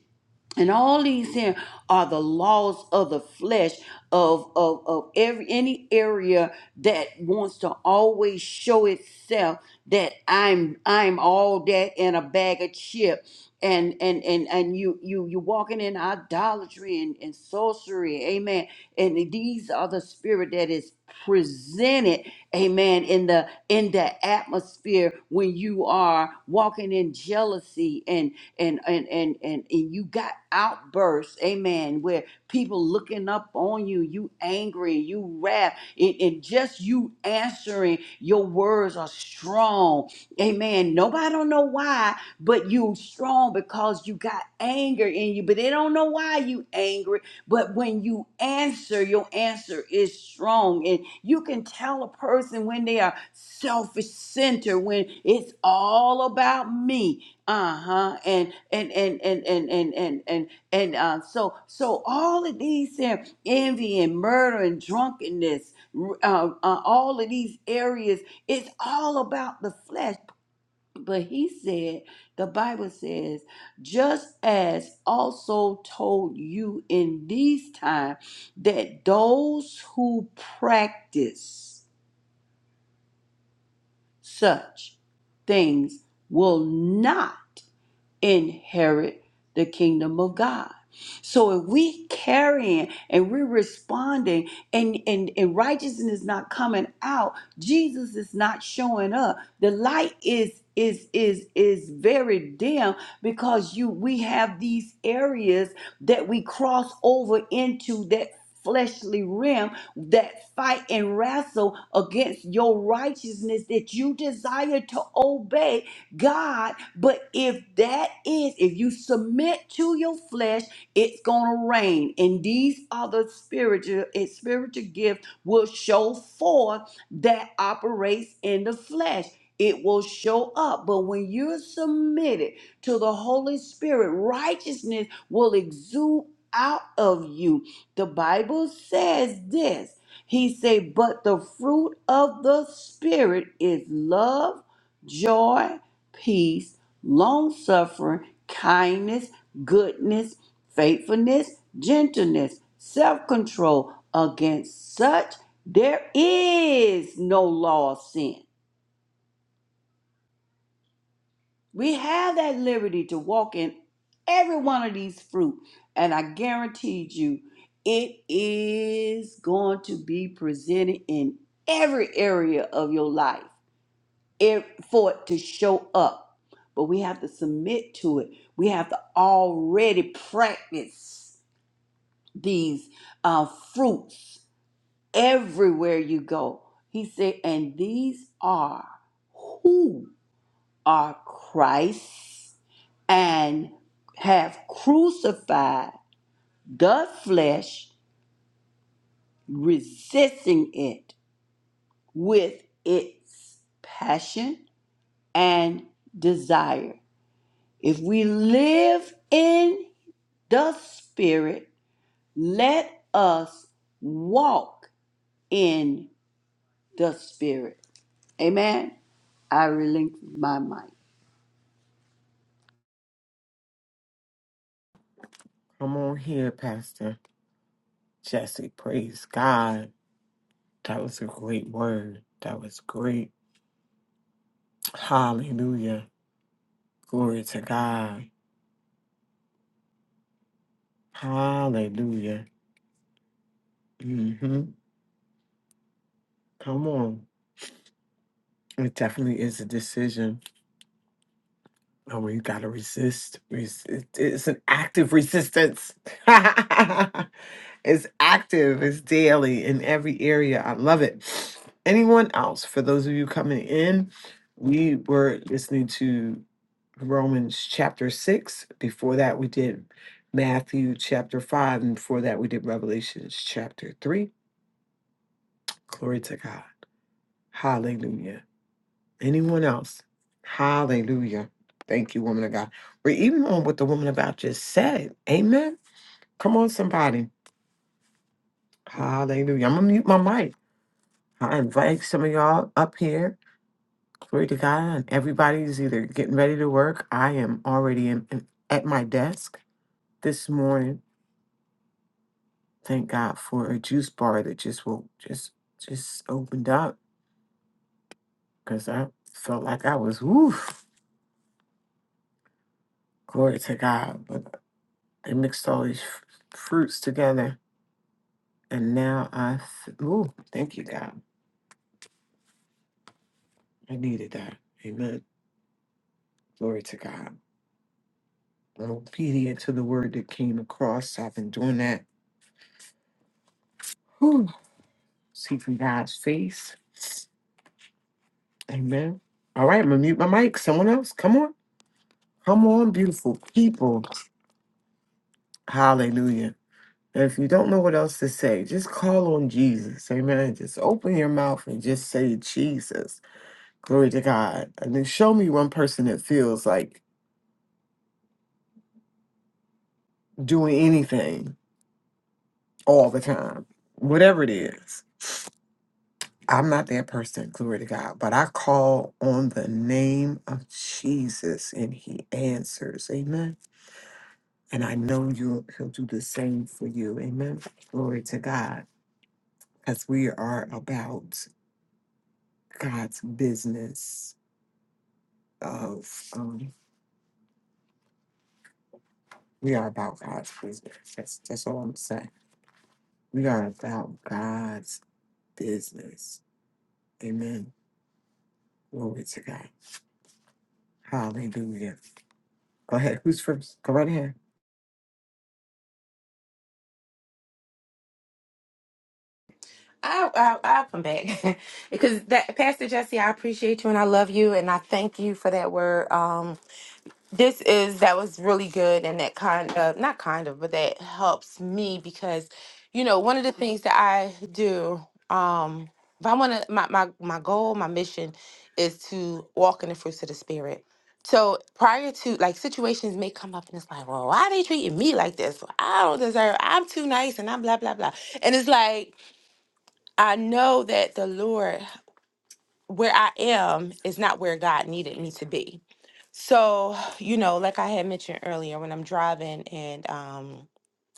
Speaker 7: and all these here are the laws of the flesh of, of, of every any area that wants to always show itself that I'm I'm all that and a bag of chip and and and and you you you walking in idolatry and, and sorcery amen and these are the spirit that is presented amen in the in the atmosphere when you are walking in jealousy and and and and, and you got outbursts, amen, where people looking up on you, you angry, you wrath, and, and just you answering your words are strong. Amen. Nobody don't know why, but you strong because you got anger in you, but they don't know why you angry. But when you answer, your answer is strong. And you can tell a person when they are selfish centered, when it's all about me uh-huh and and and and and and and and, and uh, so so all of these there envy and murder and drunkenness r- uh, uh, all of these areas it's all about the flesh but he said the bible says just as also told you in these times that those who practice such things will not inherit the kingdom of God. So if we carrying and we're responding and, and, and righteousness is not coming out, Jesus is not showing up. The light is is is is very dim because you we have these areas that we cross over into that fleshly realm that fight and wrestle against your righteousness that you desire to obey God, but if that is, if you submit to your flesh, it's gonna rain. And these other spiritual and spiritual gifts will show forth that operates in the flesh. It will show up. But when you're submitted to the Holy Spirit, righteousness will exude out of you. The Bible says this. He say, but the fruit of the spirit is love, joy, peace, long suffering, kindness, goodness, faithfulness, gentleness, self control. Against such, there is no law of sin. We have that liberty to walk in every one of these fruit, and I guarantee you, it is going to be presented in every area of your life. it, for it to show up. But we have to submit to it. We have to already practice these uh, fruits everywhere you go. He said, and these are who are Christ and have crucified the flesh, resisting it with its passion and desire. If we live in the Spirit, let us walk in the Spirit. Amen. I relinquish my mic.
Speaker 3: Come on here, Pastor Jesse. Praise God. That was a great word. That was great. Hallelujah. Glory to God. Hallelujah. hmm Come on. It definitely is a decision No, where you gotta resist. Res- it- It's an active resistance. it's active. It's daily in every area. I love it. Anyone else? For those of you coming in, we were listening to Romans chapter six. Before that, we did Matthew chapter five, and before that, we did Revelations chapter three. Glory to God. Hallelujah. Anyone else? Hallelujah. Thank you, woman of God. Or even on what the woman about just said. Amen. Come on, somebody. Hallelujah. I'm gonna mute my mic. I invite some of y'all up here. Glory to God. And everybody's either getting ready to work. I am already in, in- at my desk this morning. Thank God for a juice bar that just will just just opened up because I felt like I was woof. Glory to God. But they mixed all these f- fruits together And now I, f- ooh, thank you, God. I needed that. Amen. Glory to God. I'm obedient to the word that came across. I've been doing that. Whew. See from God's face. Amen. All right, I'm gonna mute my mic. Someone else, come on. Come on, beautiful people. Hallelujah. And if you don't know what else to say, just call on Jesus. Amen. Just open your mouth and just say Jesus. Glory to God. And then show me one person that feels like doing anything all the time, whatever it is. I'm not that person, glory to God, but I call on the name of Jesus and he answers. Amen. And I know you'll, he'll do the same for you. Amen. Glory to God. Because we are about God's business of um, we are about God's business. That's that's all I'm saying. We are about God's business. Amen. Glory to God. Hallelujah. Go ahead. Who's first? Go right ahead.
Speaker 5: I'll, I'll, I'll come back because that Pastor Jesse, I appreciate you and I love you and I thank you for that word. Um, this is that was really good and that kind of not kind of but that helps me because you know one of the things that i do um if i want to my, my my goal my mission is to walk in the fruits of the spirit so prior to like situations may come up and it's like well why are they treating me like this Well, i don't deserve i'm too nice and i'm blah blah blah and it's like i know that the lord where i am is not where god needed me to be so, you know, like I had mentioned earlier, when I'm driving and um,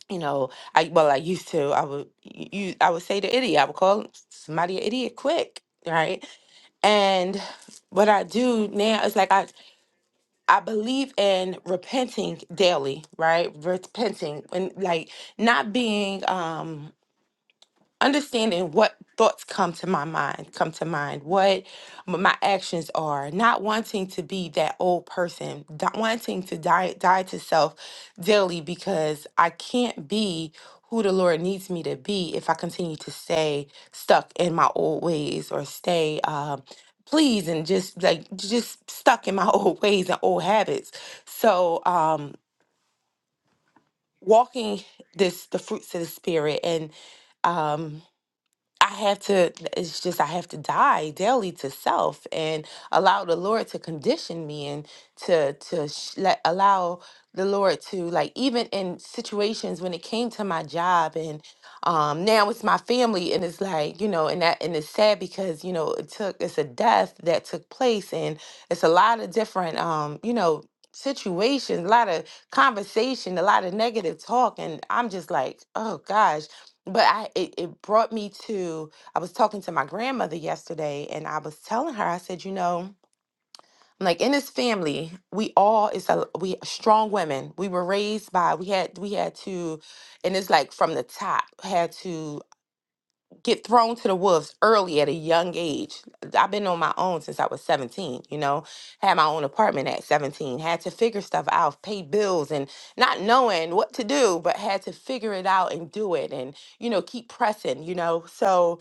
Speaker 5: you know, I well, I used to, I would you I would say the idiot, I would call somebody an idiot quick, right? And what I do now is like I I believe in repenting daily, right? Repenting and like not being um understanding what thoughts come to my mind come to mind what m- my actions are not wanting to be that old person not wanting to die die to self daily because i can't be who the lord needs me to be if i continue to stay stuck in my old ways or stay um pleased and just like just stuck in my old ways and old habits so um walking this the fruits of the spirit and um I have to, it's just, I have to die daily to self and allow the Lord to condition me and to, to sh- let, allow the Lord to, like, even in situations when it came to my job and, um, now it's my family and it's like, you know, and that, and it's sad because, you know, it took, it's a death that took place and it's a lot of different, um, you know, situations, a lot of conversation, a lot of negative talk. And I'm just like, oh gosh but I it, it brought me to I was talking to my grandmother yesterday and I was telling her I said you know I'm like in this family we all it's a we strong women we were raised by we had we had to and it's like from the top had to get thrown to the wolves early at a young age. I've been on my own since I was 17, you know, had my own apartment at 17, had to figure stuff out, pay bills and not knowing what to do, but had to figure it out and do it and, you know, keep pressing, you know. So,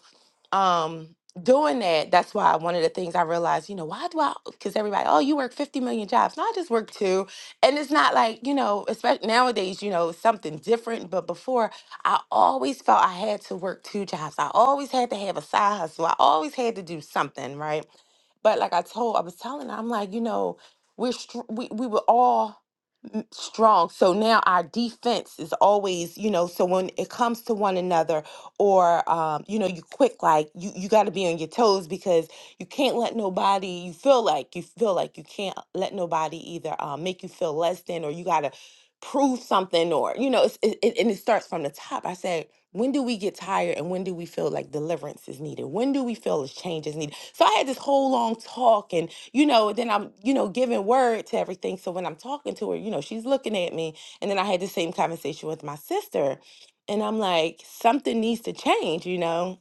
Speaker 5: um doing that that's why one of the things i realized you know why do i because everybody oh you work 50 million jobs no i just work two and it's not like you know especially nowadays you know it's something different but before i always felt i had to work two jobs i always had to have a side hustle i always had to do something right but like i told i was telling her, i'm like you know we're str- we, we were all strong. So now our defense is always, you know, so when it comes to one another or um, you know, you quick like you you got to be on your toes because you can't let nobody you feel like you feel like you can't let nobody either um, make you feel less than or you got to prove something or you know, it's, it, it, and it starts from the top. I said when do we get tired and when do we feel like deliverance is needed? When do we feel this change is needed? So I had this whole long talk and you know, then I'm, you know, giving word to everything. So when I'm talking to her, you know, she's looking at me. And then I had the same conversation with my sister. And I'm like, something needs to change, you know?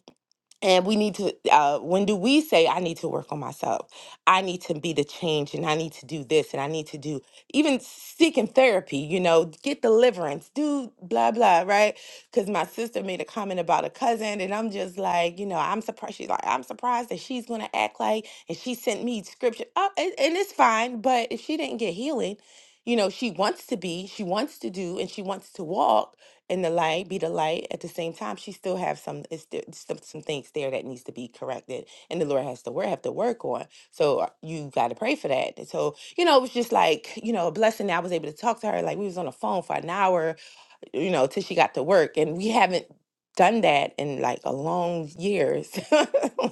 Speaker 5: and we need to, uh, when do we say, I need to work on myself? I need to be the change and I need to do this and I need to do even seeking therapy, you know, get deliverance, do blah, blah, right? Because my sister made a comment about a cousin and I'm just like, you know, I'm surprised. She's like, I'm surprised that she's going to act like, and she sent me scripture. Oh, and, and it's fine, but if she didn't get healing, you know, she wants to be, she wants to do, and she wants to walk and the light be the light at the same time she still have some it's still some, some things there that needs to be corrected and the lord has to work have to work on so uh, you got to pray for that and so you know it was just like you know a blessing that i was able to talk to her like we was on the phone for an hour you know, till she got to work. And we haven't done that in like a long years,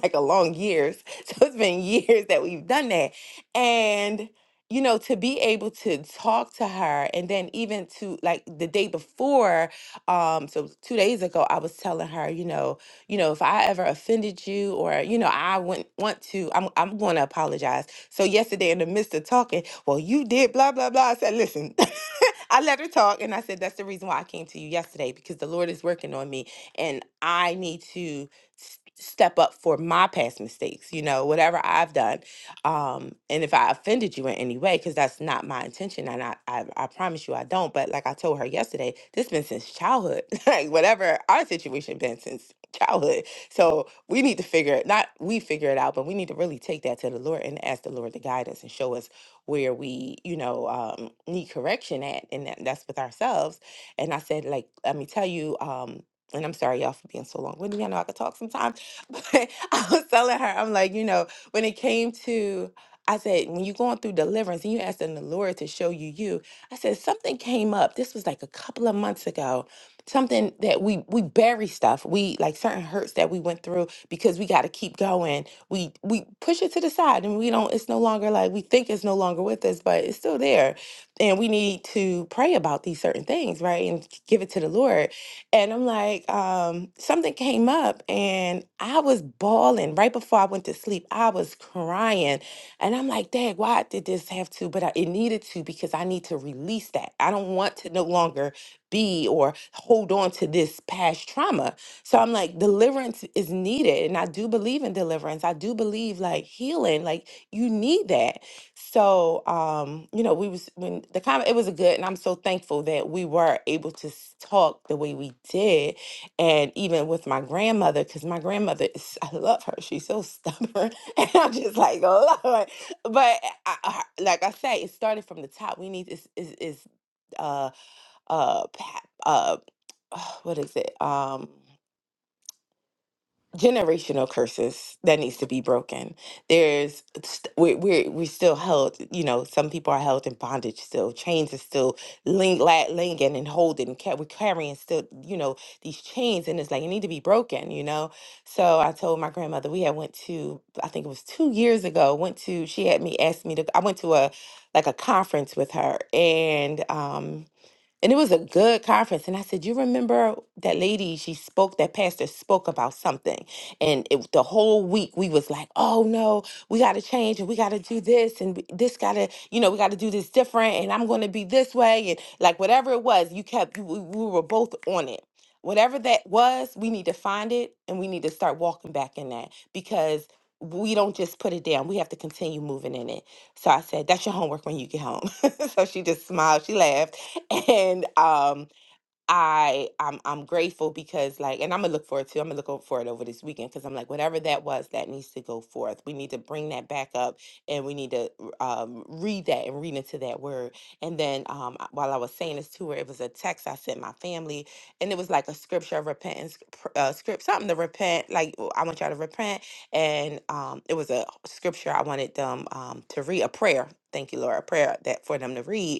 Speaker 5: like a long years. So it's been years that we've done that. And, you know, to be able to talk to her and then even to like the day before, um, so two days ago, I was telling her, you know, you know, if I ever offended you or, you know, I wouldn't want to, I'm I'm gonna apologize. So yesterday in the midst of talking, well, you did blah blah blah. I said, listen, I let her talk and I said, That's the reason why I came to you yesterday because the Lord is working on me and I need to s- step up for my past mistakes, you know, whatever I've done. Um, and if I offended you in any way, because that's not my intention, and I, I, I promise you I don't. But like I told her yesterday, this been since childhood, like whatever our situation been since childhood. So we need to figure it, not we figure it out, but we need to really take that to the Lord and ask the Lord to guide us and show us where we, you know, um, need correction at, and that, that's with ourselves. And I said, like, let me tell you, um, and I'm sorry, y'all, for being so long winded. I know I could talk sometimes, but I was telling her, I'm like, you know, when it came to, I said, when you're going through deliverance and you asking the Lord to show you you, I said, something came up. This was like a couple of months ago. Something that we we bury stuff. We like certain hurts that we went through because we got to keep going we we push it to the side and we don't it's no longer like we think it's no longer with us but it's still there and we need to pray about these certain things right and give it to the lord and i'm like um something came up and i was bawling right before i went to sleep i was crying and i'm like dad why did this have to but I, it needed to because i need to release that i don't want to no longer be or hold on to this past trauma so I'm like, deliverance is needed. And I do believe in deliverance. I do believe like healing. Like you need that. So um, you know, we was when the comment it was a good and I'm so thankful that we were able to s- talk the way we did. And even with my grandmother, because my grandmother is I love her. She's so stubborn. And I'm just like, Lord. But I, I, like I say, it started from the top. We need is is is uh uh pa- uh what is it? Um generational curses that needs to be broken there's st- we're, we're we're still held you know some people are held in bondage still chains are still ling, la, linging and holding ca- we're carrying still you know these chains and it's like it need to be broken you know so i told my grandmother we had went to i think it was two years ago went to she had me asked me to i went to a like a conference with her and um and it was a good conference. And I said, You remember that lady, she spoke, that pastor spoke about something. And it, the whole week we was like, Oh no, we got to change and we got to do this and we- this got to, you know, we got to do this different and I'm going to be this way. And like whatever it was, you kept, you, we we were both on it. Whatever that was, we need to find it and we need to start walking back in that because we don't just put it down. We have to continue moving in it. So I said, That's your homework when you get home. so she just smiled. She laughed and um I I'm I'm grateful because like and I'm gonna look forward to I'm gonna look o- for it over this weekend because I'm like whatever that was that needs to go forth. We need to bring that back up and we need to um, read that and read into that word. And then um I- while I was saying this to her, it was a text I sent my family and it was like a scripture of repentance pr- uh, script something to repent like "Oh, I want y'all to repent and um it was a scripture I wanted them um to read a prayer. Thank you, Lord, a prayer that for them to read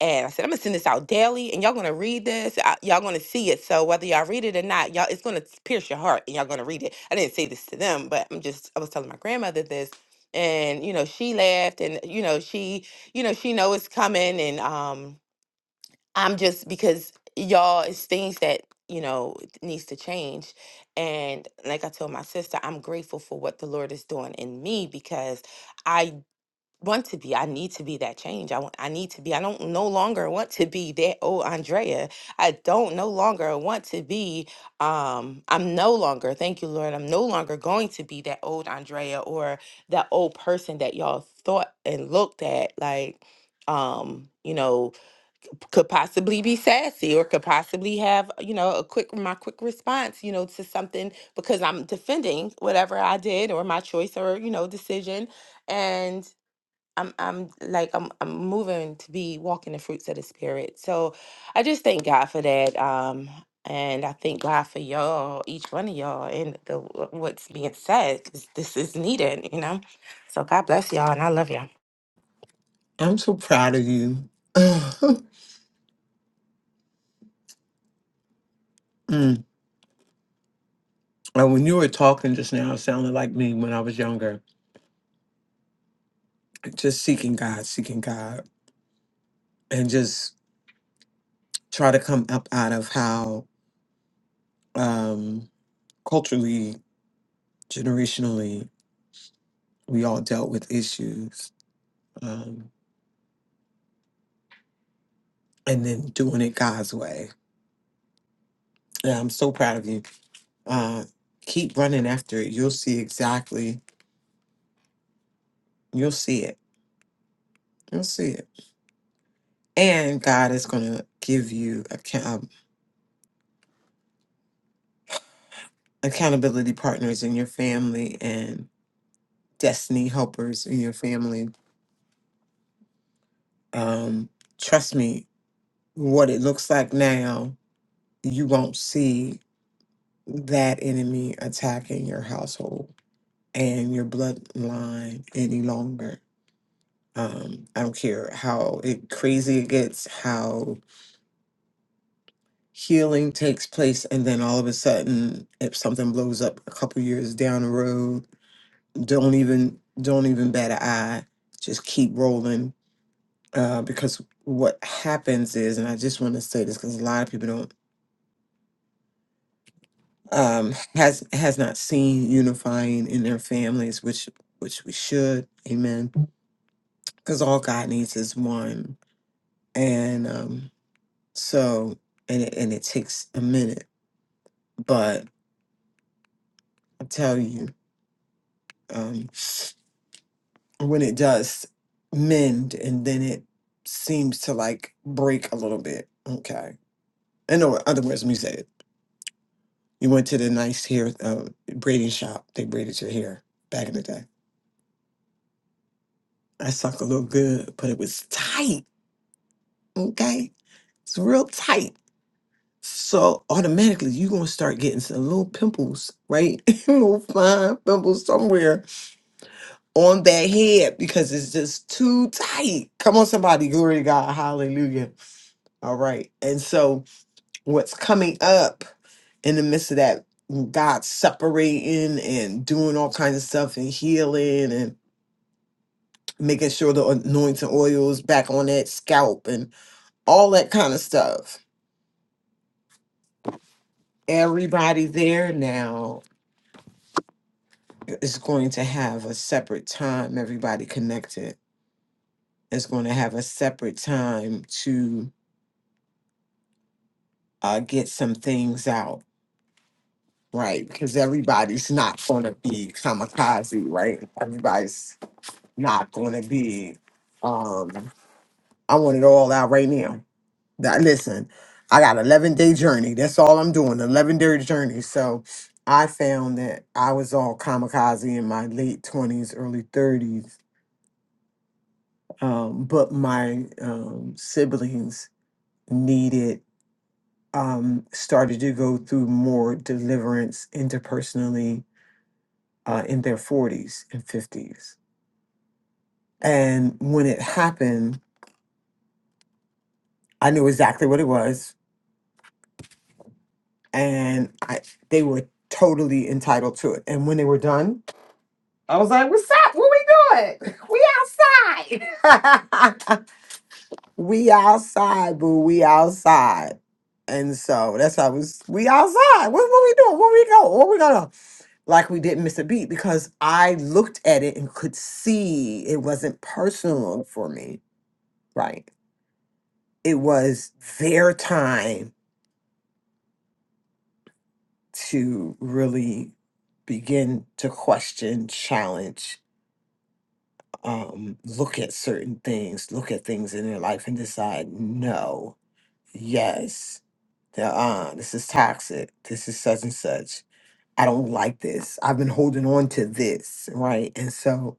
Speaker 5: and I said, I'm gonna send this out daily, and y'all gonna read this. I, y'all gonna see it. So whether y'all read it or not, y'all it's gonna pierce your heart, and y'all gonna read it. I didn't say this to them, but I'm just I was telling my grandmother this, and you know she laughed, and you know she you know she know it's coming, and um I'm just because y'all it's things that you know needs to change, and like I told my sister, I'm grateful for what the Lord is doing in me because. I want to be. I need to be that change. I want, I need to be. I don't no longer want to be that old Andrea. I don't no longer want to be um I'm no longer, thank you Lord. I'm no longer going to be that old Andrea or that old person that y'all thought and looked at like um you know could possibly be sassy or could possibly have you know a quick my quick response you know to something because i'm defending whatever i did or my choice or you know decision and I'm I'm like I'm I'm moving to be walking the fruits of the spirit. So I just thank God for that. Um and I thank God for y'all, each one of y'all and the wh- what's being said 'cause this is needed, you know. So God bless y'all and I love y'all.
Speaker 3: I'm so proud of you. Mm. Uh, When you were talking just now, it sounded like me when I was younger, just seeking God, seeking God, and just try to come up out of how um, culturally, generationally, we all dealt with issues, um, and then doing it God's way. Yeah, I'm so proud of you. Uh, keep running after it. You'll see exactly. You'll see it. You'll see it and God is going to give you account- accountability partners in your family and destiny helpers in your family. Um, trust me, what it looks like now, you won't see that enemy attacking your household and your bloodline any longer. Um, I don't care how it, crazy it gets, how healing takes place, and then all of a sudden, if something blows up a couple years down the road, don't even don't even bat an eye just keep rolling uh, because what happens is and i just want to say this because a lot of people don't um, has has not seen unifying in their families which which we should amen because all god needs is one and um so and it, and it takes a minute but i tell you um when it does mend and then it seems to like break a little bit okay In o- other words, let me say it. You went to the nice hair uh, braiding shop. They braided your hair back in the day. I suck a little good, but it was tight. Okay, it's real tight. So automatically you're gonna start getting some little pimples, right? little fine pimples somewhere on that head because it's just too tight. Come on, somebody, glory to God, hallelujah. All right. And so what's coming up in the midst of that God separating and doing all kinds of stuff and healing and making sure the anointing oil is back on that scalp and all that kind of stuff. Everybody there now is going to have a separate time. Everybody connected is going to have a separate time to uh, get some things out, right? Because everybody's not going to be kamikaze, right? Everybody's not going to be. Um, I want it all out right now. That listen, I got eleven day journey. That's all I'm doing. Eleven day journey. So I found that I was all kamikaze in my late twenties, early thirties. Um, but my um, siblings needed um, started to go through more deliverance interpersonally uh, in their forties and fifties. And when it happened, I knew exactly what it was and I they were totally entitled to it. And when they were done, I was like, "What's up? What we doing? We outside. we outside, boo. We outside." And so that's how I was. We outside. What, what we doing? Where we go? What we gonna? Like we didn't miss a beat because I looked at it and could see it wasn't personal for me. Right. It was their time to really begin to question, challenge, um, look at certain things, look at things in their life and decide, no, yes, no, uh, this is toxic. This is such and such. I don't like this. I've been holding on to this, right? And so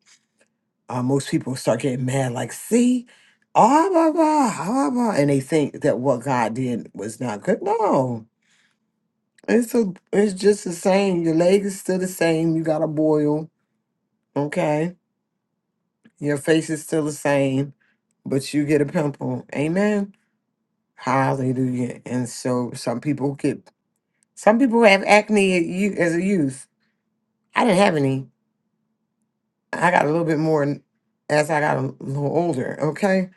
Speaker 3: uh, most people start getting mad, like, see, ah, blah, blah, ah, blah, blah," and they think that what God did was not good. No, It's a, it's just the same. Your leg is still the same. You got a boil, okay? Your face is still the same, but you get a pimple. Amen. Hallelujah. And so some people get, some people have acne at you as a youth. I didn't have any. I got a little bit more n- as I got a little older, okay?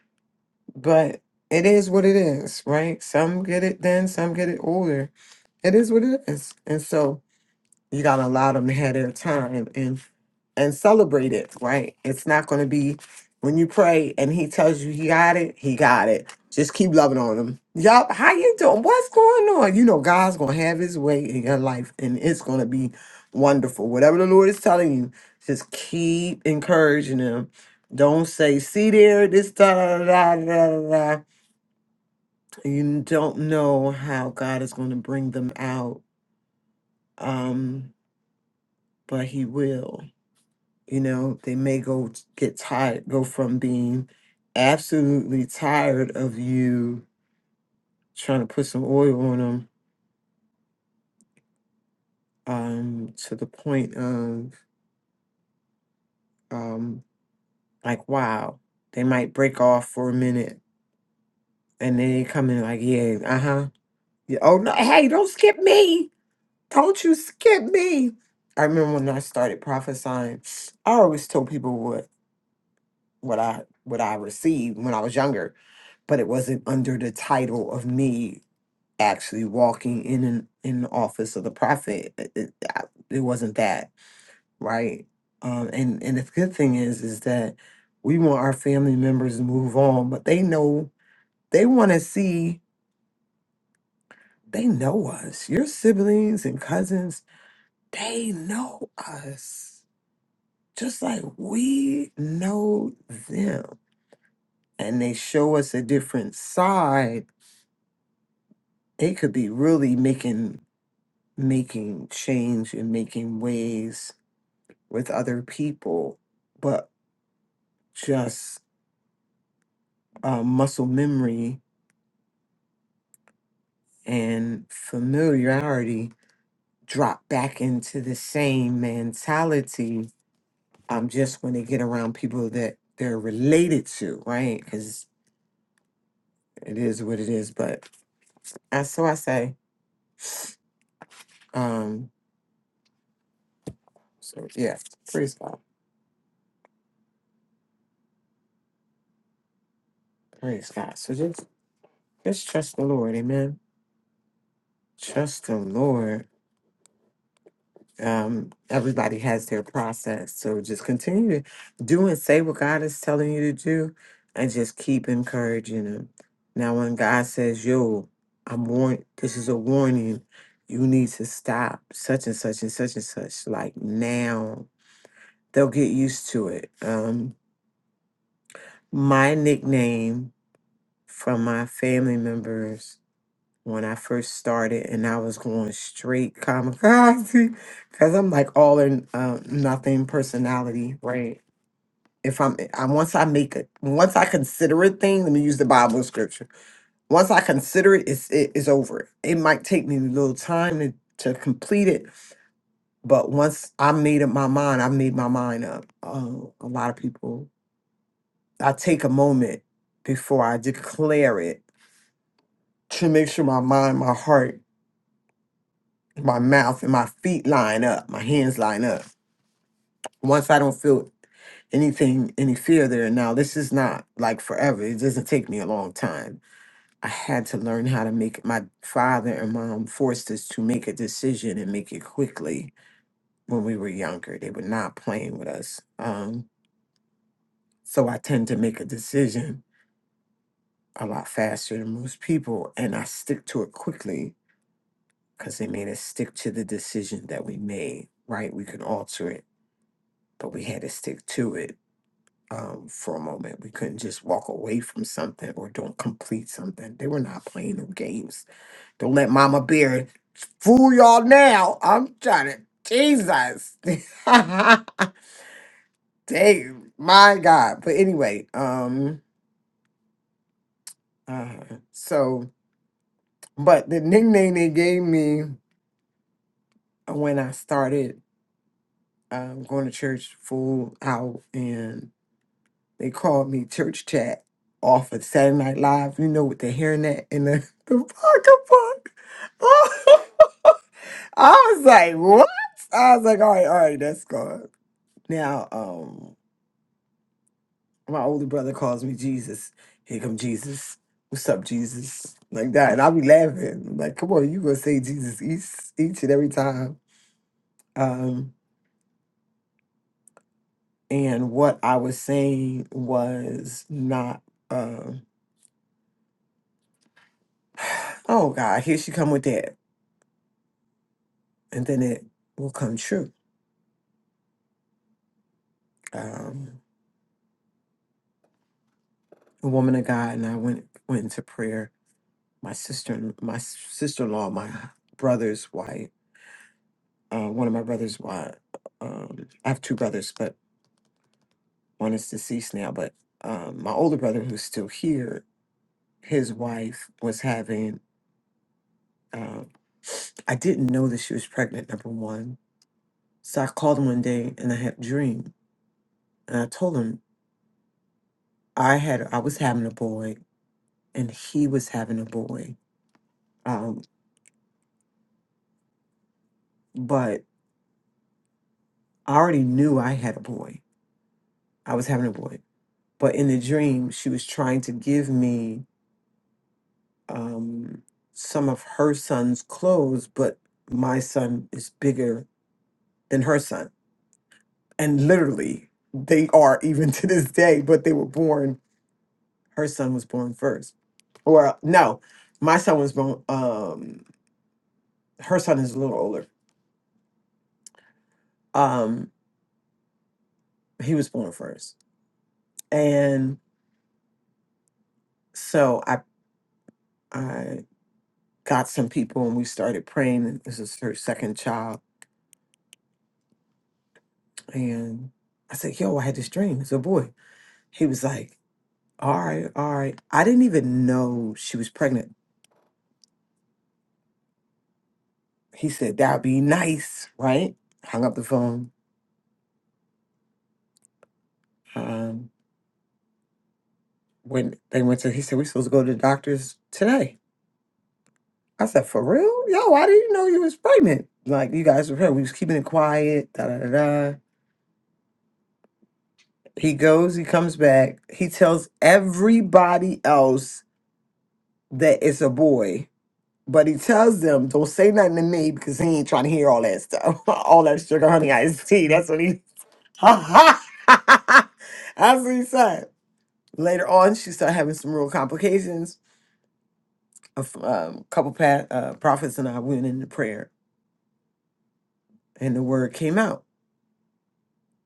Speaker 3: But it is what it is, right? Some get it then, some get it older. It is what it is. And so you gotta allow them to have their time and and celebrate it, right? It's not gonna be when you pray and he tells you he got it, he got it. Just keep loving on him. Yup, how you doing? What's going on? You know, God's gonna have his way in your life and it's gonna be wonderful. Whatever the Lord is telling you, just keep encouraging him. Don't say, see there, this da da da da da da. da." You don't know how God is gonna bring them out. Um, but he will. You know, they may go t- get tired, go from being absolutely tired of you trying to put some oil on them um, to the point of um, like, wow, they might break off for a minute and then they come in like, yeah, uh huh. Yeah, oh, no, hey, don't skip me. Don't you skip me. I remember when I started prophesying, I always told people what what I what I received when I was younger, but it wasn't under the title of me actually walking in an, in the office of the prophet. It, it, I- it wasn't that right. Um, and and the good thing is is that we want our family members to move on, but they know they want to see they know us. Your siblings and cousins, they know us just like we know them, and they show us a different side. They could be really making making change and making waves with other people, but just uh, muscle memory and familiarity drop back into the same mentality um, just when they get around people that they're related to, right? Because it is what it is. But uh, so I say, um, so yeah, praise God, praise God. So just just trust the Lord, amen. Trust the Lord um, everybody has their process. So just continue to do and say what God is telling you to do and just keep encouraging them. Now, when God says, yo, I'm warn this is a warning, you need to stop such and such and such and such, like now, they'll get used to it. Um, my nickname from my family members when I first started, and I was going straight kamikaze because I'm like all in uh, nothing personality, right? If I'm, I, once I make it, once I consider a thing, let me use the Bible scripture. Once I consider it, it's it is over. It might take me a little time to, to complete it, but once I made up my mind, I made my mind up. Uh, a lot of people, I take a moment before I declare it to make sure my mind, my heart my mouth and my feet line up, my hands line up. Once I don't feel anything, any fear there, now this is not like forever. It doesn't take me a long time. I had to learn how to make my father and mom forced us to make a decision and make it quickly when we were younger. They were not playing with us. Um, so I tend to make a decision a lot faster than most people, and I stick to it quickly because they made us stick to the decision that we made, right? We can alter it but we had to stick to it um, for a moment. We couldn't just walk away from something or don't complete something. They were not playing no games. Don't let Mama Bear fool y'all now. I'm trying to Jesus. Dang, my God. But anyway, um, uh, so but the nickname they gave me uh, when I started um, going to church full out and. They called me church chat off of Saturday Night Live. You know what they're hearing that in the, the pocket book. I was like, what? I was like, all right, all right, that's gone. Now, um, my older brother calls me Jesus. Here come Jesus. What's up, Jesus? Like that. And I'll be laughing. I'm like, come on, you gonna say Jesus each each and every time. Um, and what I was saying was not um oh God, here she come with that. and then it will come true. Um, a woman of God and I went went into prayer. My sister, my sister in law, my brother's wife, uh, one of my brothers' wife. Um, I have two brothers, but one is deceased now. But um, my older brother, who's still here, his wife was having. Um, I didn't know that she was pregnant. Number one, so I called him one day and I had a dream, and I told him I had I was having a boy and he was having a boy Um, but I already knew I had a boy. I was having a boy. But in the dream, she was trying to give me um, some of her son's clothes, but my son is bigger than her son. And literally, they are even to this day, but they were born, her son was born first. Or no, my son was born, um, her son is a little older. Um, he was born first. And so I, I got some people and we started praying. This is her second child. And I said, Yo, I had this dream. It's a boy. He was like, All right, all right. I didn't even know she was pregnant. He said, That'd be nice, right? Hung up the phone. Um, when they went to, he said, We're supposed to go to the doctor's today. I said, For real? Yo, I didn't know you was pregnant. Like, you guys were here. We was keeping it quiet. Da da da da. He goes, he comes back. He tells everybody else that it's a boy But he tells them, don't say nothing to me because he ain't trying to hear all that stuff. all that sugar honey iced tea. That's what he That's what he said. Later on, she started having some real complications. A f- um, couple pa- uh, prophets and I went into prayer, and the word came out.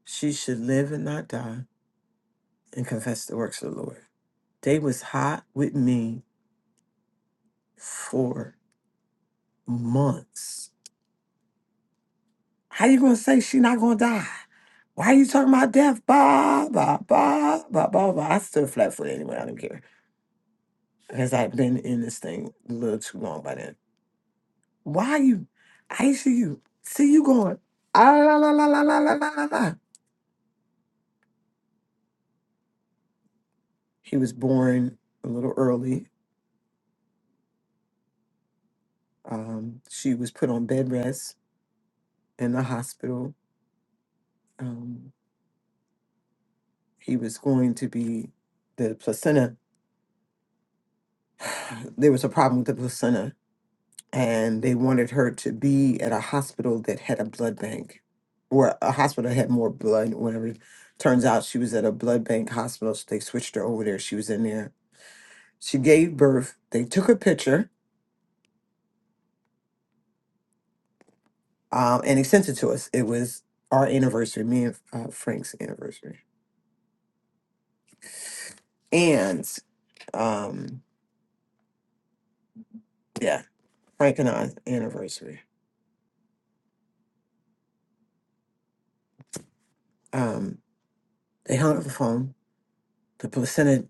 Speaker 3: She should live and not die and confess the works of the Lord. They was hot with me for months How you gonna say she not gonna die? Why you talking about death? Bah, bah, bah, bah, bah, bah. I stood flat footed anyway. I don't care because I've been in this thing a little too long by then. Why you? I see you. See you going. Ah, la, la, la, la, la, la, la, la, la. He was born a little early. Um, she was put on bed rest in the hospital. Um, he was going to be the placenta. There was a problem with the placenta and they wanted her to be at a hospital that had a blood bank or a hospital that had more blood whatever turns out she was at a blood bank hospital so they switched her over there she was in there she gave birth they took a picture um, and they sent it to us it was our anniversary me and uh, frank's anniversary and um, yeah frank and i's anniversary um, they hung up the phone the placenta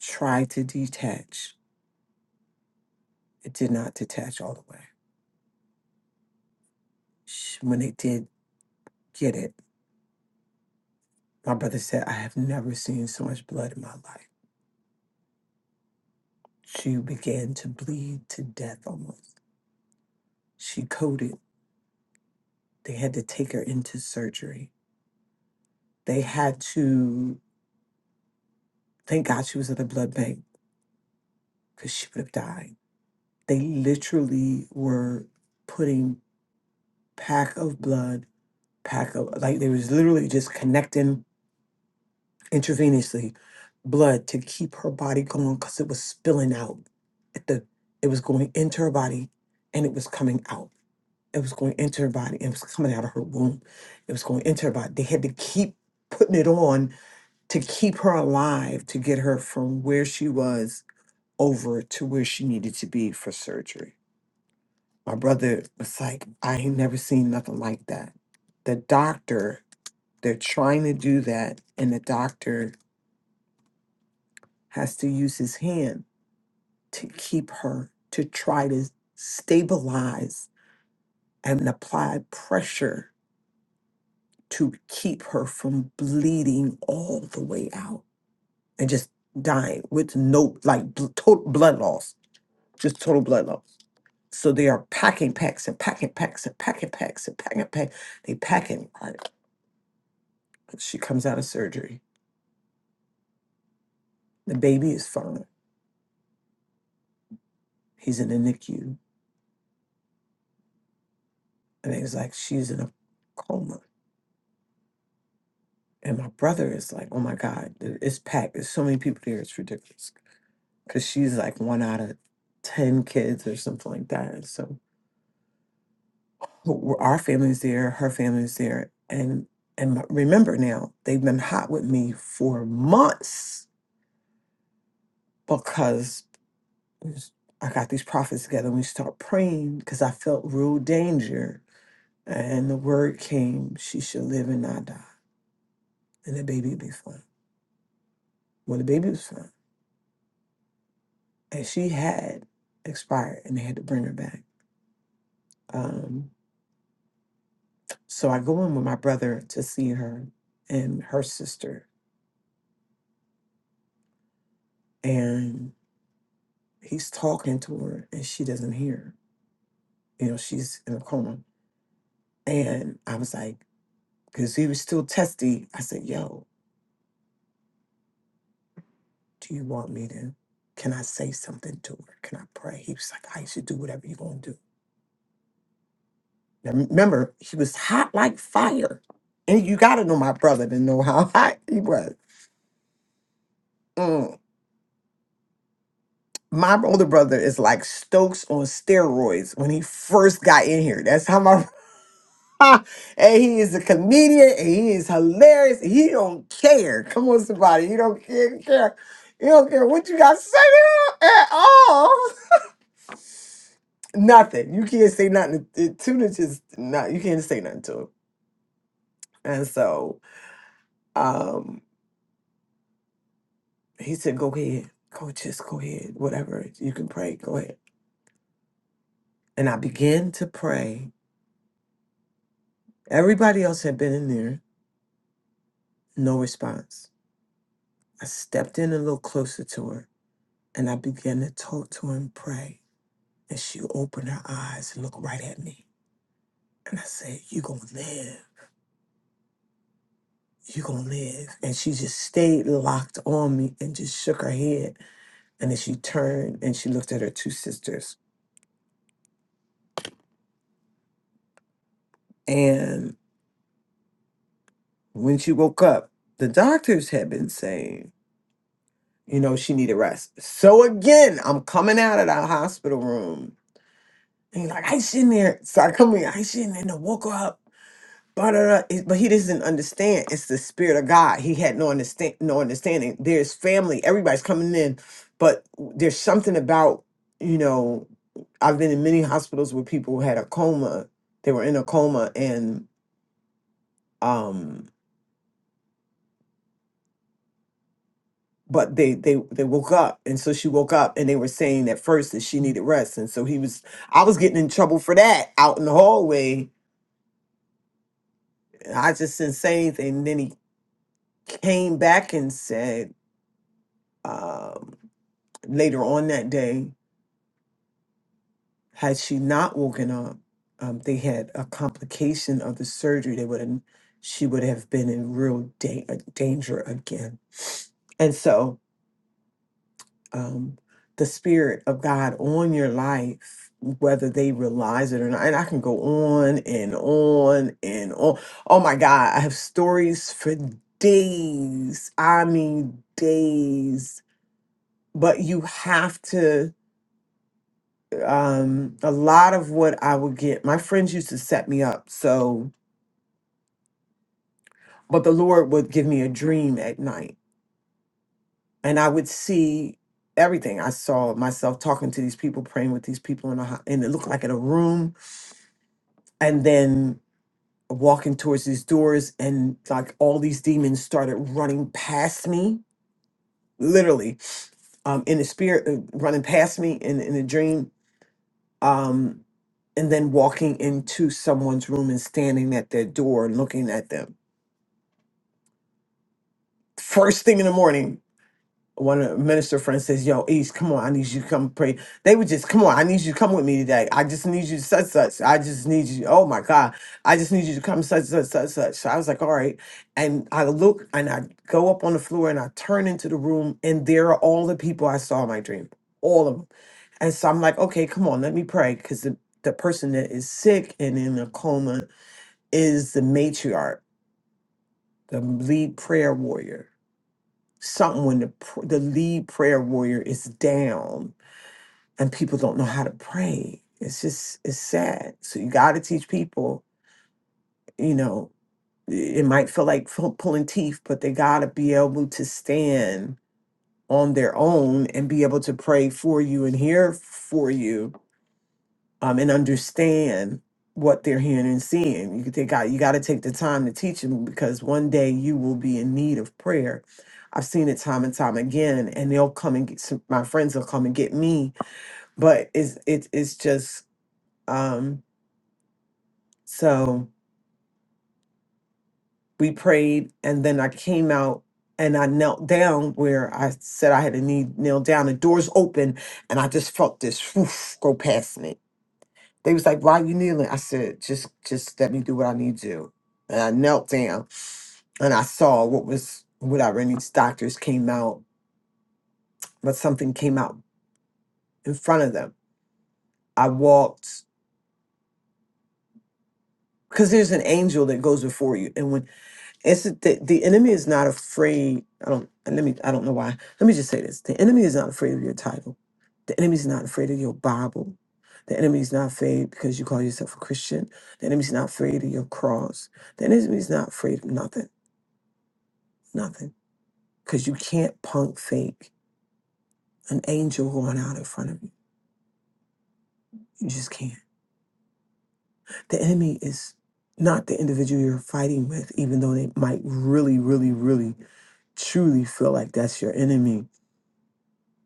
Speaker 3: tried to detach it did not detach all the way Sh- when they did get it. My brother said, I have never seen so much blood in my life. She began to bleed to death almost. She coded. They had to take her into surgery. They had to, thank God she was at the blood bank because she would have died. They literally were putting pack of blood, pack of, like they was literally just connecting intravenously blood to keep her body going because it was spilling out. At the, it was going into her body and it was coming out It was going into her body. It was coming out of her womb. It was going into her body. They had to keep putting it on to keep her alive, to get her from where she was over to where she needed to be for surgery. My brother was like, I ain't never seen nothing like that. The doctor, they're trying to do that, and the doctor has to use his hand to keep her, to try to stabilize and apply pressure to keep her from bleeding all the way out and just dying with no like bl- total blood loss, just total blood loss. So they are packing packs and packing packs and packing packs and packing packs. They packing. Right? She comes out of surgery. The baby is fine. He's in the NICU, and it's like she's in a coma. And my brother is like, "Oh my God, it- it's packed. There's so many people here. It's ridiculous." Because she's like one out of ten kids or something like that. So who- our family is there, her family is there, and and remember now they've been hot with me for months because I got these prophets together and we start praying because I felt real danger, and the word came: she should live and not die, and the baby would be fine. Well, the baby was fine, and she had expired, and they had to bring her back. Um, so I go in with my brother to see her and her sister, and. he's talking to her and she doesn't hear. You know, she's in a coma. And I was like, because he was still testy. I said, yo, do you want me to, can I say something to her? Can I pray? He was like, I should do whatever you're going to do. Now, remember, he was hot like fire. And you got to know my brother to know how hot he was. Mm. My older brother is like Stokes on steroids when he first got in here. That's how my and he is a comedian and he is hilarious. And He don't care. Come on, somebody. You don't care. You care. You don't care what you got to say to him at all. Nothing. You can't say nothing to to Tuna just not you can't say nothing to him. And so um he said, Go ahead. Go just go ahead. Whatever. You can pray. Go ahead. And I began to pray. Everybody else had been in there. No response. I stepped in a little closer to her And I began to talk to her and pray. And she opened her eyes and looked right at me. And I said, You gonna live. You gonna live. And she just stayed locked on me and just shook her head. And then she turned and she looked at her two sisters. And when she woke up, the doctors had been saying, you know, she needed rest. So again, I'm coming out of that hospital room. And you're like, I should there. So I come in, I shouldn't and I woke her up. Ba-da-da. It- But he doesn't understand. It's the spirit of God. He had no understand, no understanding. There's family. Everybody's coming in, but there's something about you know. I've been in many hospitals where people had a coma. They were in a coma, and um, but they they they woke up, and so she woke up, and they were saying at first that she needed rest, and so he was. I was getting in trouble for that out in the hallway. I just didn't say anything. And then he came back and said. um, later on that day, had she not woken up, um, they had a complication of the surgery. They would have, she would have been in real da- uh, danger again. And so, um, the spirit of God on your life, whether they realize it or not, and I can go on and on and on. Oh my God, I have stories for days. I mean, days. But you have to. um a lot of what I would get my friends used to set me up so but the Lord would give me a dream at night and I would see everything I saw myself talking to these people praying with these people in a ho- and it looked like in a room and then walking towards these doors and like all these demons started running past me literally um in the spirit uh, running past me in in a dream um and then walking into someone's room and standing at their door and looking at them first thing in the morning, one of the minister friends says, Yo, East, come on, I need you to come pray. They would just, come on, I need you to come with me today. I just need you to such such. I just need you. Oh my God. I just need you to come such such such such. So I was like, all right. And I look and I go up on the floor and I turn into the room and there are all the people I saw in my dream. All of them. And so I'm like, okay, come on, let me pray. Cause the, the person that is sick and in a coma is the matriarch, the lead prayer warrior something when the pr- the lead prayer warrior is down and people don't know how to pray. It's just it's sad. So you got to teach people. You know, i- it might feel like pu- pulling teeth, but they got to be able to stand on their own and be able to pray for you and hear for you um, and understand what they're hearing and seeing. You could take out. you got to take the time to teach them because one day you will be in need of prayer. I've seen it time and time again, and they'll come and get some, my friends will come and get me. But it's it, it's just um, so we prayed, and then I came out and I knelt down where I said I had a knee kneel down. The doors open, and I just felt this whoosh, go past me They was like, "Why you kneeling?" I said, "Just, just let me do what I need to." do." And I knelt down, and I saw what was whatever. And these doctors came out, but something came out in front of them. I walked because there's an angel that goes before you, and when It's the, the enemy is not afraid. I don't and let me I don't know why. Let me just say this. The enemy is not afraid of your title. The enemy is not afraid of your Bible. The enemy is not afraid because you call yourself a Christian. The enemy is not afraid of your cross. The enemy is not afraid of nothing. Nothing. Because you can't punk fake an angel going out in front of you. You just can't. The enemy is not the individual you're fighting with, even though they might really, really, really, truly feel like that's your enemy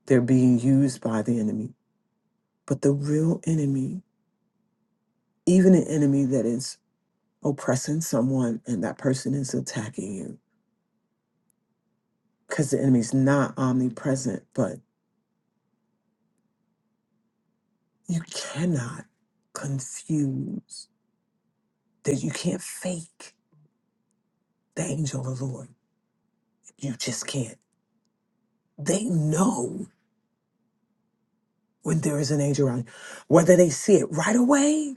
Speaker 3: They're being used by the enemy. But the real enemy, even an enemy that is oppressing someone and that person is attacking you, because the enemy's not omnipresent, but you cannot confuse that you can't fake the angel of the Lord. You just can't. They know when there is an angel around, you. whether they see it right away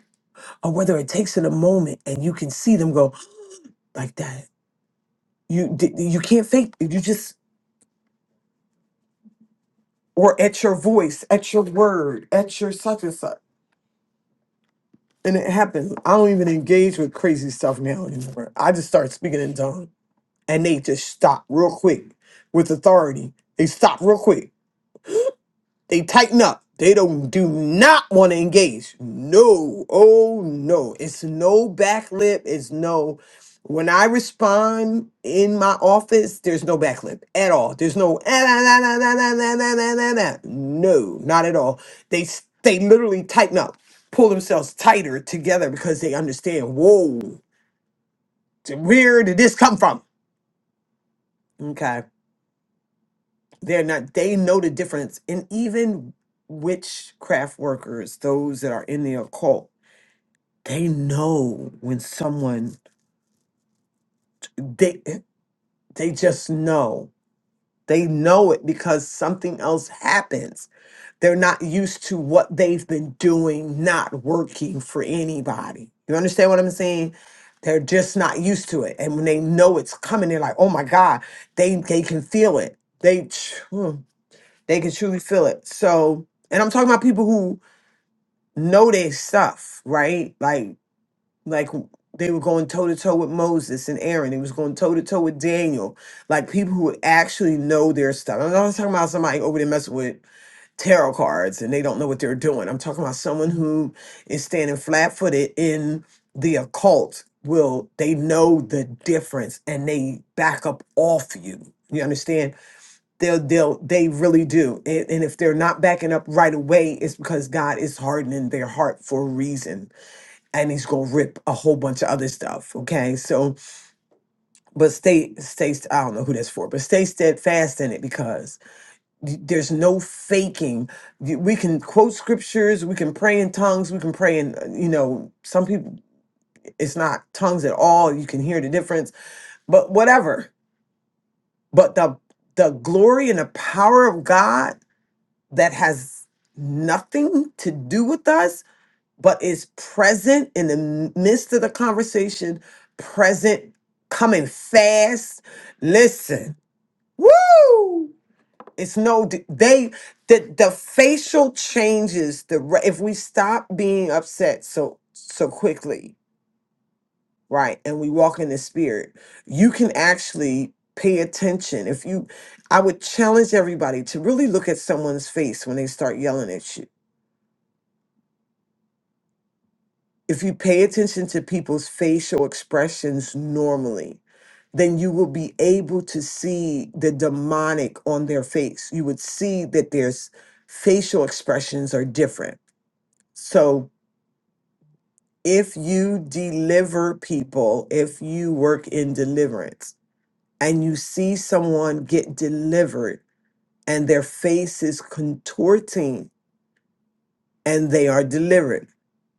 Speaker 3: or whether it takes it a moment and you can see them go like that. You d- you can't fake. You just or at your voice, at your word, at your such and such. And it happens. I don't even engage with crazy stuff now anymore. I just start speaking in tongues. And they just stop real quick with authority. They stop real quick They tighten up. They don't do not want to engage. No. Oh no. It's no backlip. It's no. When I respond in my office, there's no backlip at all. There's no "Ah, nah, nah, nah, nah, nah, nah, nah, nah, nah, nah." no, not at all. They s- they literally tighten up, pull themselves tighter together because they understand. Whoa, where did this come from? Okay they're not they know the difference and even witchcraft workers those that are in the occult they know when someone they they just know they know it because something else happens they're not used to what they've been doing not working for anybody you understand what i'm saying they're just not used to it and when they know it's coming they're like oh my god they they can feel it they They can truly feel it. So, and I'm talking about people who know their stuff, right? Like, like they were going toe to toe with Moses and Aaron. They was going toe to toe with Daniel. Like people who actually know their stuff. I'm not talking about somebody over there messing with tarot cards and they don't know what they're doing. I'm talking about someone who is standing flat footed in the occult. Will they know the difference and they back up off you? You understand? they'll they'll they really do and, and if they're not backing up right away it's because god is hardening their heart for a reason and he's gonna rip a whole bunch of other stuff okay so but stay stay i don't know who that's for but stay steadfast in it because y- there's no faking You- we can quote scriptures we can pray in tongues we can pray in uh, you know some people it's not tongues at all you can hear the difference but whatever but the the glory and the power of god that has nothing to do with us, but is present in the midst of the conversation, present, coming fast. Listen, woo! It's no, they, the, the facial changes, the, re- if we stop being upset so, so quickly, right, and we walk in the spirit, you can actually pay attention. If you, I would challenge everybody to really look at someone's face when they start yelling at you If you pay attention to people's facial expressions normally, then you will be able to see the demonic on their face. You would see that there's facial expressions are different. So if you deliver people, if you work in deliverance and you see someone get delivered and their face is contorting and they are delivered,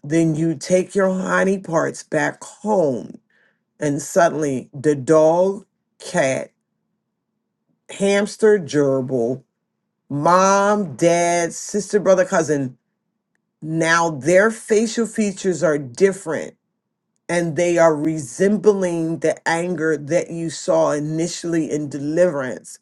Speaker 3: then you take your honey parts back home and suddenly the dog, cat, hamster, gerbil, mom, dad, sister, brother, cousin, now their facial features are different and they are resembling the anger that you saw initially in deliverance,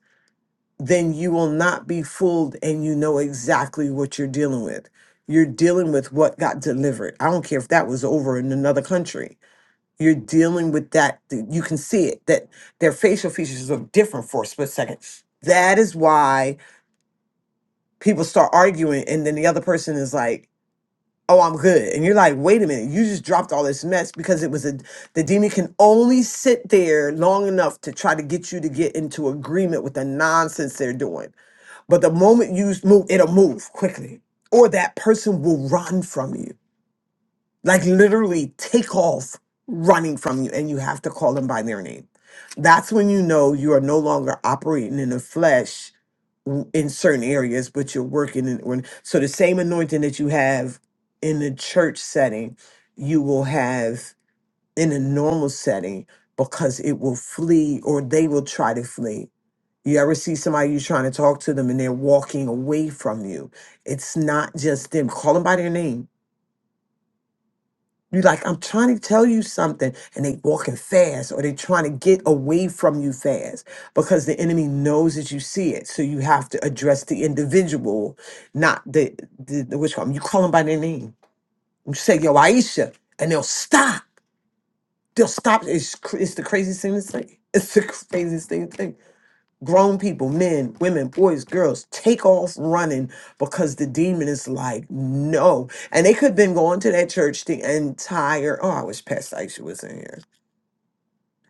Speaker 3: then you will not be fooled and you know exactly what you're dealing with. You're dealing with what got delivered. I don't care if that was over in another country you're dealing with that th- you can see it that their facial features look different for a split second that is why people start arguing and then the other person is like oh i'm good and you're like wait a minute you just dropped all this mess because it was a the demon can only sit there long enough to try to get you to get into agreement with the nonsense they're doing but the moment you s- move it'll move quickly or that person will run from you like literally take off running from you and you have to call them by their name. That's when you know you are no longer operating in the flesh w- in certain areas, but you're working in. when- So the same anointing that you have in the church setting, you will have in a normal setting because it will flee or they will try to flee. You ever see somebody you trying to talk to them and they're walking away from you? It's not just them. Call them by their name you're like, I'm trying to tell you something, and they walking fast, or they trying to get away from you fast because the enemy knows that you see it. So you have to address the individual, not the the, the which one. You call them by their name. You say, "Yo, Aisha," and they'll stop. They'll stop. It's cr- it's the craziest thing to say. It's the craziest thing to think grown people, men, women, boys, girls, take off running because the demon is like, no. And they could have been going to that church the entire, oh, I wish Pastor Aisha was in here.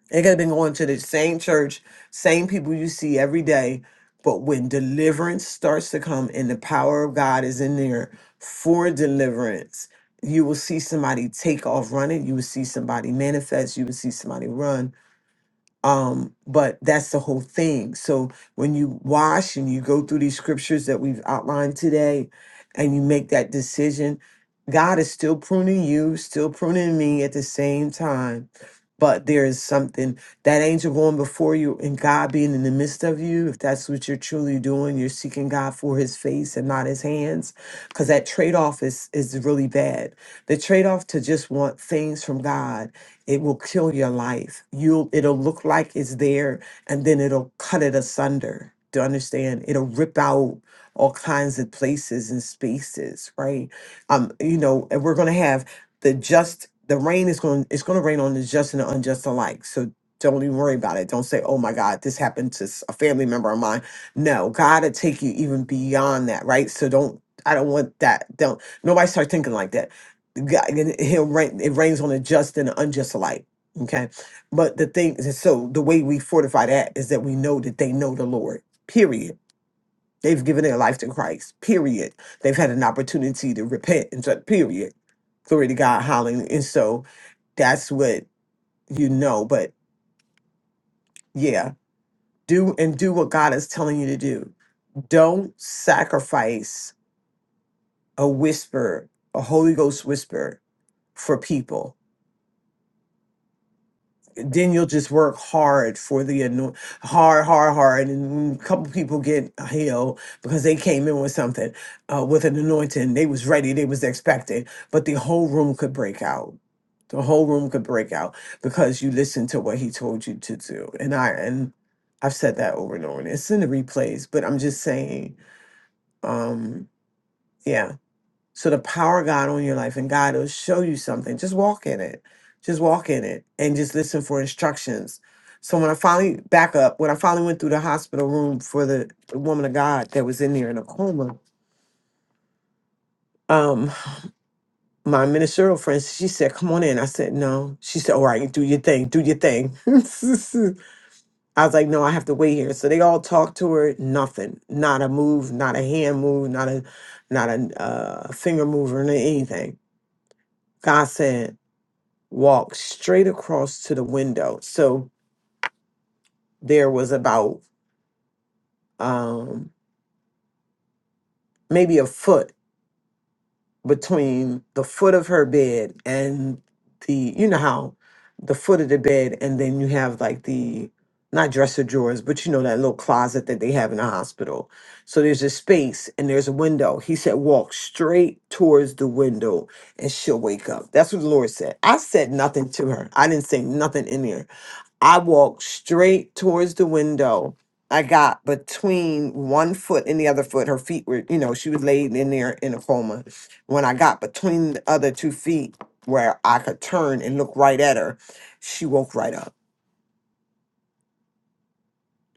Speaker 3: They could have been going to the same church, same people you see every day. But when deliverance starts to come and the power of God is in there for deliverance, you will see somebody take off running. You will see somebody manifest. You will see somebody run um but that's the whole thing so when you wash and you go through these scriptures that we've outlined today and you make that decision god is still pruning you still pruning me at the same time but there is something that angel going before you and god being in the midst of you if that's what you're truly doing you're seeking god for his face and not his hands because that trade-off is is really bad the trade-off to just want things from god it will kill your life. You'll it'll look like it's there and then it'll cut it asunder. Do you understand? It'll rip out all kinds of places and spaces, right? Um, you know, and we're gonna have the just the rain is going it's gonna rain on the just and the unjust alike. So don't even worry about it. Don't say, oh my God, this happened to s- a family member of mine. No, God will take you even beyond that, right? So don't I don't want that. Don't nobody start thinking like that God, and he'll rain, it rains on the just and the unjust alike. Okay. But the thing is, so the way we fortify that is that we know that they know the Lord, period. They've given their life to Christ, period. They've had an opportunity to repent and so, period. Glory to God, hallelujah. And so that's what you know. But yeah, do and do what God is telling you to do. Don't sacrifice a whisper, a Holy Ghost whisper for people then you'll just work hard for the anoint hard hard hard and a couple people get healed because they came in with something uh, with an anointing they was ready they was expecting but the whole room could break out the whole room could break out because you listened to what he told you to do and i and i've said that over and over and it's in the replays but i'm just saying um yeah so the power of God on your life and God will show you something. Just walk in it. Just walk in it and just listen for instructions. So when I finally back up, when I finally went through the hospital room for the woman of God that was in there in a coma, um, my ministerial friend, she said, Come on in. I said, No. She said, All right, do your thing, do your thing. I was like, No, I have to wait here. So they all talked to her, nothing. Not a move, not a hand move, not a not a uh, finger move or anything. God said. walked straight across to the window. So there was about um, maybe a foot between the foot of her bed and the, you know how the foot of the bed, and then you have like the not dresser drawers, but you know that little closet that they have in the hospital. So there's a space and there's a window. He said, Walk straight towards the window and she'll wake up. That's what the Lord said. I said nothing to her. I didn't say nothing in there I walked straight towards the window. I got between one foot and the other foot. Her feet were, you know, she was laid in there in a coma. When I got between the other two feet where I could turn and look right at her, she woke right up.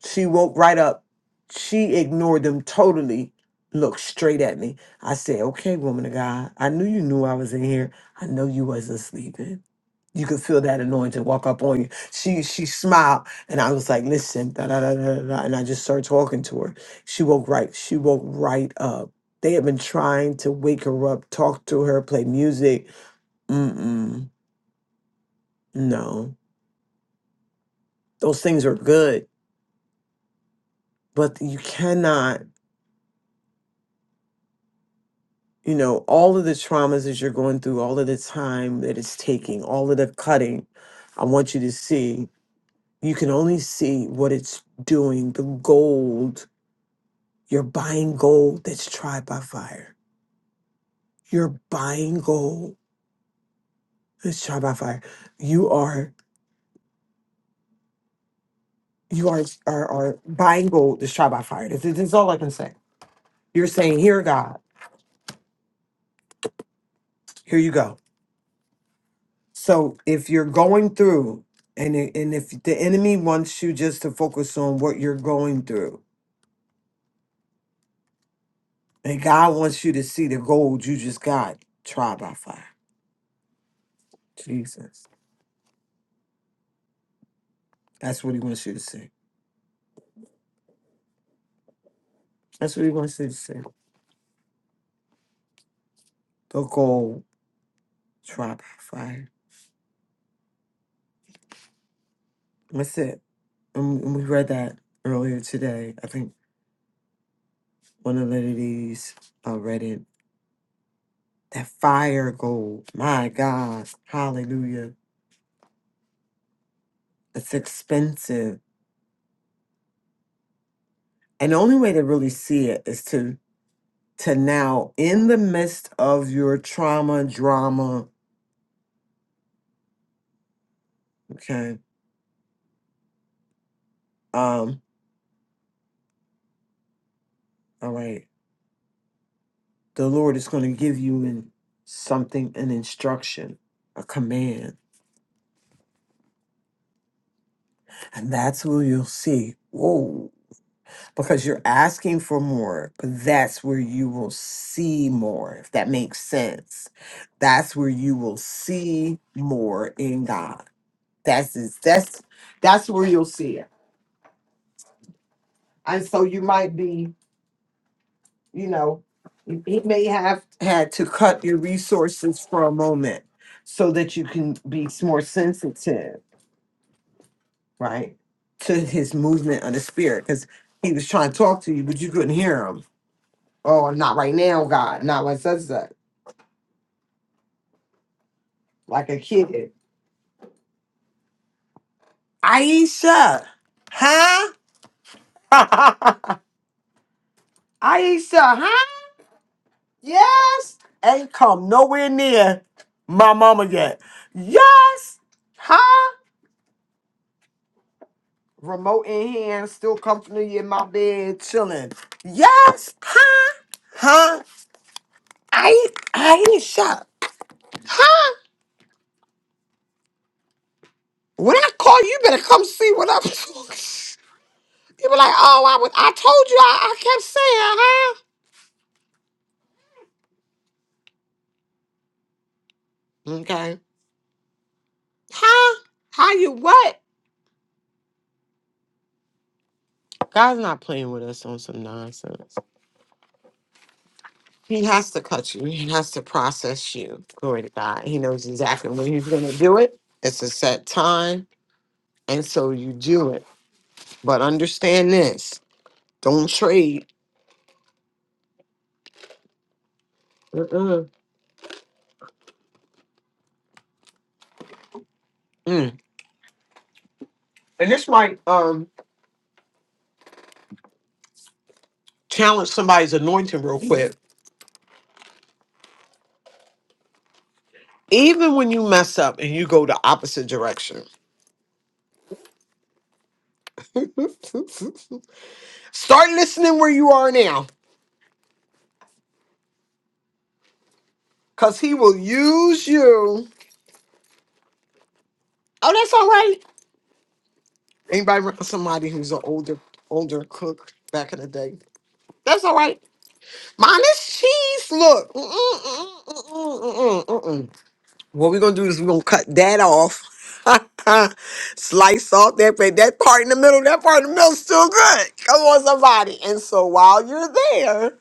Speaker 3: She woke right up. She ignored them totally, looked straight at me. I said, Okay, woman of God, I knew you knew I was in here. I know you wasn't sleeping. You could feel that anointing walk up on you. She she smiled and I was like, listen, da da da da da da," and I just started talking to her. She woke right, she woke right up. They had been trying to wake her up, talk to her, play music. Mm-mm. No. Those things are good, but you cannot you know, all of the traumas that you're going through, all of the time that it's taking, all of the cutting, I want you to see, you can only see what it's doing, the gold. You're buying gold that's tried by fire. You're buying gold that's tried by fire. You are you are are, are buying gold that's tried by fire. This, this is all I can say. You're saying, here God, here you go So if you're going through, and i- and if the enemy wants you just to focus on what you're going through, and God wants you to see the gold you just got, try by fire. Jesus, that's what He wants you to see. That's what He wants you to see. The gold, try by fire. That's it. And and we read that earlier today. I think one of the ladies uh, read it. That fire gold, my God, hallelujah! It's expensive And the only way to really see it is to to now in the midst of your trauma, drama, okay. Um, all right, the Lord is gonna give you in something, an instruction, a command. And that's where you'll see. Whoa. Because you're asking for more, but that's where you will see more, if that makes sense. That's where you will see more in God. That's that's that's where you'll see it And so you might be, you know, he may have had to cut your resources for a moment so that you can be more sensitive, right, to his movement of the spirit. Because he was trying to talk to you, but you couldn't hear him. Oh, not right now, God. Not like such that. Like a kid. Aisha, huh? Aisha, huh? Yes. Ain't come nowhere near my mama yet. Yes. Huh? remote in hand, still comfortably in my bed, chilling. Yes, huh? Huh? I ain't, I ain't shut. Huh? When I call you, better come see what I'm doing. You be like, oh, I was, I told you, I, I kept saying, huh? Okay. Huh? How you what? God's not playing with us on some nonsense. He has to cut you. He has to process you. Glory to God. He knows exactly when he's going to do it. It's a set time. And so you do it. But understand this: don't trade. Mm-mm. Mm. And this might um challenge somebody's anointing real quick. Even when you mess up and you go the opposite direction, start listening where you are now, cause he will use you. Oh, that's all right. Anybody remember somebody who's an older older cook back in the day? That's all right. Mine is cheese. Look. Mm-mm, mm-mm, mm-mm, mm-mm, mm-mm. What we're gonna do is we're gonna cut that off. Slice off that part, that part in the middle, that part in the middle's still good. Come on, somebody. And so while you're there,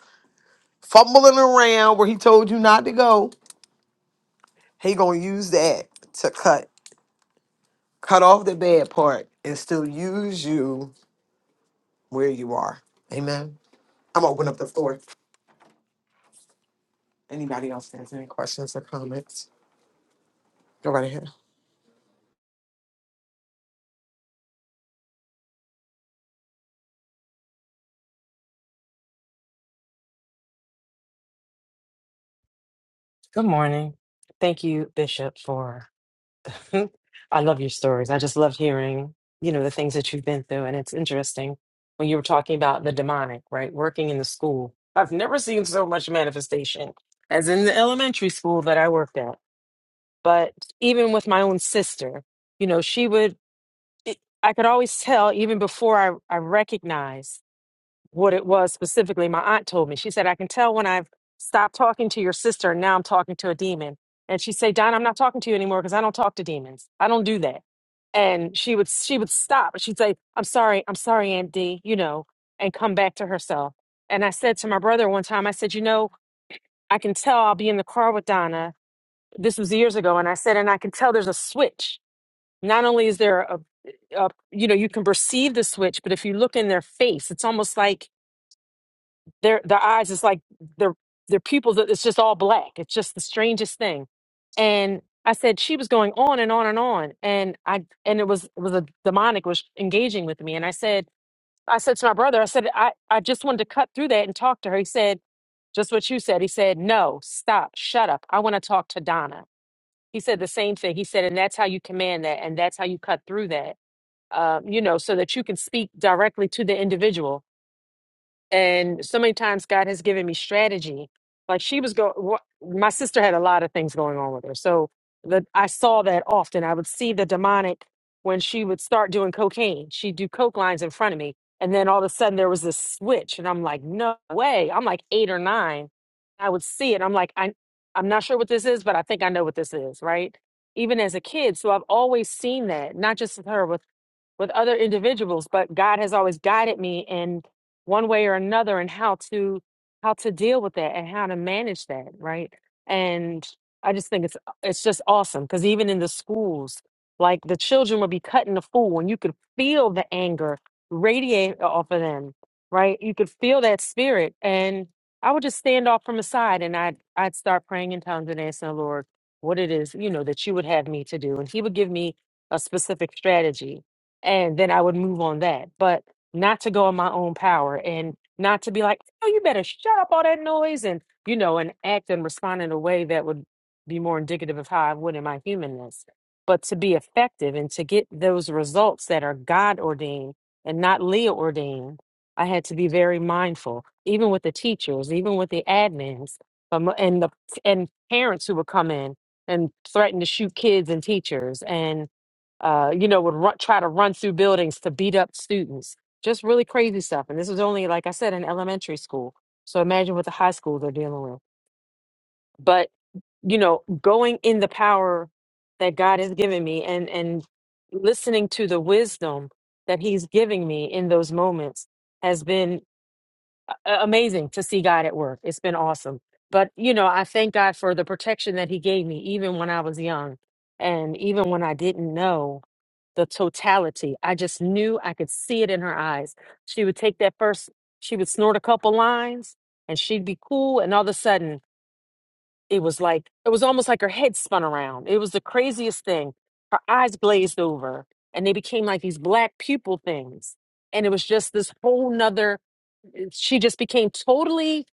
Speaker 3: fumbling around where he told you not to go, he gonna use that to cut cut off the bad part and still use you where you are. Amen. I'm gonna open up the floor. Anybody else has any questions or comments? Go right ahead.
Speaker 9: Good morning. Thank you, Bishop, for I love your stories. I just love hearing, you know, the things that you've been through. And it's interesting when you were talking about the demonic, right? Working in the school. I've never seen so much manifestation as in the elementary school that I worked at. But even with my own sister, you know, she would, it, I could always tell even before I, I recognized what it was specifically. My aunt told me. She said, I can tell when I've stopped talking to your sister and now I'm talking to a demon. And she'd say, Don, I'm not talking to you anymore because I don't talk to demons. I don't do that. And she would she would stop and she'd say, I'm sorry, I'm sorry, Aunt D, you know, and come back to herself. And I said to my brother one time, I said, you know, I can tell I'll be in the car with Donna. This was years ago. And I said, and I can tell there's a switch. Not only is there a, a you know, you can perceive the switch, but if you look in their face, it's almost like their their eyes is like they're they're people that it's just all black. It's just the strangest thing. And I said she was going on and on and on, and I and it was it was a demonic was engaging with me. And I said I said to my brother, I said I I just wanted to cut through that and talk to her. He said just what you said. He said no, stop, shut up. I want to talk to Donna. He said the same thing. He said, and that's how you command that, and that's how you cut through that. Um, you know, so that you can speak directly to the individual and so many times God has given me strategy. Like she was going, my sister had a lot of things going on with her, so the, I saw that often. I would see the demonic when she would start doing cocaine. She'd do coke lines in front of me, and then all of a sudden there was this switch, and I'm like, no way! I'm like eight or nine. I would see it. I'm like, I, I'm not sure what this is, but I think I know what this is, right? Even as a kid, so I've always seen that, not just with her, with with other individuals but god has always guided me in one way or another and how to how to deal with that and how to manage that right and i just think it's it's just awesome because even in the schools like the children would be cutting the fool and you could feel the anger radiate off of them right you could feel that spirit and i would just stand off from the side and i'd i'd start praying in tongues and asking the lord what it is you know that you would have me to do and he would give me a specific strategy and then I would move on that. But not to go in my own power and not to be like, oh, you better shut up all that noise and you know, and act and respond in a way that would be more indicative of how I would in my humanness. But to be effective and to get those results that are God ordained and not Leah ordained, I had to be very mindful, even with the teachers, even with the admins, um, and the and parents who would come in and threaten to shoot kids and teachers and uh, you know, would run, try to run through buildings to beat up students. Just really crazy stuff. And this was only, like I said, in elementary school. So imagine what the high school they're dealing with. But, you know, going in the power that God has given me and, and listening to the wisdom that He's giving me in those moments has been a- amazing to see God at work. It's been awesome. But, you know, I thank God for the protection that He gave me, even when I was young and even when I didn't know the totality. I just knew I could see it in her eyes. She would take that first, she would snort a couple lines and she'd be cool. And all of a sudden, it was like, it was almost like her head spun around. It was the craziest thing. Her eyes glazed over and they became like these black pupil things. And it was just this whole nother she just became totally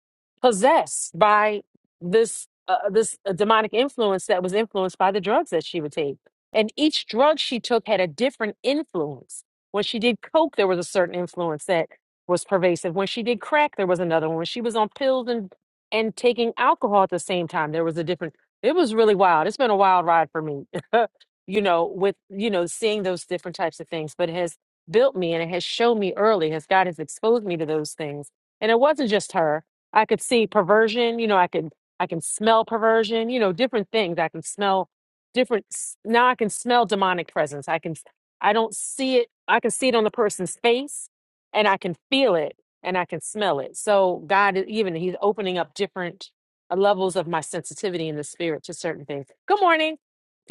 Speaker 9: possessed by this uh, uh, this uh, demonic influence that was influenced by the drugs that she would take and each drug she took had a different influence when she did coke there was a certain influence that was pervasive when she did crack there was another one when she was on pills and and taking alcohol at the same time there was a different it was really wild it's been a wild ride for me you know with you know seeing those different types of things but it has built me and it has shown me early as God has exposed me to those things. And it wasn't just her. I could see perversion, you know, I could I can smell perversion, you know, different things. I can smell different s- now I can smell demonic presence. I can I don't see it. I can see it on the person's face and I can feel it and I can smell it. So God is even he's opening up different uh, levels of my sensitivity in the spirit to certain things. Good morning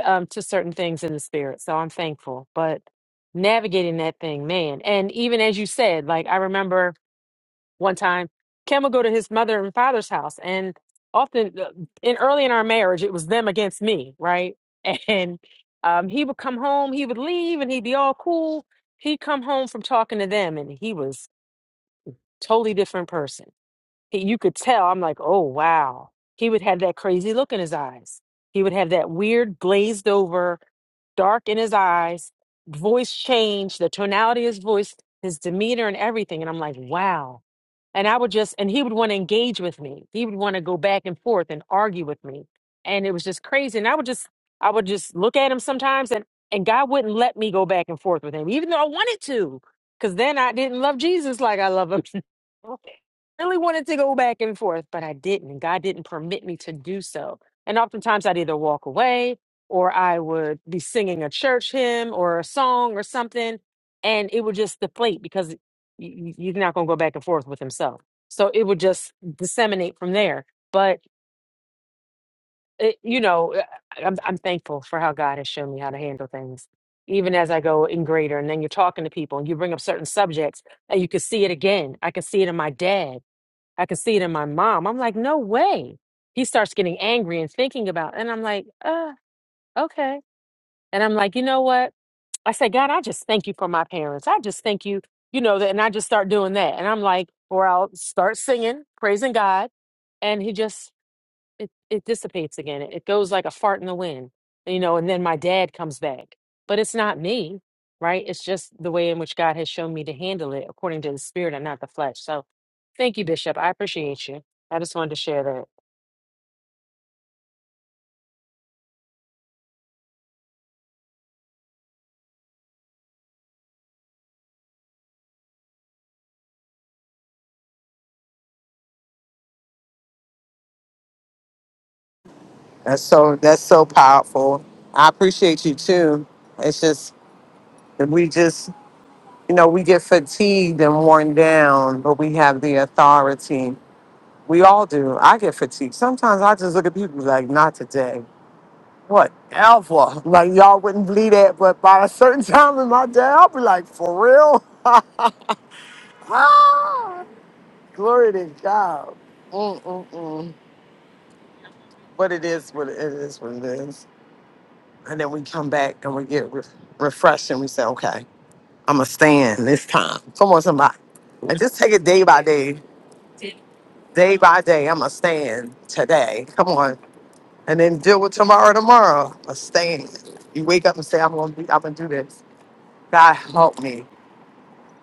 Speaker 9: um, to certain things in the spirit. So I'm thankful. But navigating that thing, man. And even as you said, like I remember one time, Kim would go to his mother and father's house, and often uh, in early in our marriage, it was them against me, right? And um, he would come home, he would leave, and he'd be all cool. He'd come home from talking to them, and he was totally different person you could tell i'm like oh wow he would have that crazy look in his eyes he would have that weird glazed over dark in his eyes voice change the tonality of his voice his demeanor and everything and i'm like wow and I would just, and he would want to engage with me. He would want to go back and forth and argue with me. And it was just crazy. And I would just, I would just look at him sometimes and, and God wouldn't let me go back and forth with him, even though I wanted to, because then I didn't love Jesus like I love him. really wanted to go back and forth, but I didn't. And God didn't permit me to do so. And oftentimes I'd either walk away or I would be singing a church hymn or a song or something. And it would just deflate because you, you're not going to go back and forth with himself. So it would just disseminate from there. But it, you know, uh, I'm I'm thankful for how God has shown me how to handle things, even as I go in greater. And then you're talking to people, and you bring up certain subjects, and you can see it again. I can see it in my dad. I can see it in my mom. I'm like, no way. He starts getting angry and thinking about, and I'm like, uh, okay. And I'm like, you know what? I say, God, I just thank you for my parents. I just thank you, you know, that, and I just start doing that. And I'm like, or I'll start singing, praising God, and he just it it dissipates again. It, it goes like a fart in the wind, you know. And then my dad comes back, but it's not me, right? It's just the way in which God has shown me to handle it according to the Spirit and not the flesh. So, thank you, Bishop. I appreciate you. I just wanted to share that.
Speaker 3: That's so that's so powerful. I appreciate you too. It's just and we just You know, we get fatigued and worn down, but we have the authority. We all do. I get fatigued. Sometimes I just look at people like, not today. Whatever. Like, y'all wouldn't believe that, but by a certain time in my day, I'll be like, for real? Ah, Glory to God. Mm-mm-mm. But it is what it is, what it is. And then we come back and we get re- refreshed and we say, okay, I'm going to stand this time. Come on, somebody. And just take it day by day. Day by day, I'm going to stand today. Come on. And then deal with tomorrow, tomorrow. A stand. You wake up and say, I'm going to be, I'm going to do this. God help me.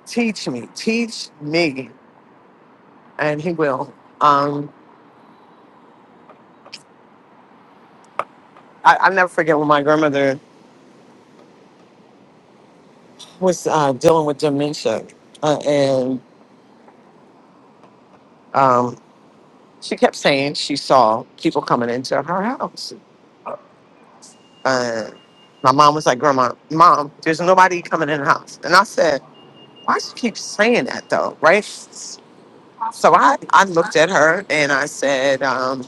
Speaker 3: Teach me. Teach me. And he will. Um, I, I'll never forget when my grandmother was uh, dealing with dementia. Uh, and um, she kept saying she saw people coming into her house. Uh, my mom was like, Grandma, mom, there's nobody coming in the house. And I said, Why she keep saying that though, right? So I, I looked at her and I said, um,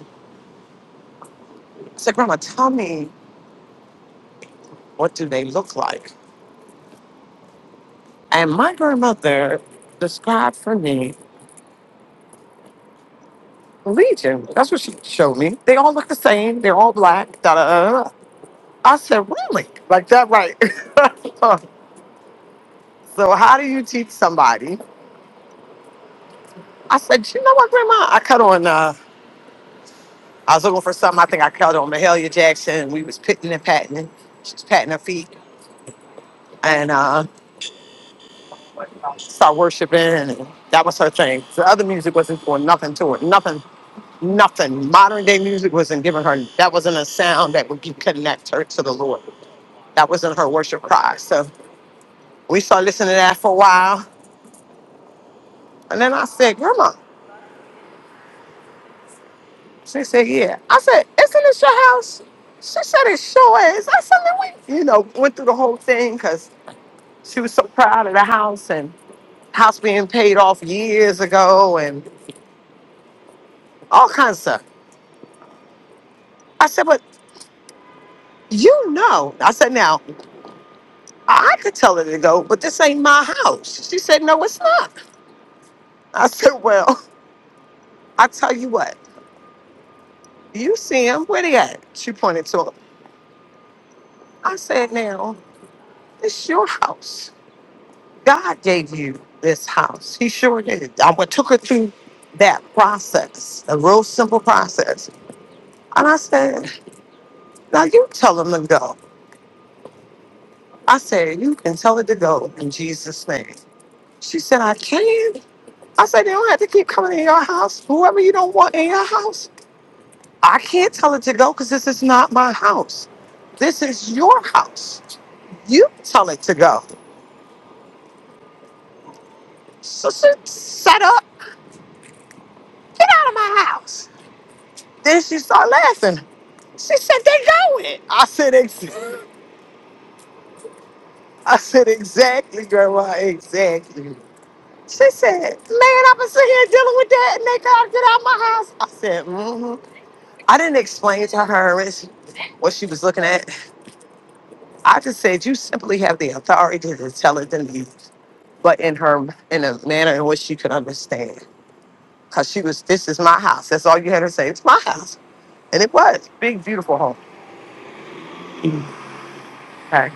Speaker 3: I said, Grandma, tell me what do they look like? And my grandmother described for me Legion. That's what she showed me. They all look the same. They're all black. Da, da, da, da. I said, really? Like that, right? so how do you teach somebody? I said, you know what, Grandma? I cut on. Uh, I was looking for something. I think I cut on Mahalia Jackson. We was pitting and patting. She was patting her feet, and uh, start worshiping and that was her thing. The other music wasn't doing nothing to it. Nothing, nothing. Modern day music wasn't giving her that wasn't a sound that would give- connect her to the Lord. That wasn't her worship cry. So we started listening to that for a while. And then I said, Grandma. She said, Yeah. I said, Isn't this your house? She said, It sure is. I said, "Then we you know, went through the whole thing because she was so proud of the house and house being paid off years ago and all kinds of stuff. I said, but You know. I said, now, I could tell her to go, but this ain't my house. She said, no, it's not. I said, well, I tell you what, you see him, where they at? She pointed to him. I said, now, it's your house. God gave you this house. He sure did. I went- took her through that process, a real simple process. And I said, now you tell him to go. I said, you can tell her to go in Jesus' name. She said, I can. I said, they don't have to keep coming in your house. Whoever you don't want in your house, I can't tell it to go because this is not my house. This is your house. You tell it to go. So she set up, get out of my house. Then she started laughing. She said, they going. I said, ex- I said, exactly, grandma, exactly. She said, man, I've been sitting here dealing with that and they gotta get out of my house. I said, mm-hmm. I didn't explain to her what she was looking at. I just said you simply have the authority to tell it to me, but in her in a manner in which she could understand. Cause she was, this is my house. That's all you had to say. It's my house, and it was big, beautiful home. Okay,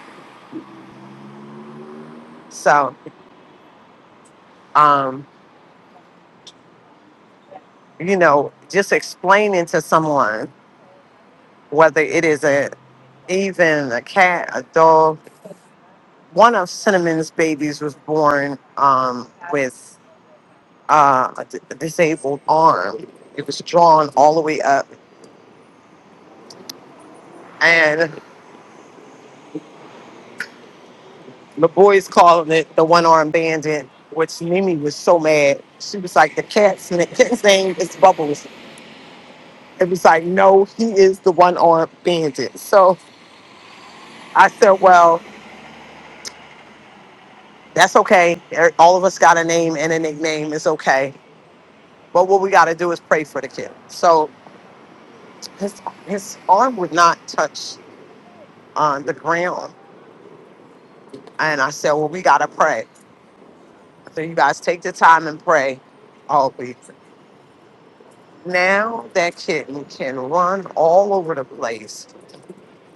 Speaker 3: so um, you know, just explaining to someone whether it is a even a cat, a dog. One of Cinnamon's babies was born um, with uh, a d- disabled arm. It was drawn all the way up, and. The boys calling it the one armed bandit, which Mimi was so mad. She was like, the cat's na- cat's name is Bubbles. It was like, no, he is the one armed bandit. So I said, well, that's okay. Er- All of us got a name and a nickname. It's okay. But what we got to do is pray for the kid. So his his arm would not touch on the ground, and I said, well, we got to pray. So you guys take the time and pray. Now that kitten can run all over the place.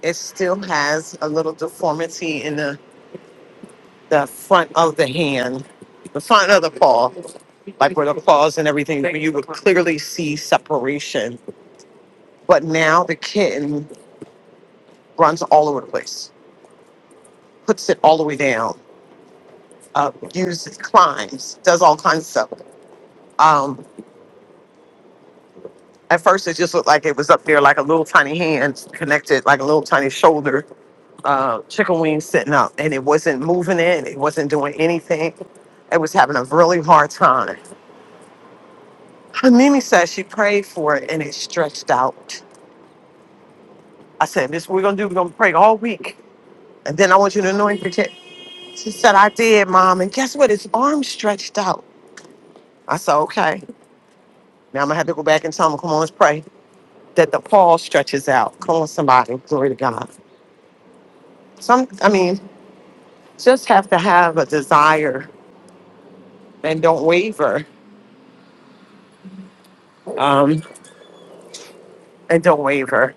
Speaker 3: It still has a little deformity in the, the front of the hand, the front of the paw, like where the claws and everything, where you would clearly see separation. But now the kitten runs all over the place, puts it all the way down, uh, uses, climbs, does all kinds of stuff. Um, at first, it just looked like it was up there, like a little tiny hand connected, like a little tiny shoulder uh, chicken wings sitting up and it wasn't moving it. It wasn't doing anything. It was having a really hard time. And Mimi said she prayed for it and it stretched out. I said, this what we're going to do. We're going to pray all week. And then I want you to anoint your kid. She said, I did, Mom. And guess what? His arm stretched out. I said, okay. Now I'm going to have to go back and tell him, come on, let's pray that the paw stretches out. Come on, somebody. Glory to God. Some, I mean, just have to have a desire and don't waver. Um, and don't waver.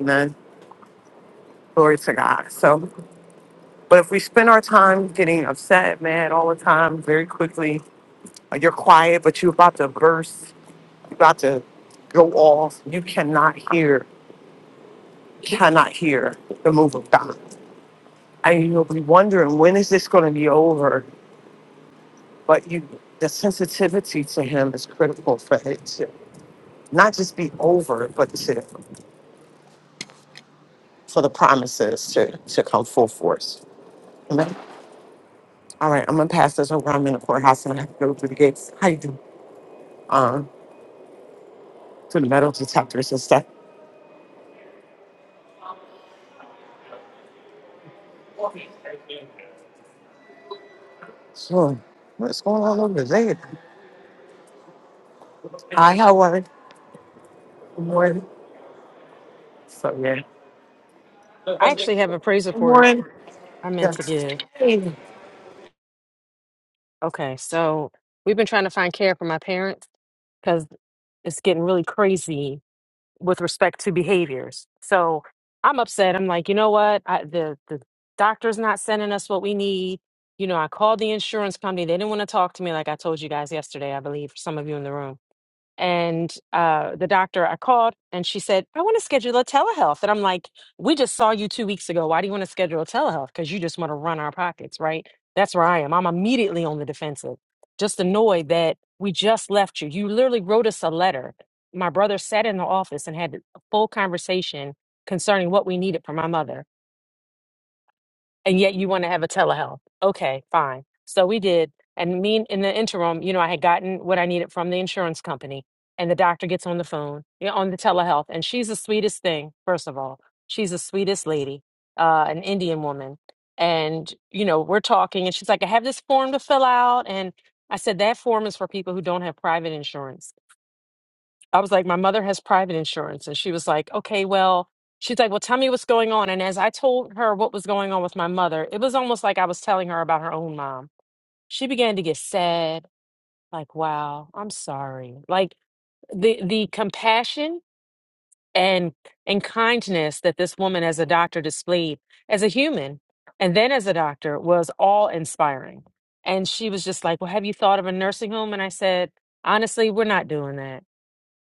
Speaker 3: Amen. Glory to God. So, but if we spend our time getting upset, mad all the time, very quickly, or you're quiet, but you're about to burst, you're about to go off, you cannot hear, cannot hear the move of God. And you'll be wondering, when is this going to be over? But you, the sensitivity to Him is critical for it to not just be over, but to, for the promises to, to come full force. Amen. All right, I'm gonna pass this over. I'm in the courthouse and I have to go through the gates. How you do? Um, to the metal detectors and stuff. So, what's going on over there? Hi, how are you? Good morning. So yeah.
Speaker 9: I actually have a praise
Speaker 3: Good
Speaker 9: report
Speaker 3: morning.
Speaker 9: I meant to
Speaker 3: Yes.
Speaker 9: give.
Speaker 3: Hey.
Speaker 9: Okay, so we've been trying to find care for my parents because it's getting really crazy with respect to behaviors. So I'm upset. I'm like, you know what? I, the the doctor's not sending us what we need. You know, I called the insurance company. They didn't want to talk to me, like I told you guys yesterday. I believe some of you in the room and uh, the doctor I called and she said, I want to schedule a telehealth. And I'm like, we just saw you two weeks ago. Why do you want to schedule a telehealth? Because you just want to run our pockets, right? That's where I am. I'm immediately on the defensive, just annoyed that we just left you. You literally wrote us a letter. My brother sat in the office and had a full conversation concerning what we needed for my mother and yet you want to have a telehealth. Okay, fine. So we did. And me in the interim, you know, I had gotten what I needed from the insurance company. And the doctor gets on the phone, you know, on the telehealth. And she's the sweetest thing, first of all. She's the sweetest lady, uh, an Indian woman. And, you know, we're talking and she's like, I have this form to fill out. And I said, that form is for people who don't have private insurance. I was like, my mother has private insurance. And she was like, okay, well, she's like, well, tell me what's going on. And as I told her what was going on with my mother, it was almost like I was telling her about her own mom. She began to get sad, like, wow, I'm sorry. Like the the compassion and and kindness that this woman as a doctor displayed as a human and then as a doctor was all inspiring. And she was just like, Well, have you thought of a nursing home? And I said, honestly, we're not doing that.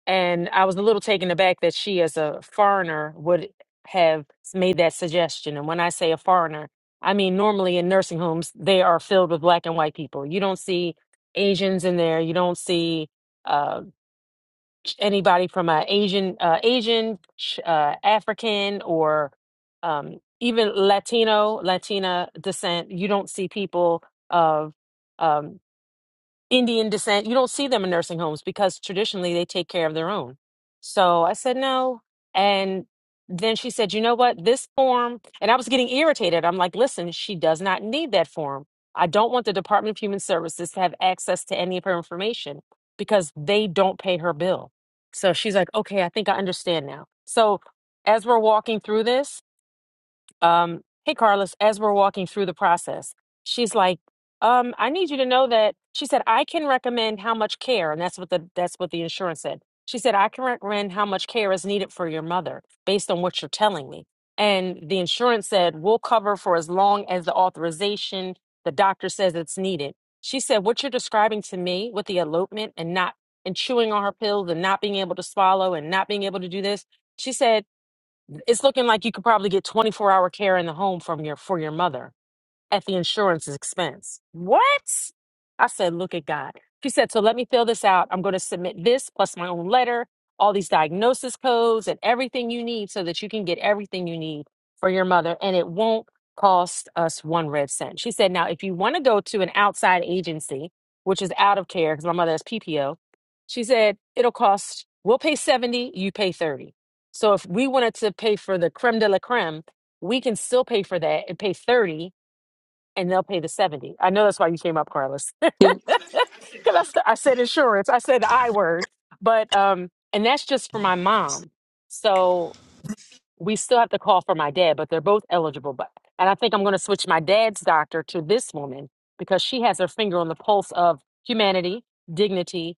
Speaker 9: And I was a little taken aback that she, as a foreigner, would have made that suggestion. And when I say a foreigner, I mean normally in nursing homes, they are filled with black and white people. You don't see Asians in there. You don't see uh, ch- anybody from a Asian, uh, Asian, ch- uh, African, or um, even Latino, Latina descent. You don't see people of. um, Indian descent, you don't see them in nursing homes because traditionally they take care of their own. So I said no. And then she said, you know what? This form, and I was getting irritated. I'm like, listen, she does not need that form. I don't want the Department of Human Services to have access to any of her information because they don't pay her bill. So she's like, okay, I think I understand now. So as we're walking through this, um, hey, Carlos, as we're walking through the process, she's like, um, I need you to know that she said, I can recommend how much care, and that's what the that's what the insurance said. She said, I can recommend how much care is needed for your mother based on what you're telling me. And the insurance said, we'll cover for as long as the authorization, the doctor says it's needed. She said, what you're describing to me with the elopement and not and chewing on her pills and not being able to swallow and not being able to do this. She said it's looking like you could probably get 24 hour care in the home from your for your mother at the insurance's expense. What? I said, look at God. She said, so let me fill this out. I'm going to submit this plus my own letter, all these diagnosis codes, and everything you need so that you can get everything you need for your mother. And it won't cost us one red cent. She said, now, if you want to go to an outside agency, which is out of care because my mother has PPO, she said, it'll cost, we'll pay 70, you pay 30. So if we wanted to pay for the creme de la creme, we can still pay for that and pay 30 and they'll pay the 70 i know that's why you came up carlos because I, st- I said insurance i said the i word but um and that's just for my mom so we still have to call for my dad but they're both eligible but and i think i'm going to switch my dad's doctor to this woman because she has her finger on the pulse of humanity dignity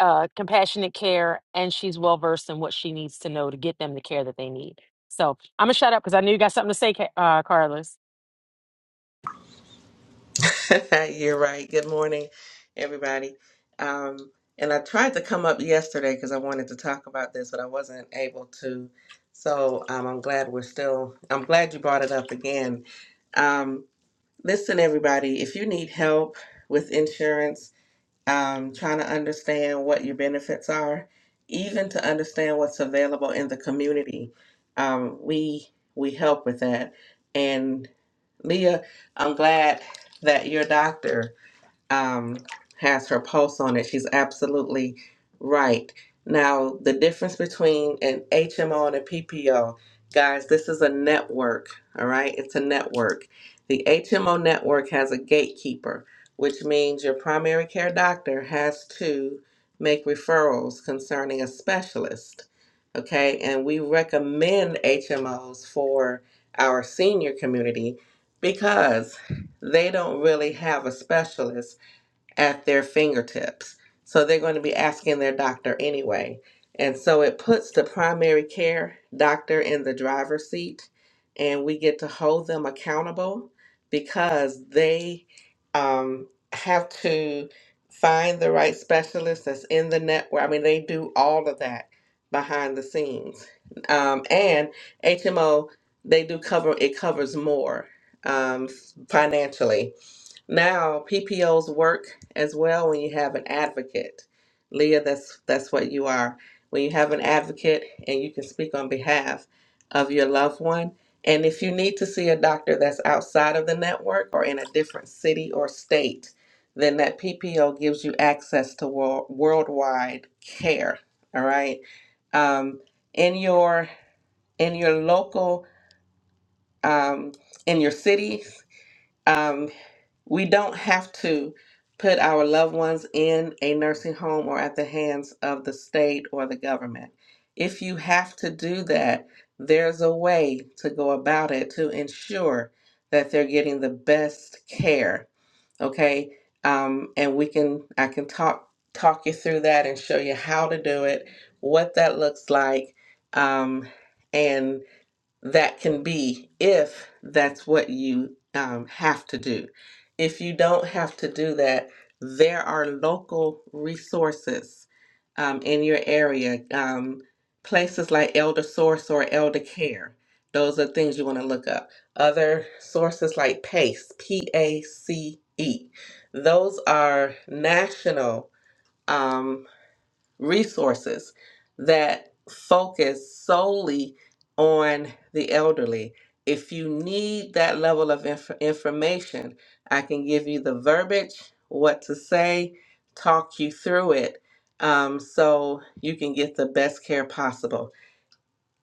Speaker 9: uh, compassionate care and she's well versed in what she needs to know to get them the care that they need so i'm gonna shut up because i knew you got something to say Ca- uh, carlos
Speaker 10: You're right. Good morning, everybody. Um, and I tried to come up yesterday because I wanted to talk about this, but I wasn't able to. So um, I'm glad we're still, I'm glad you brought it up again. Um, listen, everybody, if you need help with insurance, um, trying to understand what your benefits are, even to understand what's available in the community. Um, we we help with that. And Leah, I'm glad that your doctor um, has her pulse on it. She's absolutely right. Now, the difference between an HMO and a PPO, guys, this is a network, all right? It's a network. The HMO network has a gatekeeper, which means your primary care doctor has to make referrals concerning a specialist, okay? And we recommend HMOs for our senior community because they don't really have a specialist at their fingertips. So they're going to be asking their doctor anyway. And so it puts the primary care doctor in the driver's seat, and we get to hold them accountable because they um, have to find the right specialist that's in the network. I mean, they do all of that behind the scenes. Um, and HMO, they do cover it covers more um, financially now, PPOs work as well when you have an advocate. Leah, that's that's what you are. When you have an advocate and you can speak on behalf of your loved one, and if you need to see a doctor that's outside of the network or in a different city or state, then that PPO gives you access to world, worldwide care. All right. Um, in your in your local um, in your city we don't have to put our loved ones in a nursing home or at the hands of the state or the government. If you have to do that, there's a way to go about it to ensure that they're getting the best care. Okay, um, and we can I can talk talk you through that and show you how to do it, what that looks like, um, and that can be if that's what you um, have to do. If you don't have to do that, there are local resources um, in your area, um, places like Elder Source or Elder Care. Those are things you want to look up. Other sources like PACE, P A C E. Those are national. um, resources that focus solely on the elderly. If you need that level of inf- information, I can give you the verbiage, what to say, talk you through it um, so you can get the best care possible.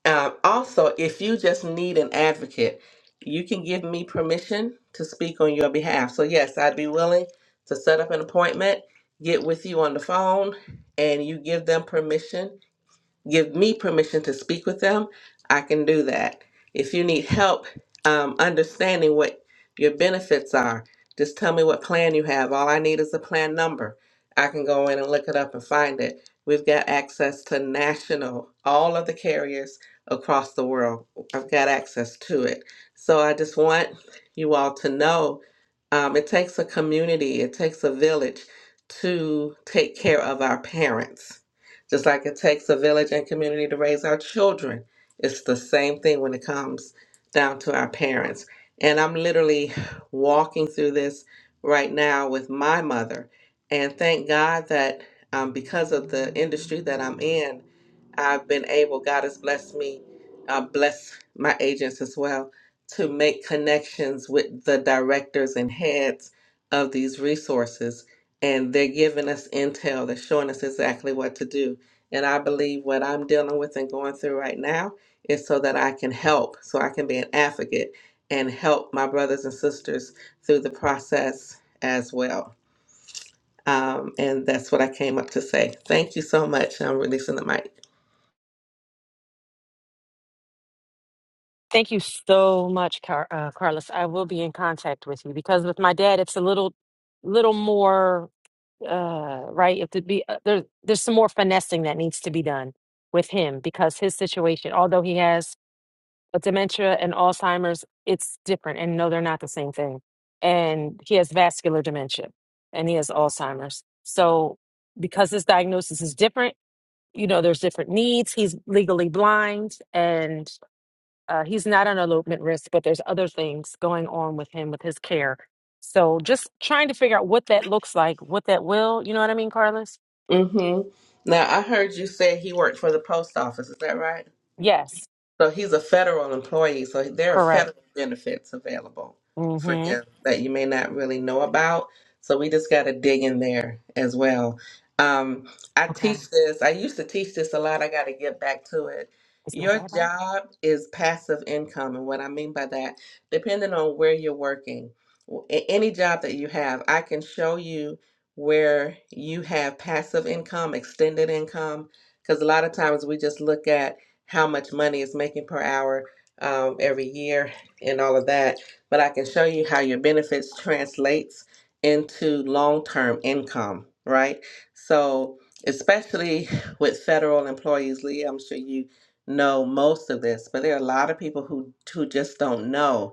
Speaker 10: Um, also, if you just need an advocate, you can give me permission to speak on your behalf. So, yes, I'd be willing to set up an appointment, get with you on the phone, and you give them permission give me permission to speak with them, I can do that. If you need help um, understanding what your benefits are, just tell me what plan you have. All I need is a plan number. I can go in and look it up and find it. We've got access to national, all of the carriers across the world. I've got access to it. So I just want you all to know um, it takes a community, it takes a village to take care of our parents just like it takes a village and community to raise our children, it's the same thing when it comes down to our parents. And I'm literally walking through this right now with my mother. And thank God that um, because of the industry that I'm in, I've been able, God has blessed me, uh, bless my agents as well, to make connections with the directors and heads of these resources. And they're giving us intel, they're showing us exactly what to do and I believe what I'm dealing with and going through right now is so that I can help, so I can be an advocate and help my brothers and sisters through the process as well. Um, and that's what I came up to say. Thank you so much. I'm releasing the mic.
Speaker 9: Thank you so much, Car- uh, Carlos. I will be in contact with you because with my dad, it's a little, little more uh, right. If to be uh, there, there's some more finessing that needs to be done with him because his situation, although he has a dementia and Alzheimer's, it's different. And no, they're not the same thing. And he has vascular dementia, and he has Alzheimer's. So because his diagnosis is different, you know, there's different needs. He's legally blind, and uh, he's not on elopement risk, but there's other things going on with him with his care. So just trying to figure out what that looks like, what that will. You know what I mean, Carlos?
Speaker 10: hmm Now, I heard you say he worked for the post office. Is that right?
Speaker 9: Yes,
Speaker 10: So he's a federal employee, so there are
Speaker 9: correct.
Speaker 10: federal benefits available for
Speaker 9: Mm-hmm.
Speaker 10: him that you may not really know about. So we just got to dig in there as well. Um, I
Speaker 9: Okay.
Speaker 10: teach this, I used to teach this a lot. I got to get back to it.
Speaker 9: Is my
Speaker 10: Your
Speaker 9: dad up?
Speaker 10: job is passive income. And what I mean by that, depending on where you're working, w- a- any job that you have, I can show you where you have passive income, extended income, because a lot of times we just look at how much money is making per hour um, every year and all of that. But I can show you how your benefits translates into long-term income, right? So especially with federal employees, Lee, I'm sure you know most of this, but there are a lot of people who who just don't know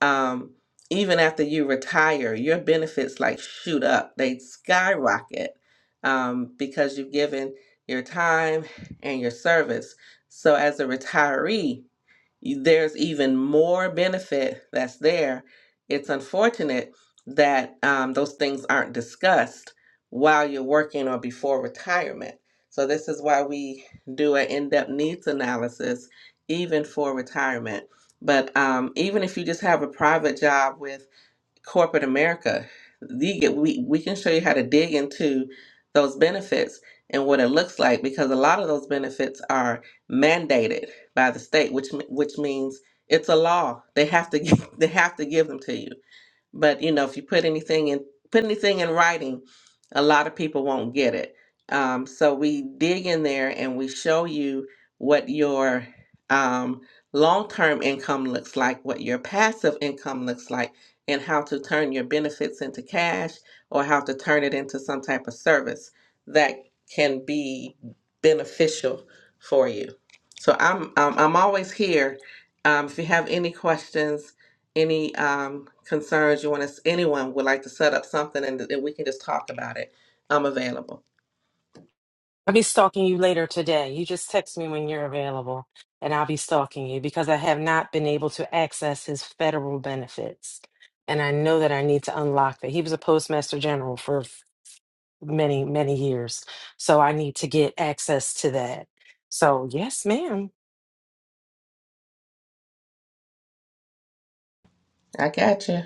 Speaker 10: um, even after you retire, your benefits like shoot up, they skyrocket um, because you've given your time and your service. So, as a retiree, there's even more benefit that's there. It's unfortunate that um, those things aren't discussed while you're working or before retirement. So, this is why we do an in depth needs analysis even for retirement. But um, even if you just have a private job with corporate America. You get, we, we can show you how to dig into those benefits and what it looks like because a lot of those benefits are mandated by the state, which m- which means it's a law. They have to give, they have to give them to you but you know if you put anything in put anything in writing a lot of people won't get it um, so we dig in there and we show you what your um, long-term income looks like what your passive income looks like and how to turn your benefits into cash or how to turn it into some type of service that can be beneficial for you so i'm i'm, I'm always here um, if you have any questions any um, concerns you want us, anyone would like to set up something and, and we can just talk about it, I'm available.
Speaker 9: I'll be stalking you later today. You just text me when you're available, and I'll be stalking you because I have not been able to access his federal benefits. And I know that I need to unlock that. He was a postmaster general for many, many years. So I need to get access to that. So, yes, ma'am.
Speaker 10: I got you.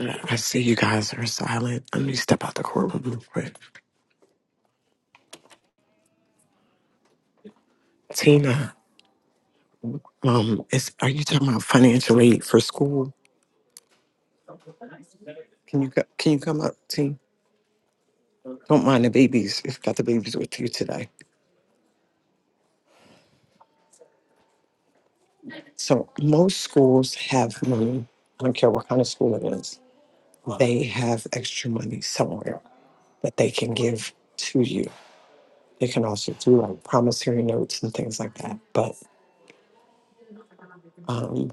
Speaker 3: I see you guys are silent. Let me step out the courtroom real quick. Tina, um, is are you talking about financial aid for school? Can you co- can you come up, Tina? Don't mind the babies. You've got the babies with you today. So most schools have money. I don't care what kind of school it is they have extra money somewhere that they can give to you. They can also do like promissory notes and things like that. But um,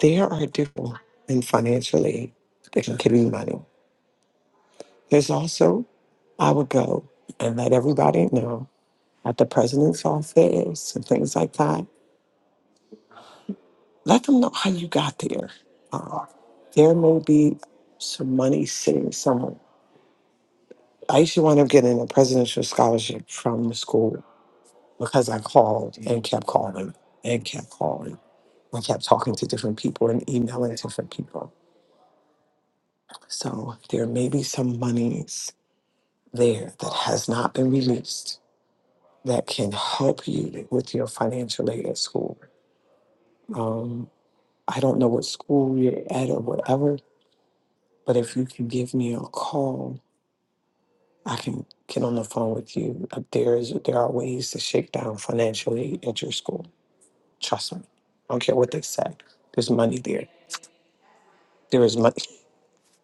Speaker 3: there are different in financial aid that can give you money. There's also, I would go and let everybody know at the president's office and things like that. Let them know how you got there. Uh, there may be some money sitting somewhere. I used to wind up getting a presidential scholarship from the school because I called and kept calling and kept calling. I kept talking to different people and emailing different people. So there may be some monies there that has not been released that can help you with your financial aid at school. Um, I don't know what school you're at or whatever, but if you can give me a call, I can get on the phone with you. Uh, There's there are ways to shake down financial aid at your school. Trust me. I don't care what they say. There's money there There is money.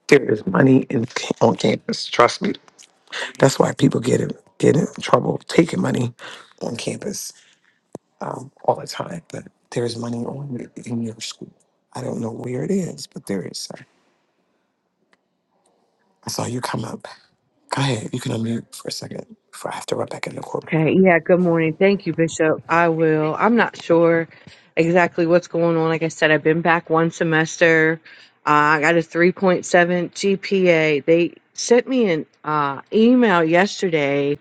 Speaker 3: There is money in on campus. Trust me. That's why people get in, get in trouble taking money on campus um, all the time. But there is money on in your school. I don't know where it is, but there is. sir. I saw you come up. Go ahead. You can unmute for a second before I have to run after Rebecca court.
Speaker 11: Okay, yeah, good morning. Thank you, Bishop. I will. I'm not sure exactly what's going on. Like I said, I've been back one semester. Uh, I got a 3.7 GPA. They sent me an uh, email yesterday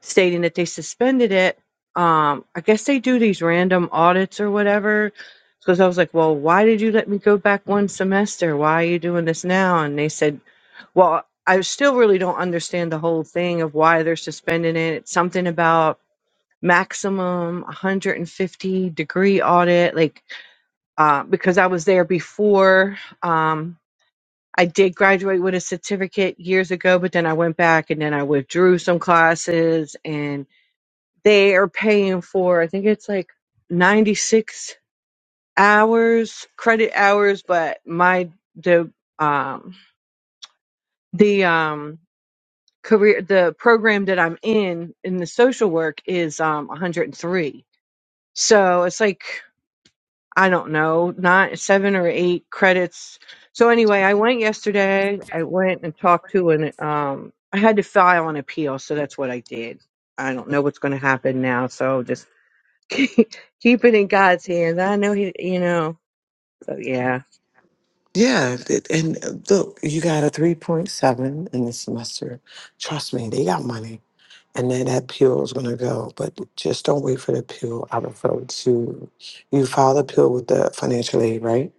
Speaker 11: stating that they suspended it. Um, I guess they do these random audits or whatever. Because I was like, well, why did you let me go back one semester? Why are you doing this now? And they said, well, I still really don't understand the whole thing of why they're suspending it. It's something about maximum 150 degree audit, like uh, because I was there before. Um, I did graduate with a certificate years ago, but then I went back and then I withdrew some classes and they are paying for i think it's like 96 hours credit hours but my the um the um career the program that i'm in in the social work is um 103 so it's like i don't know not seven or eight credits so anyway i went yesterday i went and talked to an um i had to file an appeal so that's what i did i don't know what's going to happen now so just keep it in God's hands. I know he, you know. So yeah.
Speaker 3: Yeah, th- and uh, look, you got a 3.7 in the semester. Trust me, they got money. And then that pill is going to go, but just don't wait for the pill. I refer to you file the pill with the financial aid, right?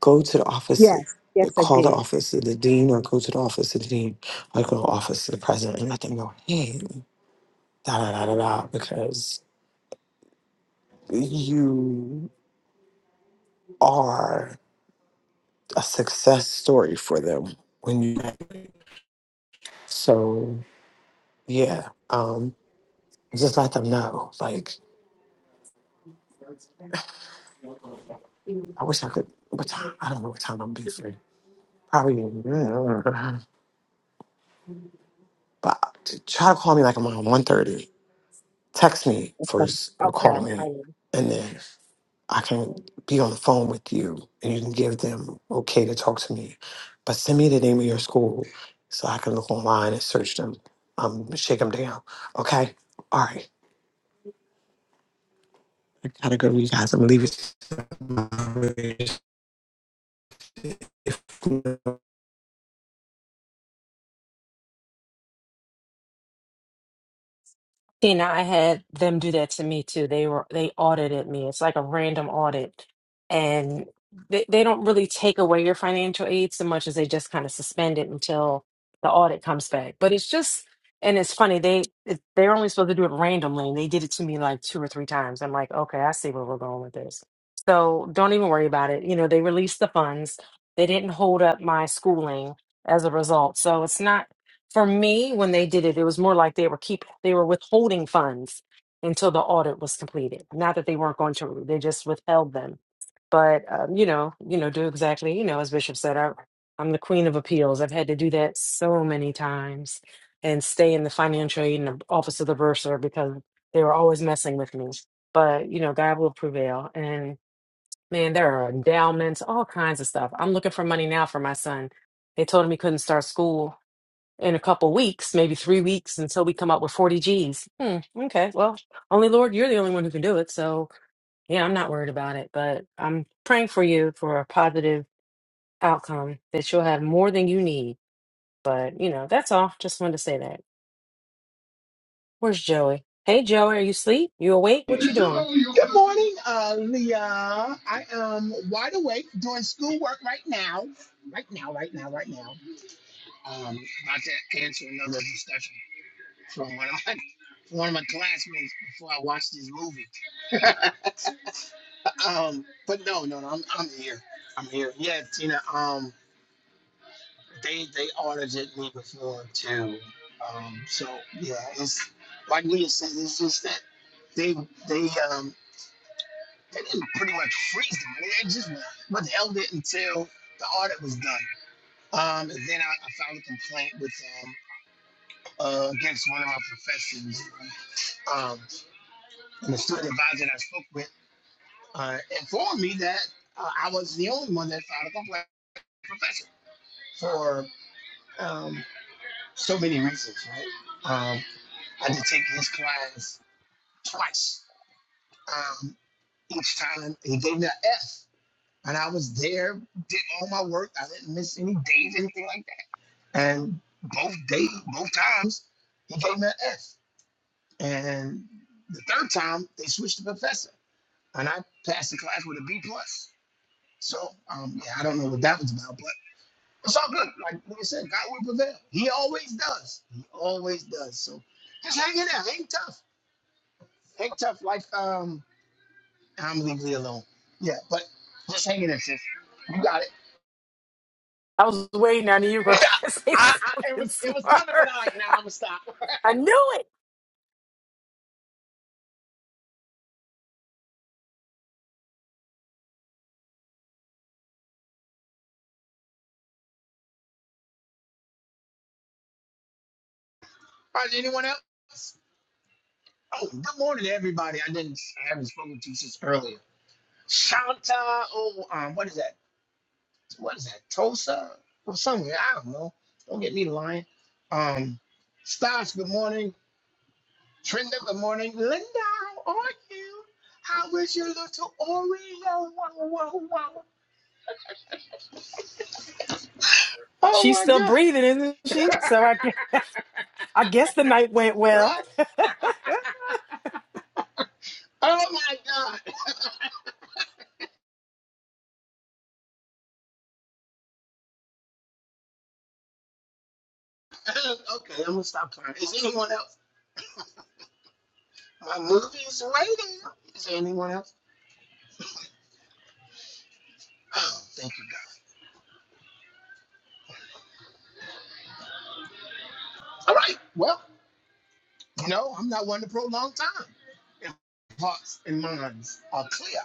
Speaker 3: Go to the office,
Speaker 11: Yes,
Speaker 3: uh,
Speaker 11: yes, I
Speaker 3: call the
Speaker 11: did.
Speaker 3: office of the dean, or go to the office of the dean, or go to the office of the president and let them know, hey, da da da da da, because you are a success story for them when you graduate. So Yeah. Um, just let them know. Like, I wish I could. What time? I don't know what time I'm be free. Probably. mm, But t- try to call me like around one thirty. Text me
Speaker 11: Okay,
Speaker 3: first or
Speaker 11: okay,
Speaker 3: call me,
Speaker 11: right.
Speaker 3: and then I can be on the phone with you, and you can give them okay to talk to me. But send me the name of your school so I can look online and search them. Um, shake them down. Okay. All right. I gotta go, you guys. I'm gonna leave it.
Speaker 9: Tina, I had them do that to me too. They were they audited me. It's like a random audit, and they, they don't really take away your financial aid so much as they just kind of suspend it until the audit comes back. But it's just and it's funny they it, they're only supposed to do it randomly, and they did it to me like two or three times. I'm like, okay, I see where we're going with this. So don't even worry about it. You know, they released the funds. They didn't hold up my schooling as a result. So it's not. For me, when they did it, it was more like they were keep they were withholding funds until the audit was completed. Not that they weren't going to, they just withheld them. But um, you know, you know, do exactly, you know, as Bishop said, I, I'm the queen of appeals. I've had to do that so many times and stay in the financial aid and the office of the bursar because they were always messing with me. But you know, God will prevail. And man, there are endowments, all kinds of stuff. I'm looking for money now for my son. They told him he couldn't start school in a couple weeks, maybe three weeks until we come up with 40 G's. Hmm, okay. Well, only Lord, you're the only one who can do it. So, yeah, I'm not worried about it, but I'm praying for you for a positive outcome that you'll have more than you need. But, you know, that's all. Just wanted to say that. Where's Joey? Hey, Joey, are you asleep? You awake? What you doing?
Speaker 1: Good morning, uh, Leah. I am wide awake doing schoolwork right now. Right now, right now, right now. Um, about to answer another discussion from one of my from one of my classmates before I watch this movie. um, but no, no, no, I'm I'm here. I'm here. Yeah, Tina. Um. they they audited me before too. Um, so yeah, it's like Leah said, it's just that they they um they didn't pretty much freeze me. They just what the hell did until the audit was done. Um, and then I, I filed a complaint with um uh, against one of my professors. Um, and the student advisor that I spoke with uh, informed me that uh, I was the only one that filed a complaint with the professor for um, so many reasons, right? Um, I had to take his class twice. Um, each time he gave me an F, and I was there, did all my work. I didn't miss any days, anything like that. And both days, both times, he gave me an F. And the third time, they switched the professor, and I passed the class with a B plus. So um, yeah, I don't know what that was about, but it's all good. Like like I said, God will prevail. He always does. He always does. So just hang in there, hang tough, hang tough. Like um. I'm legally alone. Yeah, but just hang in, there, sis. You got it.
Speaker 9: I was waiting. I knew you were going to try to
Speaker 1: I,
Speaker 9: say
Speaker 1: I, it
Speaker 9: something
Speaker 1: was it was
Speaker 9: smart.
Speaker 1: coming, but I like, nah, I'm gonna stop. All
Speaker 9: I knew it.
Speaker 1: right, anyone else? Oh, good morning, everybody. I didn't, I haven't spoken to you since earlier. Shanta, oh, um, what is that? What is that? Tulsa or somewhere? I don't know. Don't get me lying. Um, Stas, good morning. Trinda, good morning. Linda, how are you? How is your little Oreo? Wow, wow, wow. Oh
Speaker 9: She's
Speaker 1: my
Speaker 9: still
Speaker 1: God.
Speaker 9: breathing, isn't she? So I guess, I guess the night went well.
Speaker 1: Right? Oh my God. okay, I'm gonna stop crying. Is anyone else? My movie is waiting. Is there anyone else? Oh, thank you, God. All right. Well, no, I'm not one to prolong time. If hearts and minds are clear.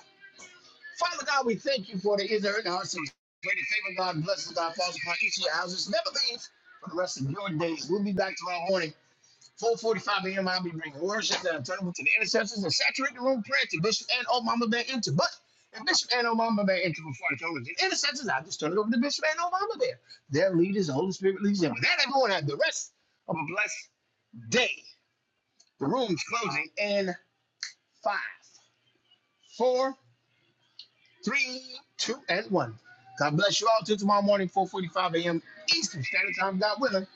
Speaker 1: Father God, we thank you for the ignorant hearts and great favor, God. Bless God. Falls upon each of your houses. Never leave for the rest of your days. We'll be back tomorrow morning. 4:45 a.m. I'll be bringing worship and turning to the intercessors and saturate the room prayer to Bishop and old Mama Bear enter. But if Bishop and old Mama Bear enter before the turn over the intercessors, I just turn it over to Bishop and old Mama Bear. Their leaders, the Holy Spirit leads them. With that, everyone have the rest of a blessed day. The room's closing in five, four, three, two, and one. God bless you all till tomorrow morning, 4:45 a.m. Eastern Standard Time. God willing.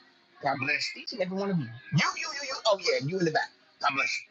Speaker 1: God bless each and every one of you. You, you, you, you. Oh yeah, you in the back. God bless you.